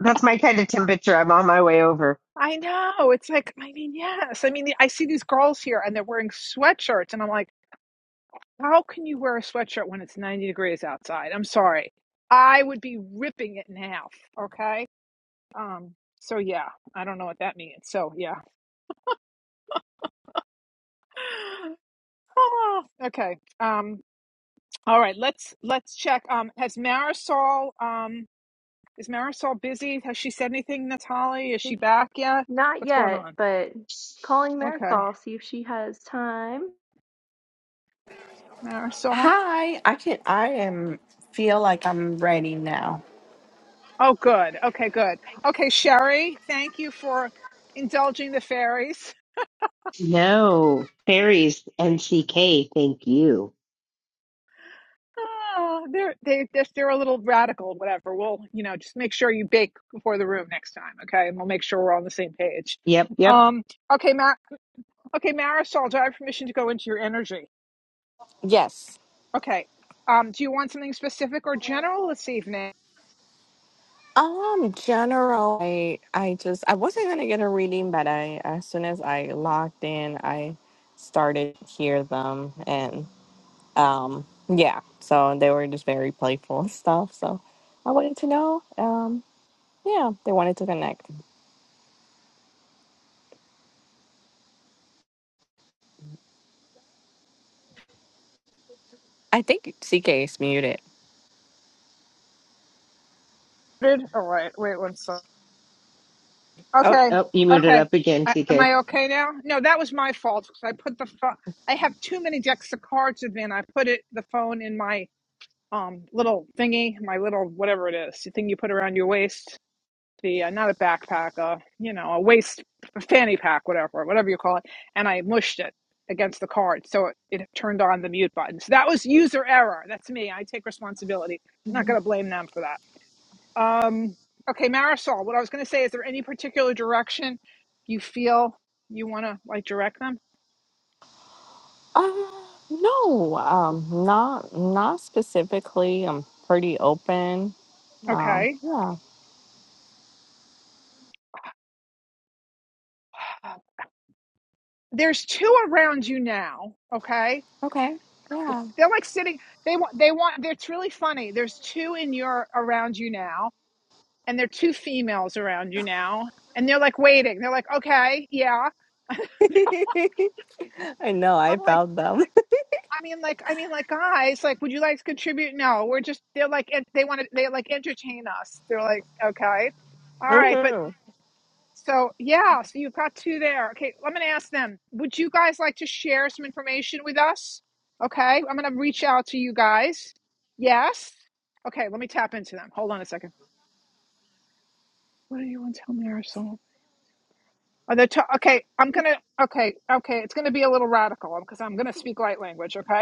[SPEAKER 3] That's my kind of temperature. I'm on my way over.
[SPEAKER 2] I know. It's like, I mean, yes. I mean, I see these girls here and they're wearing sweatshirts, and I'm like, how can you wear a sweatshirt when it's 90 degrees outside? I'm sorry. I would be ripping it in half. Okay. Um, so yeah, I don't know what that means. So yeah. Oh, okay. Um, all right, let's let's check. Um, has Marisol um is Marisol busy? Has she said anything, Natalie? Is she back yet?
[SPEAKER 1] Not
[SPEAKER 2] What's going
[SPEAKER 1] yet,
[SPEAKER 2] on?
[SPEAKER 1] but calling
[SPEAKER 2] Okay.
[SPEAKER 1] Marisol, see if she has time.
[SPEAKER 2] Marisol.
[SPEAKER 7] Hi, I can I am feel like I'm ready now.
[SPEAKER 2] Oh, good. Okay, good. Okay, Sherry, thank you for indulging the fairies.
[SPEAKER 3] No, fairies, NCK, thank you.
[SPEAKER 2] Oh, they're they just they're a little radical, whatever. We'll you know just make sure you bake before the room next time, okay? And we'll make sure we're on the same page.
[SPEAKER 3] Yep, yep.
[SPEAKER 2] Um, okay, Mar- okay, Marisol, do I have permission to go into your energy?
[SPEAKER 7] Yes.
[SPEAKER 2] Okay. Um, do you want something specific or general this evening?
[SPEAKER 7] Um general I I just I wasn't gonna get a reading but I as soon as I logged in I started to hear them and um yeah so they were just very playful and stuff so I wanted to know um yeah they wanted to connect. I think CK is muted.
[SPEAKER 2] All right. Wait one second.
[SPEAKER 7] Oh
[SPEAKER 2] Okay,
[SPEAKER 3] Oh, you muted
[SPEAKER 2] okay.
[SPEAKER 3] up again,
[SPEAKER 2] I, am
[SPEAKER 3] CK.
[SPEAKER 2] I okay now? No, that was my fault because I put the phone. I have too many decks of cards with me, and I put it the phone in my um little thingy, my little whatever it is, the thing you put around your waist. The uh, not a backpack, uh, you know, a waist a fanny pack, whatever, whatever you call it. And I mushed it against the card, so it, it turned on the mute button. So that was user error. That's me. I take responsibility. I'm not going to blame them for that. Um, okay, Marisol, what I was going to say, is there any particular direction you feel you want to like direct them?
[SPEAKER 7] uh, no, um, not not specifically. I'm pretty open. Um,
[SPEAKER 2] Okay.
[SPEAKER 7] yeah.
[SPEAKER 2] There's two around you now, okay?
[SPEAKER 7] Okay. Yeah.
[SPEAKER 2] They're like sitting, they want, they want, it's really funny. There's two in your, around you now, and they're two females around you now, and they're like waiting. They're like, okay, yeah.
[SPEAKER 7] I know. I
[SPEAKER 2] I'm like,
[SPEAKER 7] found them.
[SPEAKER 2] I mean, like, I mean, like, guys, like, would you like to contribute? No, we're just, they're like, en- they want to, they like entertain us. They're like, okay. All right, but
[SPEAKER 7] hmm
[SPEAKER 2] So, yeah, so you've got two there. Okay, I'm going to ask them, would you guys like to share some information with us? Okay, I'm going to reach out to you guys. Yes. Okay, let me tap into them. Hold on a second. What do you want to tell Marisol? Are they ta- okay, I'm going to, okay, okay, it's going to be a little radical because I'm going to speak light language, okay?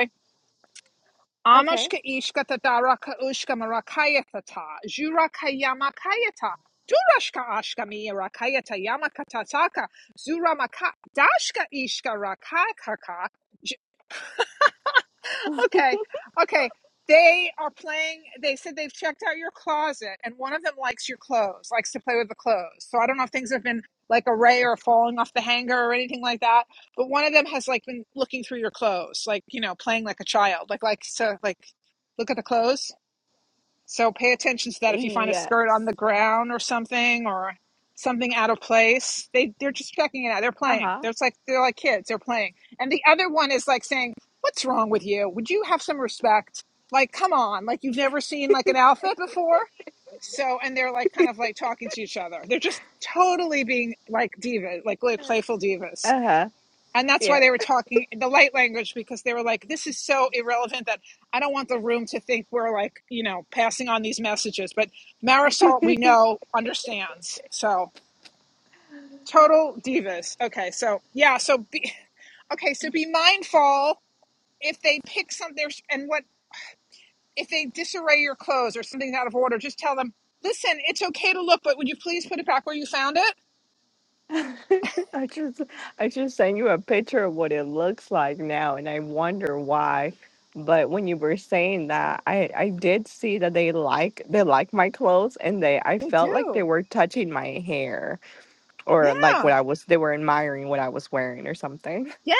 [SPEAKER 7] Okay.
[SPEAKER 2] Amashka ishka tataraka ushka marakayatata, Jurakayamakayata, Durashka ashka mi rakayata yamakataka, Zuramaka, Dashka ishka rakakaka. J- Okay, okay. They are playing, they said they've checked out your closet, and one of them likes your clothes, likes to play with the clothes. So I don't know if things have been like a ray or falling off the hanger or anything like that, but one of them has like been looking through your clothes, like, you know, playing like a child, like likes to like look at the clothes. So pay attention to that if you find a
[SPEAKER 7] Yes.
[SPEAKER 2] skirt on the ground or something or something out of place. They they're just checking it out. They're
[SPEAKER 7] Uh
[SPEAKER 2] playing.
[SPEAKER 7] huh.
[SPEAKER 2] They're like they're like kids. They're playing. And the other one is like saying, "What's wrong with you? Would you have some respect? Like, come on. Like you've never seen like an outfit before." So and they're like kind of like talking to each other. They're just totally being like diva, like like playful divas.
[SPEAKER 7] Uh huh.
[SPEAKER 2] And that's why
[SPEAKER 7] Yeah.
[SPEAKER 2] they were talking the light language because they were like, this is so irrelevant that I don't want the room to think we're like, you know, passing on these messages. But Marisol, we know, understands. So total divas. Okay. So, yeah. So, be, okay. So be mindful if they pick something and what, if they disarray your clothes or something's out of order, just tell them, listen, it's okay to look, but would you please put it back where you found it?
[SPEAKER 7] I just, I just sent you a picture of what it looks like now, and I wonder why. But when you were saying that, I, I did see that they like they like my clothes, and they I
[SPEAKER 2] They
[SPEAKER 7] felt like they
[SPEAKER 2] do.
[SPEAKER 7] were touching my hair, or like
[SPEAKER 2] Yeah.
[SPEAKER 7] what I was they were admiring what I was wearing or something.
[SPEAKER 2] Yeah,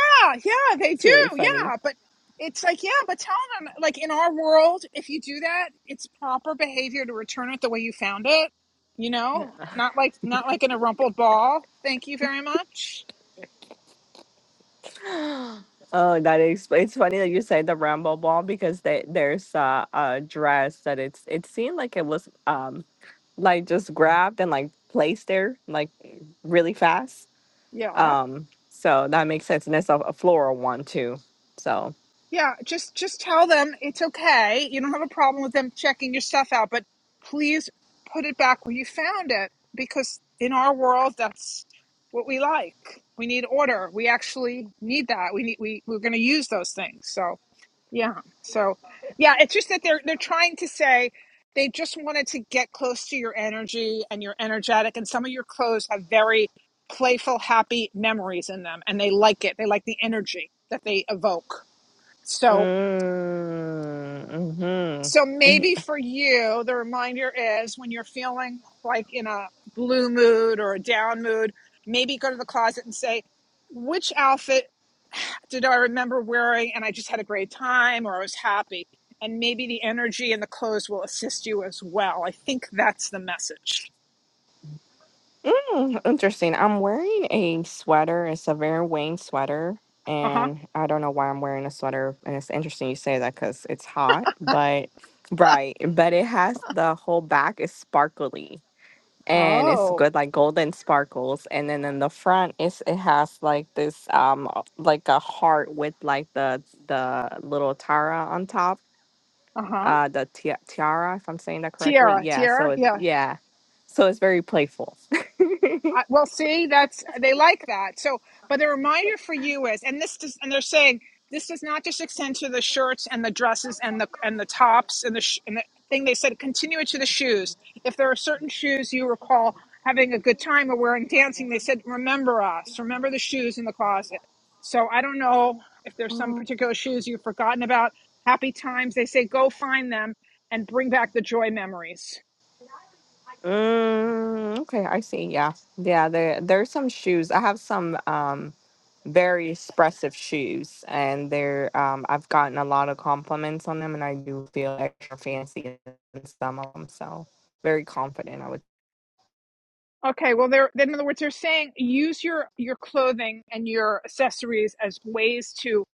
[SPEAKER 2] yeah, they
[SPEAKER 7] It's
[SPEAKER 2] do.
[SPEAKER 7] really funny.
[SPEAKER 2] Yeah, but it's like, yeah, but tell them, like, in our world, if you do that, it's proper behavior to return it the way you found it. You know, not like not like in a rumpled ball. Thank you very much.
[SPEAKER 7] Oh, that explains. It's funny that you said the Rambo ball because they, there's uh, a dress that it's it seemed like it was um like just grabbed and like placed there like really fast.
[SPEAKER 2] Yeah,
[SPEAKER 7] Um, so that makes sense, and it's a, a floral one too. So,
[SPEAKER 2] yeah. Just just tell them it's okay. You don't have a problem with them checking your stuff out, but please put it back where you found it because in our world, that's what we like. We need order. We actually need that. We need we we're going to use those things. So. Yeah. So, yeah, it's just that they're they're trying to say they just wanted to get close to your energy and you're energetic and some of your clothes have very playful happy memories in them and they like it. They like the energy that they evoke. So,
[SPEAKER 7] mm,
[SPEAKER 2] so
[SPEAKER 7] hmm
[SPEAKER 2] maybe for you the reminder is when you're feeling like in a blue mood or a down mood, maybe go to the closet and say which outfit did I remember wearing and I just had a great time or I was happy. And maybe the energy and the clothes will assist you as well. I think that's the message.
[SPEAKER 7] Mm, interesting. I'm wearing a sweater. It's a Vera Wang sweater,
[SPEAKER 2] Uh huh.
[SPEAKER 7] and I don't know why I'm wearing a sweater. And it's interesting you say that because it's hot, but right. But it has the whole back is sparkly, and it's
[SPEAKER 2] Oh,
[SPEAKER 7] good like golden sparkles. And then in the front, it's it has like this um uh, like a heart with like the the little tiara on top.
[SPEAKER 2] uh huh.
[SPEAKER 7] Uh, the ti- tiara, if I'm saying that correctly.
[SPEAKER 2] Tiara,
[SPEAKER 7] Yeah. So
[SPEAKER 2] Tiara.
[SPEAKER 7] it's
[SPEAKER 2] Yeah.
[SPEAKER 7] yeah. So it's very playful.
[SPEAKER 2] I, well, see, that's they like that. So, but the reminder for you is, and this does, and they're saying this does not just extend to the shirts and the dresses and the and the tops and the sh- and the thing they said continue it to the shoes. If there are certain shoes you recall having a good time or wearing dancing, they said remember us, remember the shoes in the closet. So I don't know if there's some particular shoes you've forgotten about. Happy times, they say, go find them and bring back the joy memories.
[SPEAKER 7] Mm, okay, I see. Yeah. Yeah, there there's some shoes. I have some um very expressive shoes and they're um I've gotten a lot of compliments on them and I do feel extra fancy in some of them. So very confident I would
[SPEAKER 2] Okay, well, they're in other words, they're saying use your your clothing and your accessories as ways to,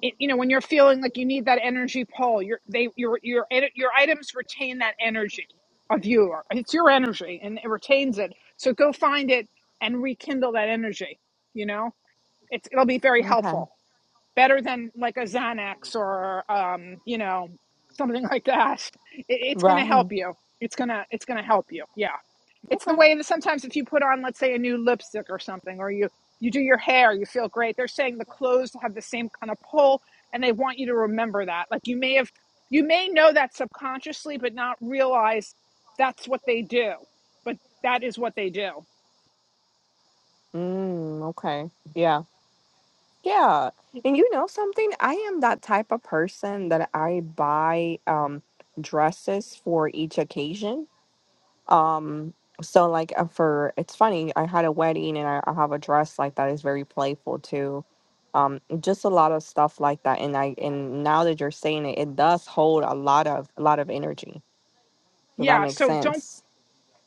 [SPEAKER 2] it- you know, when you're feeling like you need that energy pull, your they your your ed- your items retain that energy of you. Or It's your energy, and it retains it. So go find it and rekindle that energy. You know, it's it'll be very
[SPEAKER 7] Okay.
[SPEAKER 2] helpful, better than like a Xanax or um, you know, something like that. It, it's going to help
[SPEAKER 7] Right.
[SPEAKER 2] you. It's gonna it's gonna help you. Yeah. It's the
[SPEAKER 7] Okay.
[SPEAKER 2] way that sometimes if you put on, let's say, a new lipstick or something, or you you do your hair, you feel great. They're saying the clothes have the same kind of pull, and they want you to remember that. Like you may have, you may know that subconsciously, but not realize that's what they do. But that is what they do.
[SPEAKER 7] Mm, okay. Yeah. Yeah. And you know something? I am that type of person that I buy um dresses for each occasion. Um, so like uh, for it's funny, I had a wedding and I, I have a dress like that is very playful too. Um, just a lot of stuff like that. And I and now that you're saying it, it does hold a lot of a lot of energy. Does that
[SPEAKER 2] Yeah.
[SPEAKER 7] make
[SPEAKER 2] So don't
[SPEAKER 7] sense?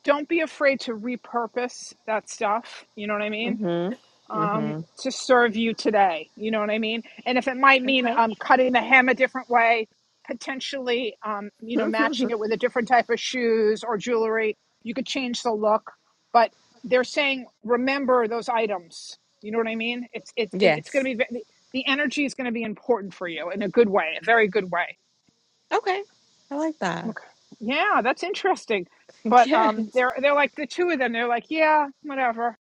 [SPEAKER 2] don't be afraid to repurpose that stuff. You know what I mean?
[SPEAKER 7] Mm-hmm.
[SPEAKER 2] um,
[SPEAKER 7] Mm-hmm.
[SPEAKER 2] to serve you today. You know what I mean? And if it might mean
[SPEAKER 7] Okay.
[SPEAKER 2] um, cutting the hem a different way, potentially, um, you know, matching it with a different type of shoes or jewelry, you could change the look. But they're saying, remember those items. You know what I mean? It's it's it- it's going
[SPEAKER 7] yes.
[SPEAKER 2] to be ve- the energy is going to be important for you in a good way, a very good way.
[SPEAKER 7] Okay. I like that.
[SPEAKER 2] Okay. Yeah, that's interesting. But um,
[SPEAKER 7] Yes.
[SPEAKER 2] they're they're like the two of them. They're like, yeah, whatever.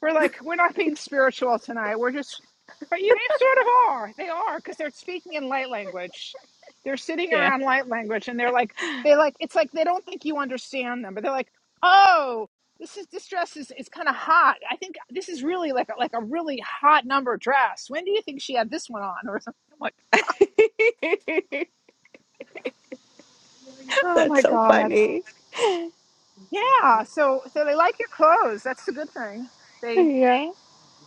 [SPEAKER 2] We're like, we're not being spiritual tonight. We're just, but you, they sort of are. They are because they're speaking in light language. They're sitting
[SPEAKER 7] Yeah.
[SPEAKER 2] around light language, and they're like, they like, it's like they don't think you understand them, but they're like, oh, this is this dress is is kind of hot. I think this is really like a, like a really hot number dress. When do you think she had this one on, or something? I'm like, oh
[SPEAKER 7] That's
[SPEAKER 2] my
[SPEAKER 7] so
[SPEAKER 2] god.
[SPEAKER 7] funny.
[SPEAKER 2] Yeah, so so they like your clothes. That's the good thing. They
[SPEAKER 7] Yeah.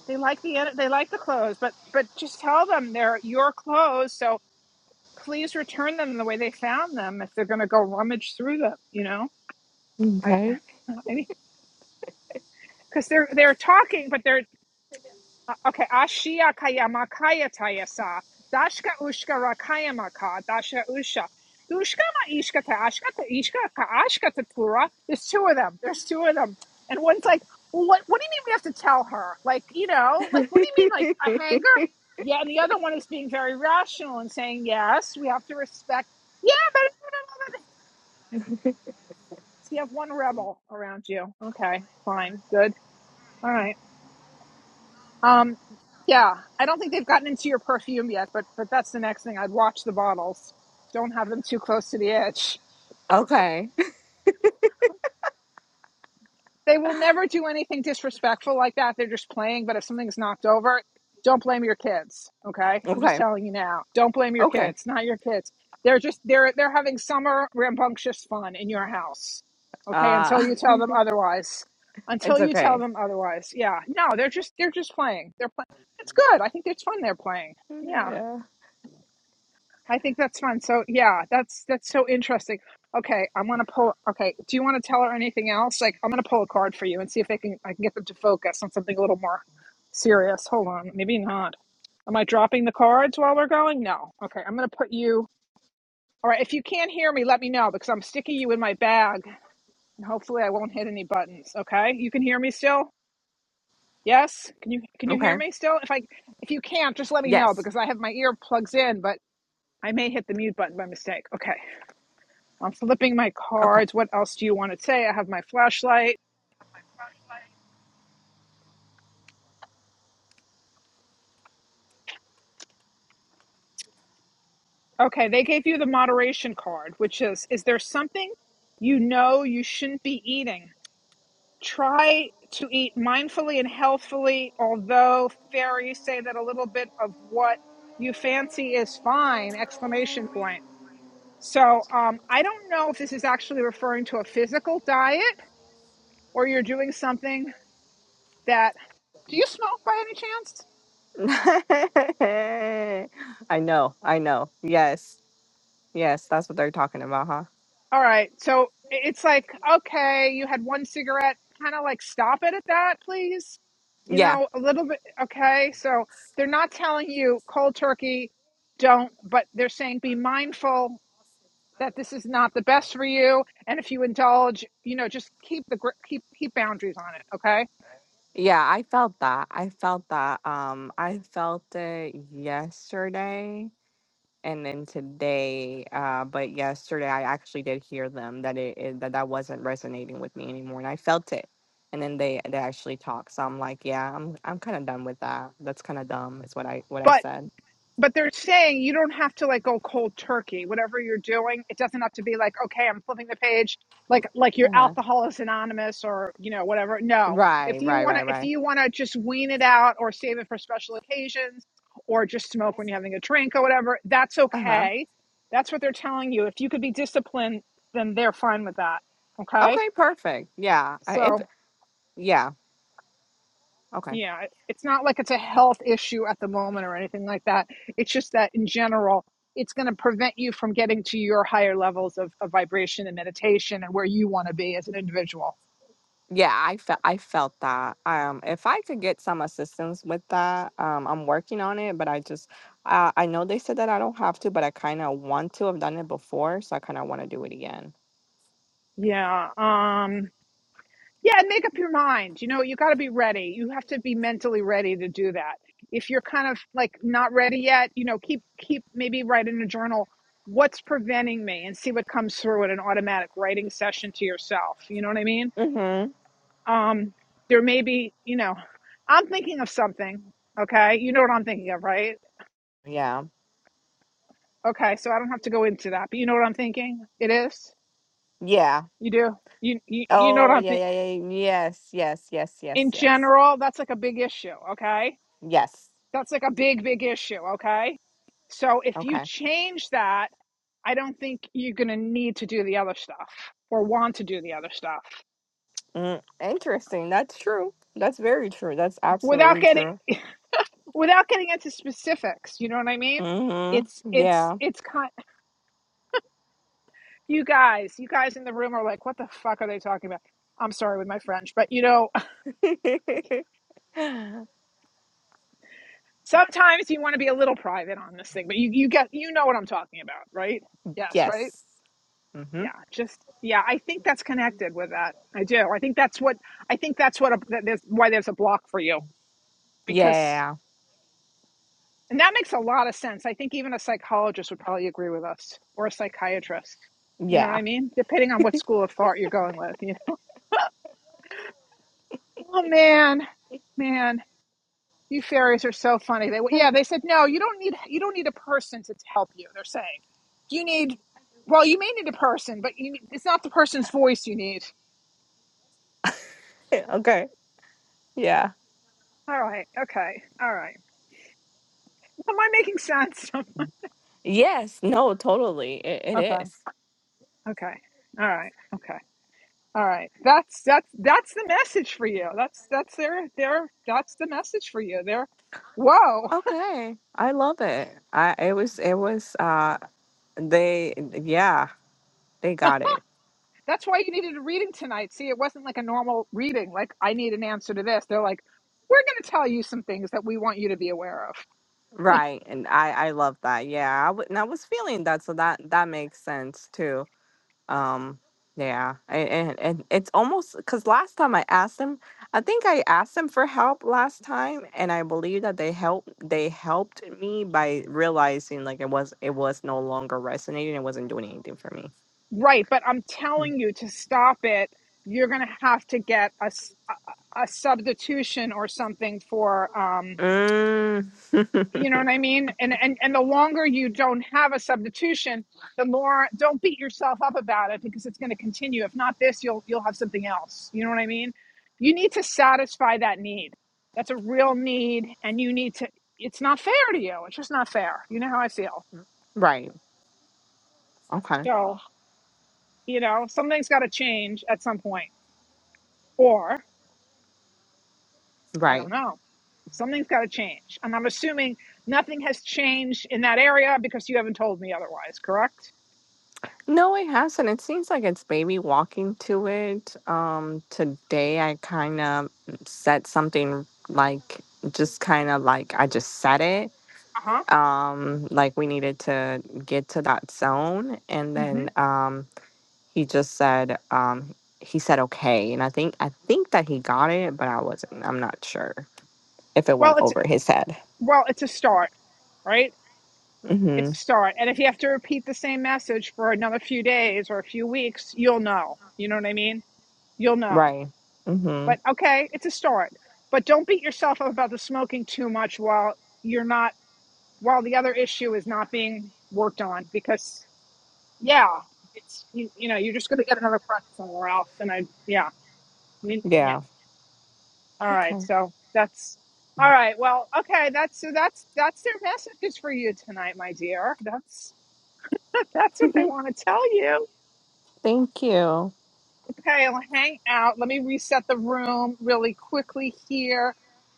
[SPEAKER 2] they like the edit- they like the clothes, but but just tell them they're your clothes. So please return them the way they found them if they're going to go rummage through them. You know, I,
[SPEAKER 7] Okay.
[SPEAKER 2] I mean, because they're they're talking, but they're Uh, Okay, Ashia Kayamakaya Tayasa, Dashka Ushka Rakayamaka, Dasha Usha. Dushka ma ishka ta ashka ta ishka ka ashka ta tura. There's two of them. There's two of them. And one's like, well, what what do you mean we have to tell her? Like, you know, like what do you mean like a hanger? Yeah, and the other one is being very rational and saying, Yes, we have to respect Yeah, but you have one rebel around you. Okay, fine, good. All right. Um, yeah, I don't think they've gotten into your perfume yet, but but that's the next thing. I'd watch the bottles. Don't have them too close to the edge.
[SPEAKER 7] Okay.
[SPEAKER 2] They will never do anything disrespectful like that. They're just playing, but if something's knocked over, don't blame your kids, okay? I'm just
[SPEAKER 7] Okay.
[SPEAKER 2] telling you now. Don't blame your
[SPEAKER 7] Okay.
[SPEAKER 2] kids, not your kids. They're just they're they're having summer rambunctious fun in your house. Okay, until
[SPEAKER 7] Uh
[SPEAKER 2] you tell them otherwise. Until
[SPEAKER 7] It's
[SPEAKER 2] you tell
[SPEAKER 7] okay.
[SPEAKER 2] them otherwise. Yeah. No, they're just they're just playing. They're playing. It's good. I think it's fun they're playing. Yeah.
[SPEAKER 7] Yeah.
[SPEAKER 2] I think that's fun. So yeah, that's that's so interesting. Okay, I'm gonna pull. Okay, do you want to tell her anything else? Like, I'm gonna pull a card for you and see if they can. I can get them to focus on something a little more serious. Hold on, maybe not. Am I dropping the cards while we're going? No. Okay, I'm gonna put you. All right, if you can't hear me, let me know because I'm sticking you in my bag, and hopefully I won't hit any buttons. Okay, you can hear me still. Yes, can you can you hear
[SPEAKER 7] Okay.
[SPEAKER 2] me still? If I if you can't, just let me know
[SPEAKER 7] Yes.
[SPEAKER 2] because I have my ear plugs in, but I may hit the mute button by mistake. Okay. I'm flipping my
[SPEAKER 7] Okay.
[SPEAKER 2] cards. What else do you want to say? I have my flashlight. Okay, they gave you the moderation card, which is is there something you know you shouldn't be eating? Try to eat mindfully and healthfully, although fairies say that a little bit of what you fancy is fine, exclamation point. So um, I don't know if this is actually referring to a physical diet or you're doing something that do you smoke by any chance?
[SPEAKER 7] I know. I know. Yes. Yes. That's what they're talking about, huh?
[SPEAKER 2] All right. So it's like, okay, you had one cigarette. Kind of like stop it at that, please. You
[SPEAKER 7] Yeah.
[SPEAKER 2] know, a little bit. Okay. So they're not telling you cold turkey, don't, but they're saying be mindful that this is not the best for you. And if you indulge, you know, just keep the, gr- keep, keep boundaries on it. Okay.
[SPEAKER 7] Yeah. I felt that. I felt that. Um, I felt it yesterday and then today. Uh, but yesterday I actually did hear them that it, it that that wasn't resonating with me anymore, and I felt it. And then they they actually talked. So I'm like, yeah, I'm I'm kind of done with that. That's kind of dumb. Is what I what I
[SPEAKER 2] But.
[SPEAKER 7] said.
[SPEAKER 2] but they're saying you don't have to like go cold turkey whatever you're doing it doesn't have to be like okay i'm flipping the page like like your alcohol is anonymous or you know whatever no
[SPEAKER 7] Right,
[SPEAKER 2] if you
[SPEAKER 7] right,
[SPEAKER 2] want to
[SPEAKER 7] right,
[SPEAKER 2] if
[SPEAKER 7] right.
[SPEAKER 2] you want to just wean it out or save it for special occasions or just smoke when you're having a drink or whatever that's
[SPEAKER 7] Uh-huh.
[SPEAKER 2] okay that's what they're telling you if you could be disciplined then they're fine with that okay
[SPEAKER 7] Okay, perfect. Yeah. I, if
[SPEAKER 2] so
[SPEAKER 7] yeah, okay.
[SPEAKER 2] Yeah, it- it's not like it's a health issue at the moment or anything like that. It's just that in general, it's going to prevent you from getting to your higher levels of, of vibration and meditation and where you want to be as an individual.
[SPEAKER 7] Yeah, I felt I felt that. Um if I could get some assistance with that, um I'm working on it, but I just uh, I know they said that I don't have to, but I kind of want to. I've done it before, so I kind of want to do it again.
[SPEAKER 2] Yeah. Um, Yeah, and make up your mind. You know, you got to be ready. You have to be mentally ready to do that. If you're kind of like not ready yet, you know, keep keep maybe write in a journal what's preventing me and see what comes through in an automatic writing session to yourself. You know what I mean?
[SPEAKER 7] Mhm.
[SPEAKER 2] Um there may be, you know, I'm thinking of something, okay? You know what I'm thinking of, right?
[SPEAKER 7] Yeah.
[SPEAKER 2] Okay, so I don't have to go into that, but you know what I'm thinking? It is.
[SPEAKER 7] Yeah.
[SPEAKER 2] You do. You you, you know what
[SPEAKER 7] Oh,
[SPEAKER 2] I'm
[SPEAKER 7] yeah,
[SPEAKER 2] thinking.
[SPEAKER 7] yeah, yeah. Yes, yes, yes, yes,
[SPEAKER 2] In
[SPEAKER 7] yes.
[SPEAKER 2] general, that's like a big issue, okay?
[SPEAKER 7] Yes.
[SPEAKER 2] That's like a big, big issue. Okay. So if you
[SPEAKER 7] Okay.
[SPEAKER 2] change that, I don't think you're going to need to do the other stuff or want to do the other stuff
[SPEAKER 7] Mm, interesting. That's true. That's very true. That's
[SPEAKER 2] without
[SPEAKER 7] absolutely
[SPEAKER 2] getting
[SPEAKER 7] true.
[SPEAKER 2] without getting into specifics. You know what I mean? It's
[SPEAKER 7] Mm-hmm.
[SPEAKER 2] it's
[SPEAKER 7] Yeah.
[SPEAKER 2] it's kind. You guys, you guys in the room are like, what the fuck are they talking about? I'm sorry with my French, but you know, sometimes you want to be a little private on this thing, but you you get you know what I'm talking about, right? Yes, right.
[SPEAKER 7] yes. Mm-hmm.
[SPEAKER 2] yeah just yeah i think that's connected with that i do i think that's what i think that's what a, that there's why there's a block for you because
[SPEAKER 7] Yeah.
[SPEAKER 2] and that makes a lot of sense i think even a psychologist would probably agree with us or a psychiatrist you know what
[SPEAKER 7] Yeah.
[SPEAKER 2] i mean depending on what school of thought you're going with you know oh man man you fairies are so funny they yeah they said no you don't need you don't need a person to help you they're saying you need well you may need a person but you need, it's not the person's voice you need
[SPEAKER 7] okay. Yeah.
[SPEAKER 2] all right okay all right Am I making sense?
[SPEAKER 7] Yes. No. Totally. It, it
[SPEAKER 2] Okay.
[SPEAKER 7] is.
[SPEAKER 2] Okay. All right. Okay. All right. That's that's that's the message for you. That's that's their their that's the message for you. They're whoa.
[SPEAKER 7] Okay. I love it. I. It was. It was. Uh. They. Yeah. They got it
[SPEAKER 2] That's why you needed a reading tonight. See, it wasn't like a normal reading. Like I need an answer to this. They're like, we're going to tell you some things that we want you to be aware of.
[SPEAKER 7] right, and I. I love that. Yeah. I w- and I was feeling that, so that that makes sense too. Um, yeah, and, and, and it's almost because last time I asked them, I think I asked them for help last time, and I believe that they helped. They helped me by realizing like it was it was no longer resonating. It wasn't doing anything for me.
[SPEAKER 2] right. But I'm telling you to stop it. You're going to have to get a, s- a a substitution or something for um
[SPEAKER 7] Mm. Mm.
[SPEAKER 2] You know what I mean? And and and the longer you don't have a substitution, the more don't beat yourself up about it because it's going to continue. If not this, you'll you'll have something else. You know what I mean? You need to satisfy that need. That's a real need and you need to it's not fair to you. It's just not fair. You know how I feel.
[SPEAKER 7] right. Okay.
[SPEAKER 2] So, you know, something's got to change at some point. Or, I don't
[SPEAKER 7] Right.
[SPEAKER 2] know. Something's got to change. And I'm assuming nothing has changed in that area because you haven't told me otherwise, correct?
[SPEAKER 7] No, it hasn't. It seems like it's baby walking to it. Um, today I kind of said something like just kind of like I just said it
[SPEAKER 2] Uh-huh.
[SPEAKER 7] um like we needed to get to that zone and
[SPEAKER 2] Mm-hmm.
[SPEAKER 7] then um he just said um he said okay and i think i think that he got it but i wasn't i'm not sure if it went
[SPEAKER 2] Well, it's
[SPEAKER 7] over his head
[SPEAKER 2] well, it's a start, right? It's
[SPEAKER 7] mhm
[SPEAKER 2] a start. And if you have to repeat the same message for another few days or a few weeks, you'll know. You know what I mean? You'll know.
[SPEAKER 7] right mhm
[SPEAKER 2] But okay, it's a start. But don't beat yourself up about the smoking too much while you're not while the other issue is not being worked on because yeah, it's you, you know, you're just going to get another crutch somewhere else and I yeah. I mean, yeah.
[SPEAKER 7] yeah
[SPEAKER 2] All right,
[SPEAKER 7] okay
[SPEAKER 2] so that's all right. Well, okay, that's so that's that's their messages for you tonight, my dear. That's that's what they want to tell you.
[SPEAKER 7] thank you
[SPEAKER 2] Okay, I'll hang out. Let me reset the room really quickly here.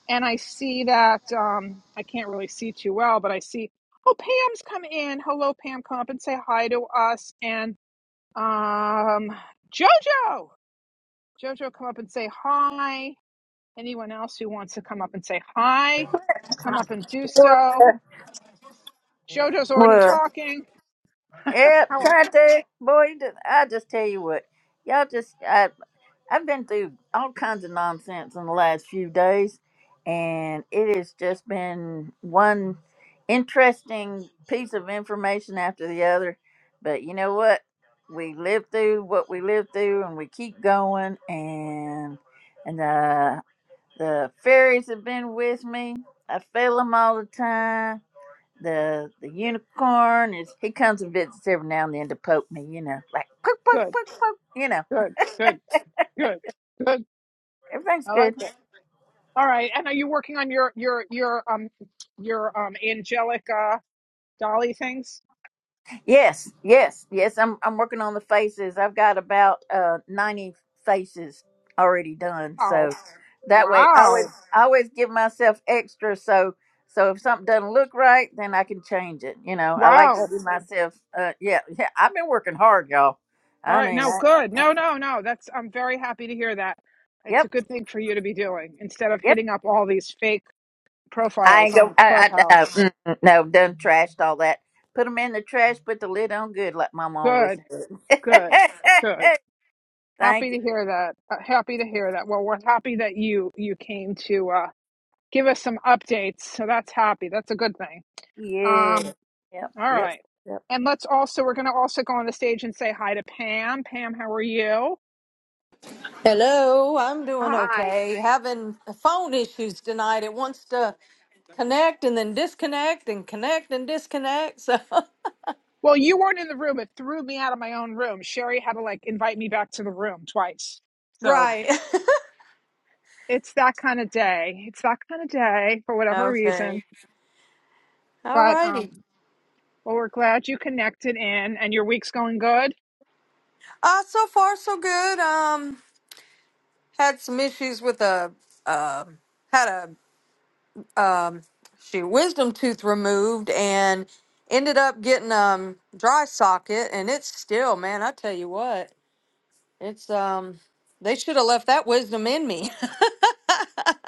[SPEAKER 2] And I see that um I can't really see too well, but I see oh Pam's come in. Hello, Pam, come up and say hi to us. And um Jojo, Jojo, come up and say hi Anyone else who wants to come up and say hi, come up and do
[SPEAKER 13] Well,
[SPEAKER 2] so. Jojo's already
[SPEAKER 13] well,
[SPEAKER 2] talking.
[SPEAKER 13] yep,
[SPEAKER 2] How
[SPEAKER 13] tried to. Boy, you just, I just tell you what, y'all just, I, I've been through all kinds of nonsense in the last few days, and it has just been one interesting piece of information after the other. But you know what? We lived through what we lived through, and we keep going. And and uh, the fairies have been with me. I feel them all the time the the unicorn is he comes and visits every now and then to poke me, you know, like poke, poke,
[SPEAKER 2] good,
[SPEAKER 13] poke, poke, you know.
[SPEAKER 2] good, good, good, good.
[SPEAKER 13] Everything's
[SPEAKER 2] I like
[SPEAKER 13] good.
[SPEAKER 2] that. All right. And are you working on your your your um your um angelic uh dolly things?
[SPEAKER 13] Yes, yes, yes. I'm I'm working on the faces. I've got about uh ninety faces already done. So
[SPEAKER 2] Oh
[SPEAKER 13] that way I always
[SPEAKER 2] wow.
[SPEAKER 13] I always give myself extra so so if something doesn't look right, then I can change it. You know, I like to
[SPEAKER 2] Wow.
[SPEAKER 13] do myself uh yeah, yeah, I've been working hard, y'all.
[SPEAKER 2] All
[SPEAKER 13] I
[SPEAKER 2] right,
[SPEAKER 13] mean
[SPEAKER 2] no,
[SPEAKER 13] I,
[SPEAKER 2] good. No, no, no. That's I'm very happy to hear that. It's a
[SPEAKER 13] yep,
[SPEAKER 2] good thing for you to be doing instead of
[SPEAKER 13] yep.
[SPEAKER 2] hitting up all these fake
[SPEAKER 13] I
[SPEAKER 2] profiles
[SPEAKER 13] ain't go.
[SPEAKER 2] on
[SPEAKER 13] I, I, no,
[SPEAKER 2] Clubhouse.
[SPEAKER 13] mm, mm, no, done trashed all that. Put them in the trash. Put the lid on good, like Mama always
[SPEAKER 2] Good,
[SPEAKER 13] said.
[SPEAKER 2] good, good. Happy
[SPEAKER 13] Thank
[SPEAKER 2] to hear that. Uh, happy to
[SPEAKER 13] you.
[SPEAKER 2] hear that. Well, we're happy that you you came to uh, give us some updates. So that's happy. That's a good thing.
[SPEAKER 13] Yeah.
[SPEAKER 2] Um,
[SPEAKER 13] Yep.
[SPEAKER 2] all
[SPEAKER 13] Yep.
[SPEAKER 2] right.
[SPEAKER 13] Yep.
[SPEAKER 2] And let's also we're going to also go on the stage and say hi to Pam. Pam, how are you?
[SPEAKER 14] Hello, I'm doing
[SPEAKER 2] Hi.
[SPEAKER 14] okay. Having phone issues tonight. It wants to connect and then disconnect and connect and disconnect. So,
[SPEAKER 2] Well, you weren't in the room. It threw me out of my own room. Sherry had to like invite me back to the room twice. So
[SPEAKER 14] right.
[SPEAKER 2] it's that kind of day. It's that kind of day for whatever reason.
[SPEAKER 14] okay. All
[SPEAKER 2] But um,
[SPEAKER 14] righty.
[SPEAKER 2] well, we're glad you connected in, and your week's going good.
[SPEAKER 14] Uh, so far, so good. Um, had some issues with a, uh, had a, um, she wisdom tooth removed and ended up getting, um, dry socket and it's still, man, I tell you what, it's, um, they should have left that wisdom in me.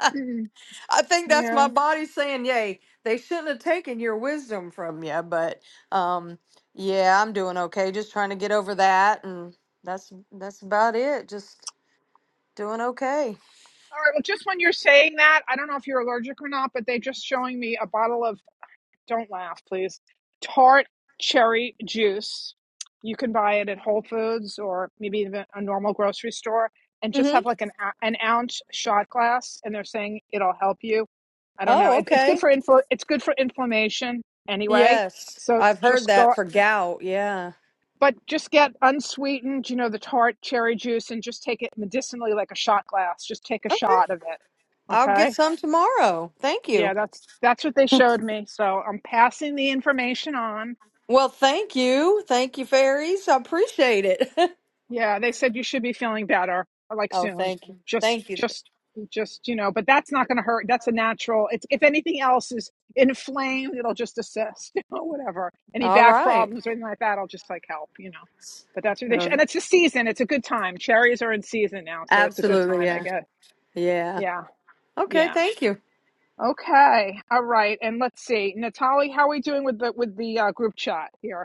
[SPEAKER 14] I think that's
[SPEAKER 2] Yeah.
[SPEAKER 14] my body saying, "Yay!" They shouldn't have taken your wisdom from you, but um, yeah, I'm doing okay. Just trying to get over that, and that's that's about it. Just doing okay.
[SPEAKER 2] All right. Well, just when you're saying that, I don't know if you're allergic or not, but they're just showing me a bottle of, don't laugh, please, tart cherry juice. You can buy it at Whole Foods or maybe even a normal grocery store and just
[SPEAKER 14] hmm
[SPEAKER 2] have like an, an ounce shot glass. And they're saying it'll help you. I don't know.
[SPEAKER 14] Oh,
[SPEAKER 2] It, it's good
[SPEAKER 14] okay.
[SPEAKER 2] for infl- It's good for inflammation anyway.
[SPEAKER 14] Yes,
[SPEAKER 2] So
[SPEAKER 14] I've heard
[SPEAKER 2] just go,
[SPEAKER 14] that for gout. Yeah.
[SPEAKER 2] but just get unsweetened, you know, the tart cherry juice and just take it medicinally like a shot glass. Just take a
[SPEAKER 14] Okay,
[SPEAKER 2] shot of it.
[SPEAKER 14] I'll
[SPEAKER 2] Okay.
[SPEAKER 14] get some tomorrow. Thank you.
[SPEAKER 2] Yeah, that's that's what they showed me. So I'm passing the information on.
[SPEAKER 14] Well, thank you, thank you, fairies. I appreciate it.
[SPEAKER 2] Yeah, they said you should be feeling better like
[SPEAKER 14] oh,
[SPEAKER 2] soon.
[SPEAKER 14] thank you,
[SPEAKER 2] Just
[SPEAKER 14] thank you.
[SPEAKER 2] just just you know, but that's not going to hurt. That's a natural. It's if anything else is inflamed, it'll just assist, you know, whatever. Any
[SPEAKER 14] All
[SPEAKER 2] back
[SPEAKER 14] right.
[SPEAKER 2] problems or anything like that, I'll just like help, you know. But that's what they should. And
[SPEAKER 14] Um,
[SPEAKER 2] it's a season. It's a good time. Cherries are in season now, so it's a good
[SPEAKER 14] absolutely.
[SPEAKER 2] time, I
[SPEAKER 14] Yeah.
[SPEAKER 2] guess.
[SPEAKER 14] Yeah.
[SPEAKER 2] Yeah.
[SPEAKER 14] Okay,
[SPEAKER 2] Yeah.
[SPEAKER 14] thank you.
[SPEAKER 2] Okay. All right. And let's see. Natalie, how are we doing with the with the uh, group chat here?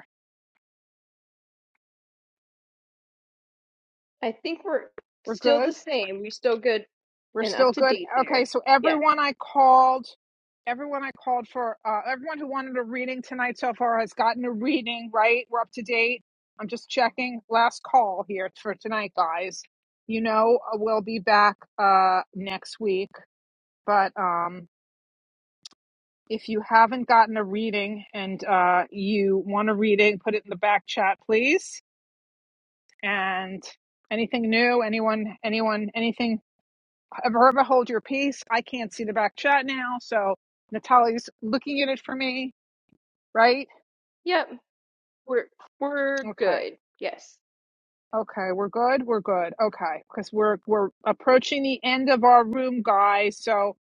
[SPEAKER 1] I think we're
[SPEAKER 2] We're
[SPEAKER 1] still
[SPEAKER 2] good.
[SPEAKER 1] the same. We're still good
[SPEAKER 2] We're
[SPEAKER 1] and up
[SPEAKER 2] still
[SPEAKER 1] to
[SPEAKER 2] good.
[SPEAKER 1] date there.
[SPEAKER 2] Okay, so
[SPEAKER 1] Yes.
[SPEAKER 2] everyone I called, everyone I called for, uh, everyone who wanted a reading tonight so far has gotten a reading, right? We're up to date. I'm just checking. Last call here for tonight, guys. You know, uh, we'll be back uh, next week, but um, if you haven't gotten a reading and uh, you want a reading, put it in the back chat, please. And anything new? Anyone? Anyone? Anything? Verba, hold your peace. I can't see the back chat now, so Natalie's looking at it for me, right?
[SPEAKER 1] Yep. We're we're
[SPEAKER 2] Okay.
[SPEAKER 1] good. Yes.
[SPEAKER 2] Okay, we're good. We're good. Okay, because we're we're approaching the end of our room, guys. So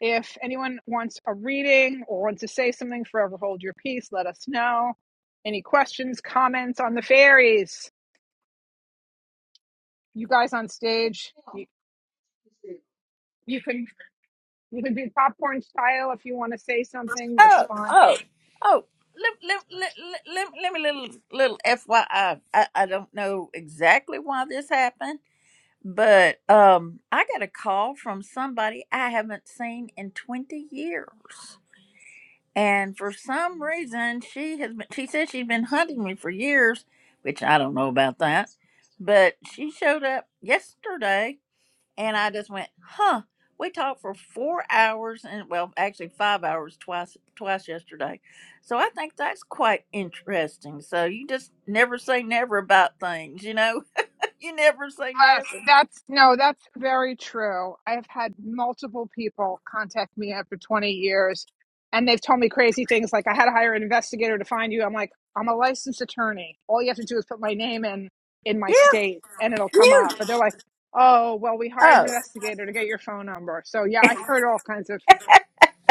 [SPEAKER 2] if anyone wants a reading or wants to say something, forever hold your peace. Let us know. Any questions, comments on the fairies? You guys on stage, you, you can you can do popcorn style if you want to say something. That's
[SPEAKER 13] Oh.
[SPEAKER 2] fine.
[SPEAKER 13] Oh. Oh. Let, let, let, let, let let me little little FYI. I, I I don't know exactly why this happened, but um, I got a call from somebody I haven't seen in twenty years. and for some reason she has been, she said she's been hunting me for years which i don't know about that but she showed up yesterday and i just went huh we talked for four hours and well actually five hours twice twice yesterday so i think that's quite interesting so you just never say never about things you know you never say
[SPEAKER 2] Yes,
[SPEAKER 13] never
[SPEAKER 2] that's no, that's very true. I've had multiple people contact me after 20 years and they've told me crazy things like, I had to hire an investigator to find you. I'm like, I'm a licensed attorney. All you have to do is put my name in in my
[SPEAKER 13] yeah
[SPEAKER 2] state and it'll come
[SPEAKER 13] yeah
[SPEAKER 2] up. But they're like, oh, well, we hired an
[SPEAKER 13] oh
[SPEAKER 2] investigator to get your phone number. So, yeah, I've heard all kinds of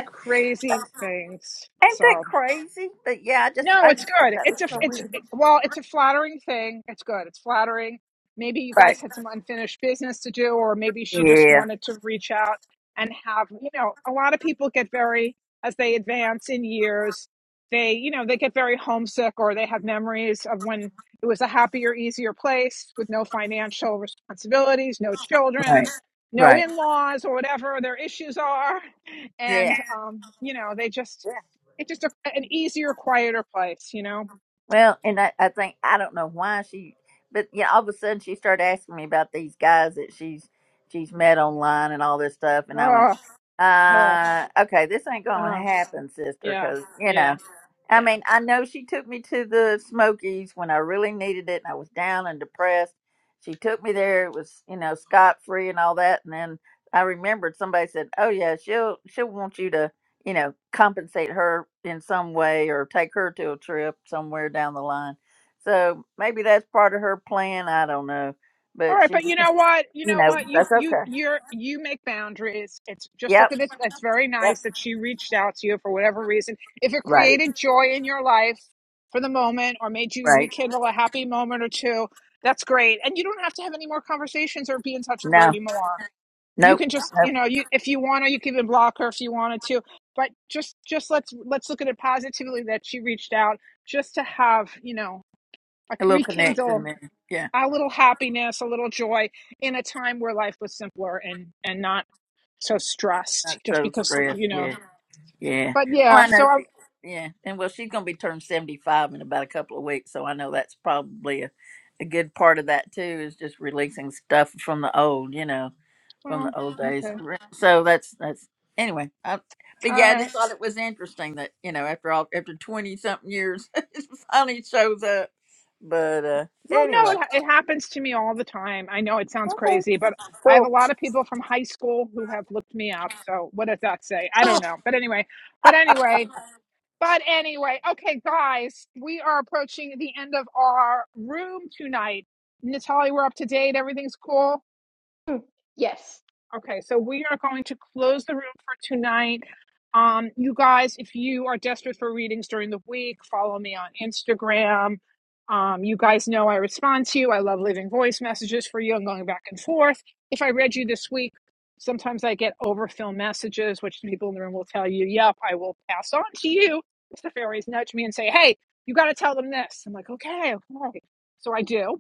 [SPEAKER 2] crazy things.
[SPEAKER 13] ain't that
[SPEAKER 2] So,
[SPEAKER 13] crazy but yeah i just
[SPEAKER 2] no,
[SPEAKER 13] i
[SPEAKER 2] it's
[SPEAKER 13] just thought
[SPEAKER 2] good.
[SPEAKER 13] that was
[SPEAKER 2] It's a
[SPEAKER 13] so
[SPEAKER 2] it's
[SPEAKER 13] weird
[SPEAKER 2] it- well, it's a flattering thing. It's good. It's flattering. Maybe you
[SPEAKER 13] right
[SPEAKER 2] guys had some unfinished business to do, or maybe she just
[SPEAKER 13] Yeah.
[SPEAKER 2] wanted to reach out and have you know. A lot of people get very as they advance in years, they you know they get very homesick, or they have memories of when it was a happier, easier place with no financial responsibilities, no children,
[SPEAKER 13] Right.
[SPEAKER 2] no
[SPEAKER 13] Right.
[SPEAKER 2] in laws, or whatever their issues are,
[SPEAKER 13] Yeah.
[SPEAKER 2] and um, you know they just
[SPEAKER 13] Yeah.
[SPEAKER 2] it's just a, an easier, quieter place, you know?
[SPEAKER 13] Well, and I, I think I don't know why she, but you know, all of a sudden she started asking me about these guys that she's she's met online and all this stuff, and I went,
[SPEAKER 2] Oh, oh,
[SPEAKER 13] uh, okay, this ain't gonna
[SPEAKER 2] oh,
[SPEAKER 13] happen, sister,
[SPEAKER 2] yeah,
[SPEAKER 13] because you
[SPEAKER 2] yeah,
[SPEAKER 13] know. I
[SPEAKER 2] yeah.
[SPEAKER 13] mean, I know she took me to the Smokies when I really needed it and I was down and depressed. She took me there. It was, you know, scot free and all that. And then I remembered somebody said, "Oh yeah, she'll she'll want you to you know, compensate her in some way or take her to a trip somewhere down the line. So maybe that's part of her plan. I don't know.
[SPEAKER 2] All
[SPEAKER 13] But
[SPEAKER 2] right,
[SPEAKER 13] she,
[SPEAKER 2] but you know what? You
[SPEAKER 13] you
[SPEAKER 2] know
[SPEAKER 13] know,
[SPEAKER 2] what? You
[SPEAKER 13] that's
[SPEAKER 2] you
[SPEAKER 13] okay.
[SPEAKER 2] you're you make boundaries. It's just look
[SPEAKER 13] Yep.
[SPEAKER 2] at it. It's very
[SPEAKER 13] Yep.
[SPEAKER 2] nice that she reached out to you for whatever reason. If it
[SPEAKER 13] Right.
[SPEAKER 2] created joy in your life for the moment or made you
[SPEAKER 13] Right.
[SPEAKER 2] rekindle a happy moment or two, that's great. And you don't have to have any more conversations or be in touch with her
[SPEAKER 13] No.
[SPEAKER 2] anymore. you
[SPEAKER 13] Nope.
[SPEAKER 2] can just
[SPEAKER 13] nope.
[SPEAKER 2] you know you if you want to you can even block her if you wanted to but just just let's let's look at it positively that she reached out just to have you know like
[SPEAKER 13] A little connection
[SPEAKER 2] rekindle
[SPEAKER 13] there. Yeah.
[SPEAKER 2] a little happiness a little joy in a time where life was simpler and and not so stressed
[SPEAKER 13] Not
[SPEAKER 2] just
[SPEAKER 13] so
[SPEAKER 2] because
[SPEAKER 13] stressed.
[SPEAKER 2] you know
[SPEAKER 13] Yeah. Yeah.
[SPEAKER 2] but
[SPEAKER 13] Well,
[SPEAKER 2] yeah
[SPEAKER 13] I
[SPEAKER 2] so
[SPEAKER 13] know.
[SPEAKER 2] i'm
[SPEAKER 13] She, yeah. And well, she's going to be turned 75 in about a couple of weeks. So I know that's probably a, a good part of that too is just releasing stuff from the old, you know from
[SPEAKER 2] oh,
[SPEAKER 13] the old days.
[SPEAKER 2] okay
[SPEAKER 13] Re- So that's that's anyway. I, but
[SPEAKER 2] all
[SPEAKER 13] yeah, I
[SPEAKER 2] right
[SPEAKER 13] just thought it was interesting that you know after all after twenty something years, it finally shows up. But uh
[SPEAKER 2] Well, no,
[SPEAKER 13] anyway,
[SPEAKER 2] it, it happens to me all the time. I know it sounds
[SPEAKER 13] okay,
[SPEAKER 2] crazy, but I have a
[SPEAKER 13] cool.
[SPEAKER 2] lot of people from high school who have looked me up. So what does that say? I don't know. But anyway, but anyway, but anyway, okay, guys, we are approaching the end of our room tonight. Natalie, we're up to date. Everything's cool.
[SPEAKER 1] Hmm. Yes.
[SPEAKER 2] Okay, so we are going to close the room for tonight. Um, you guys, if you are desperate for readings during the week, follow me on Instagram. Um, you guys know I respond to you. I love leaving voice messages for you and going back and forth. If I read you this week, sometimes I get overfill messages, which people in the room will tell you, yep, I will pass on to you. If the fairies nudge me and say, hey, you got to tell them this. I'm like, okay, okay. So I do.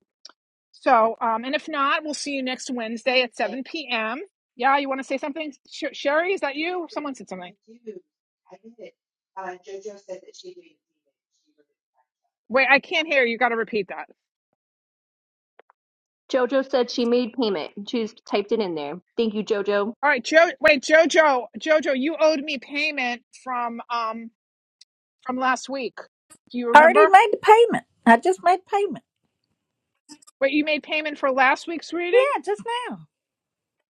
[SPEAKER 2] So, um, and if not, we'll see you next Wednesday at 7 p.m. Yeah, you want to say something? Sh- Sherry, is that you? Someone said something. Wait, I can't hear. You got to repeat that.
[SPEAKER 1] Jojo said she made payment. She just typed it in there. Thank you, Jojo.
[SPEAKER 2] All right, Joe. Wait, Jojo, Jojo, you owed me payment from um from last week. Do you
[SPEAKER 13] I already
[SPEAKER 2] remember?
[SPEAKER 13] made the payment. I just made payment.
[SPEAKER 2] Wait, you made payment for last week's reading?
[SPEAKER 13] Yeah, just now.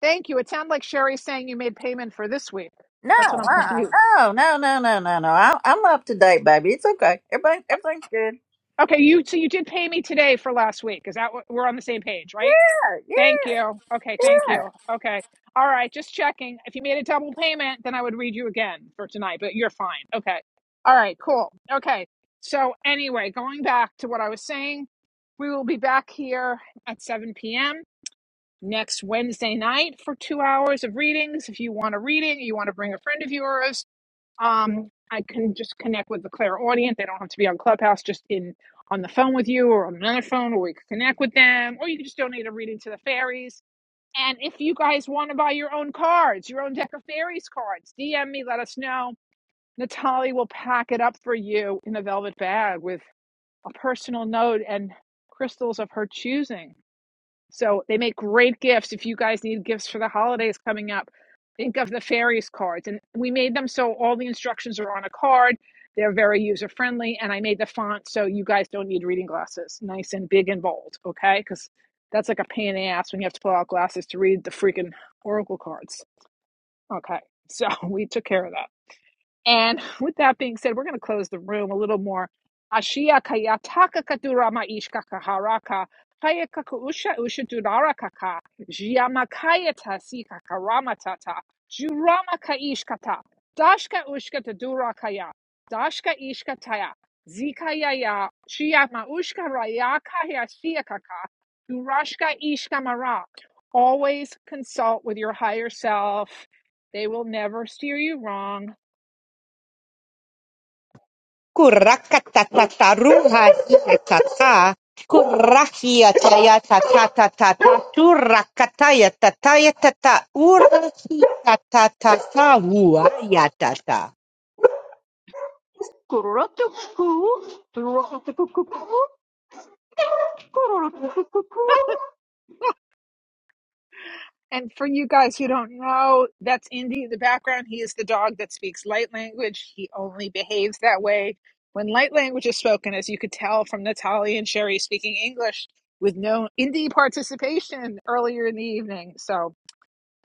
[SPEAKER 2] Thank you. It sounded like Sherry's saying you made payment for this week.
[SPEAKER 13] No,
[SPEAKER 2] That's what I'm confused.
[SPEAKER 13] uh, no, no, no, no, no, no. I, I'm up to date, baby. It's okay. Everything,
[SPEAKER 2] Uh,
[SPEAKER 13] everything's good.
[SPEAKER 2] Okay, you so you did pay me today for last week. Is that what we're on the same page, right?
[SPEAKER 13] Yeah,
[SPEAKER 2] Thank you. Okay, thank
[SPEAKER 13] yeah.
[SPEAKER 2] you. Okay. All right, just checking. If you made a double payment, then I would read you again for tonight, but you're fine. Okay. All right, cool. Okay. So, anyway, going back to what I was saying, we will be back here at 7 p.m. next Wednesday night for two hours of readings. If you want a reading, you want to bring a friend of yours, um, I can just connect with the clairaudient. They don't have to be on Clubhouse, just in on the phone with you or on another phone, or we could connect with them, or you can just donate a reading to the fairies and if you guys want to buy your own cards, your own deck of fairies cards, DM me, let us know. Natalie will pack it up for you in a velvet bag with a personal note and crystals of her choosing. So they make great gifts. If you guys need gifts for the holidays coming up, think of the fairies cards. And we made them so all the instructions are on a card. They're very user friendly. And I made the font so you guys don't need reading glasses. Nice and big and bold, okay? Because that's like a pain in the ass when you have to pull out glasses to read the freaking oracle cards. Okay. So we took care of that. And with that being said, we're going to close the room a little more. Ashia kaya kadurama ishka kaharaka. Kaya kakuusha usha durara kaka. Jiama ishkata. Dashka ushka tadura Dashka ishka taya. Shiama ushka raya kaya Durashka ishka Always consult with your higher self. They will never steer you wrong
[SPEAKER 3] Kurakatataruha hiatata. Kurahia tayata
[SPEAKER 2] And for you guys who don't know, that's Indy in the background. He is the dog that speaks light language. He only behaves that way when light language is spoken, as you could tell from Natalie and Sherry speaking English with no Indy participation earlier in the evening. So,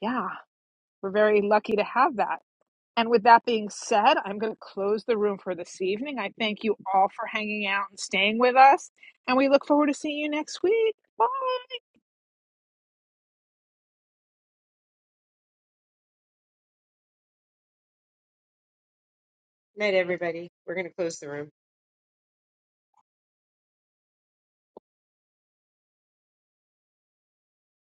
[SPEAKER 2] yeah, we're very lucky to have that. And with that being said, I'm going to close the room for this evening. I thank you all for hanging out and staying with us. And we look forward to seeing you next week. Bye.
[SPEAKER 3] Night, everybody. We're going to close the room.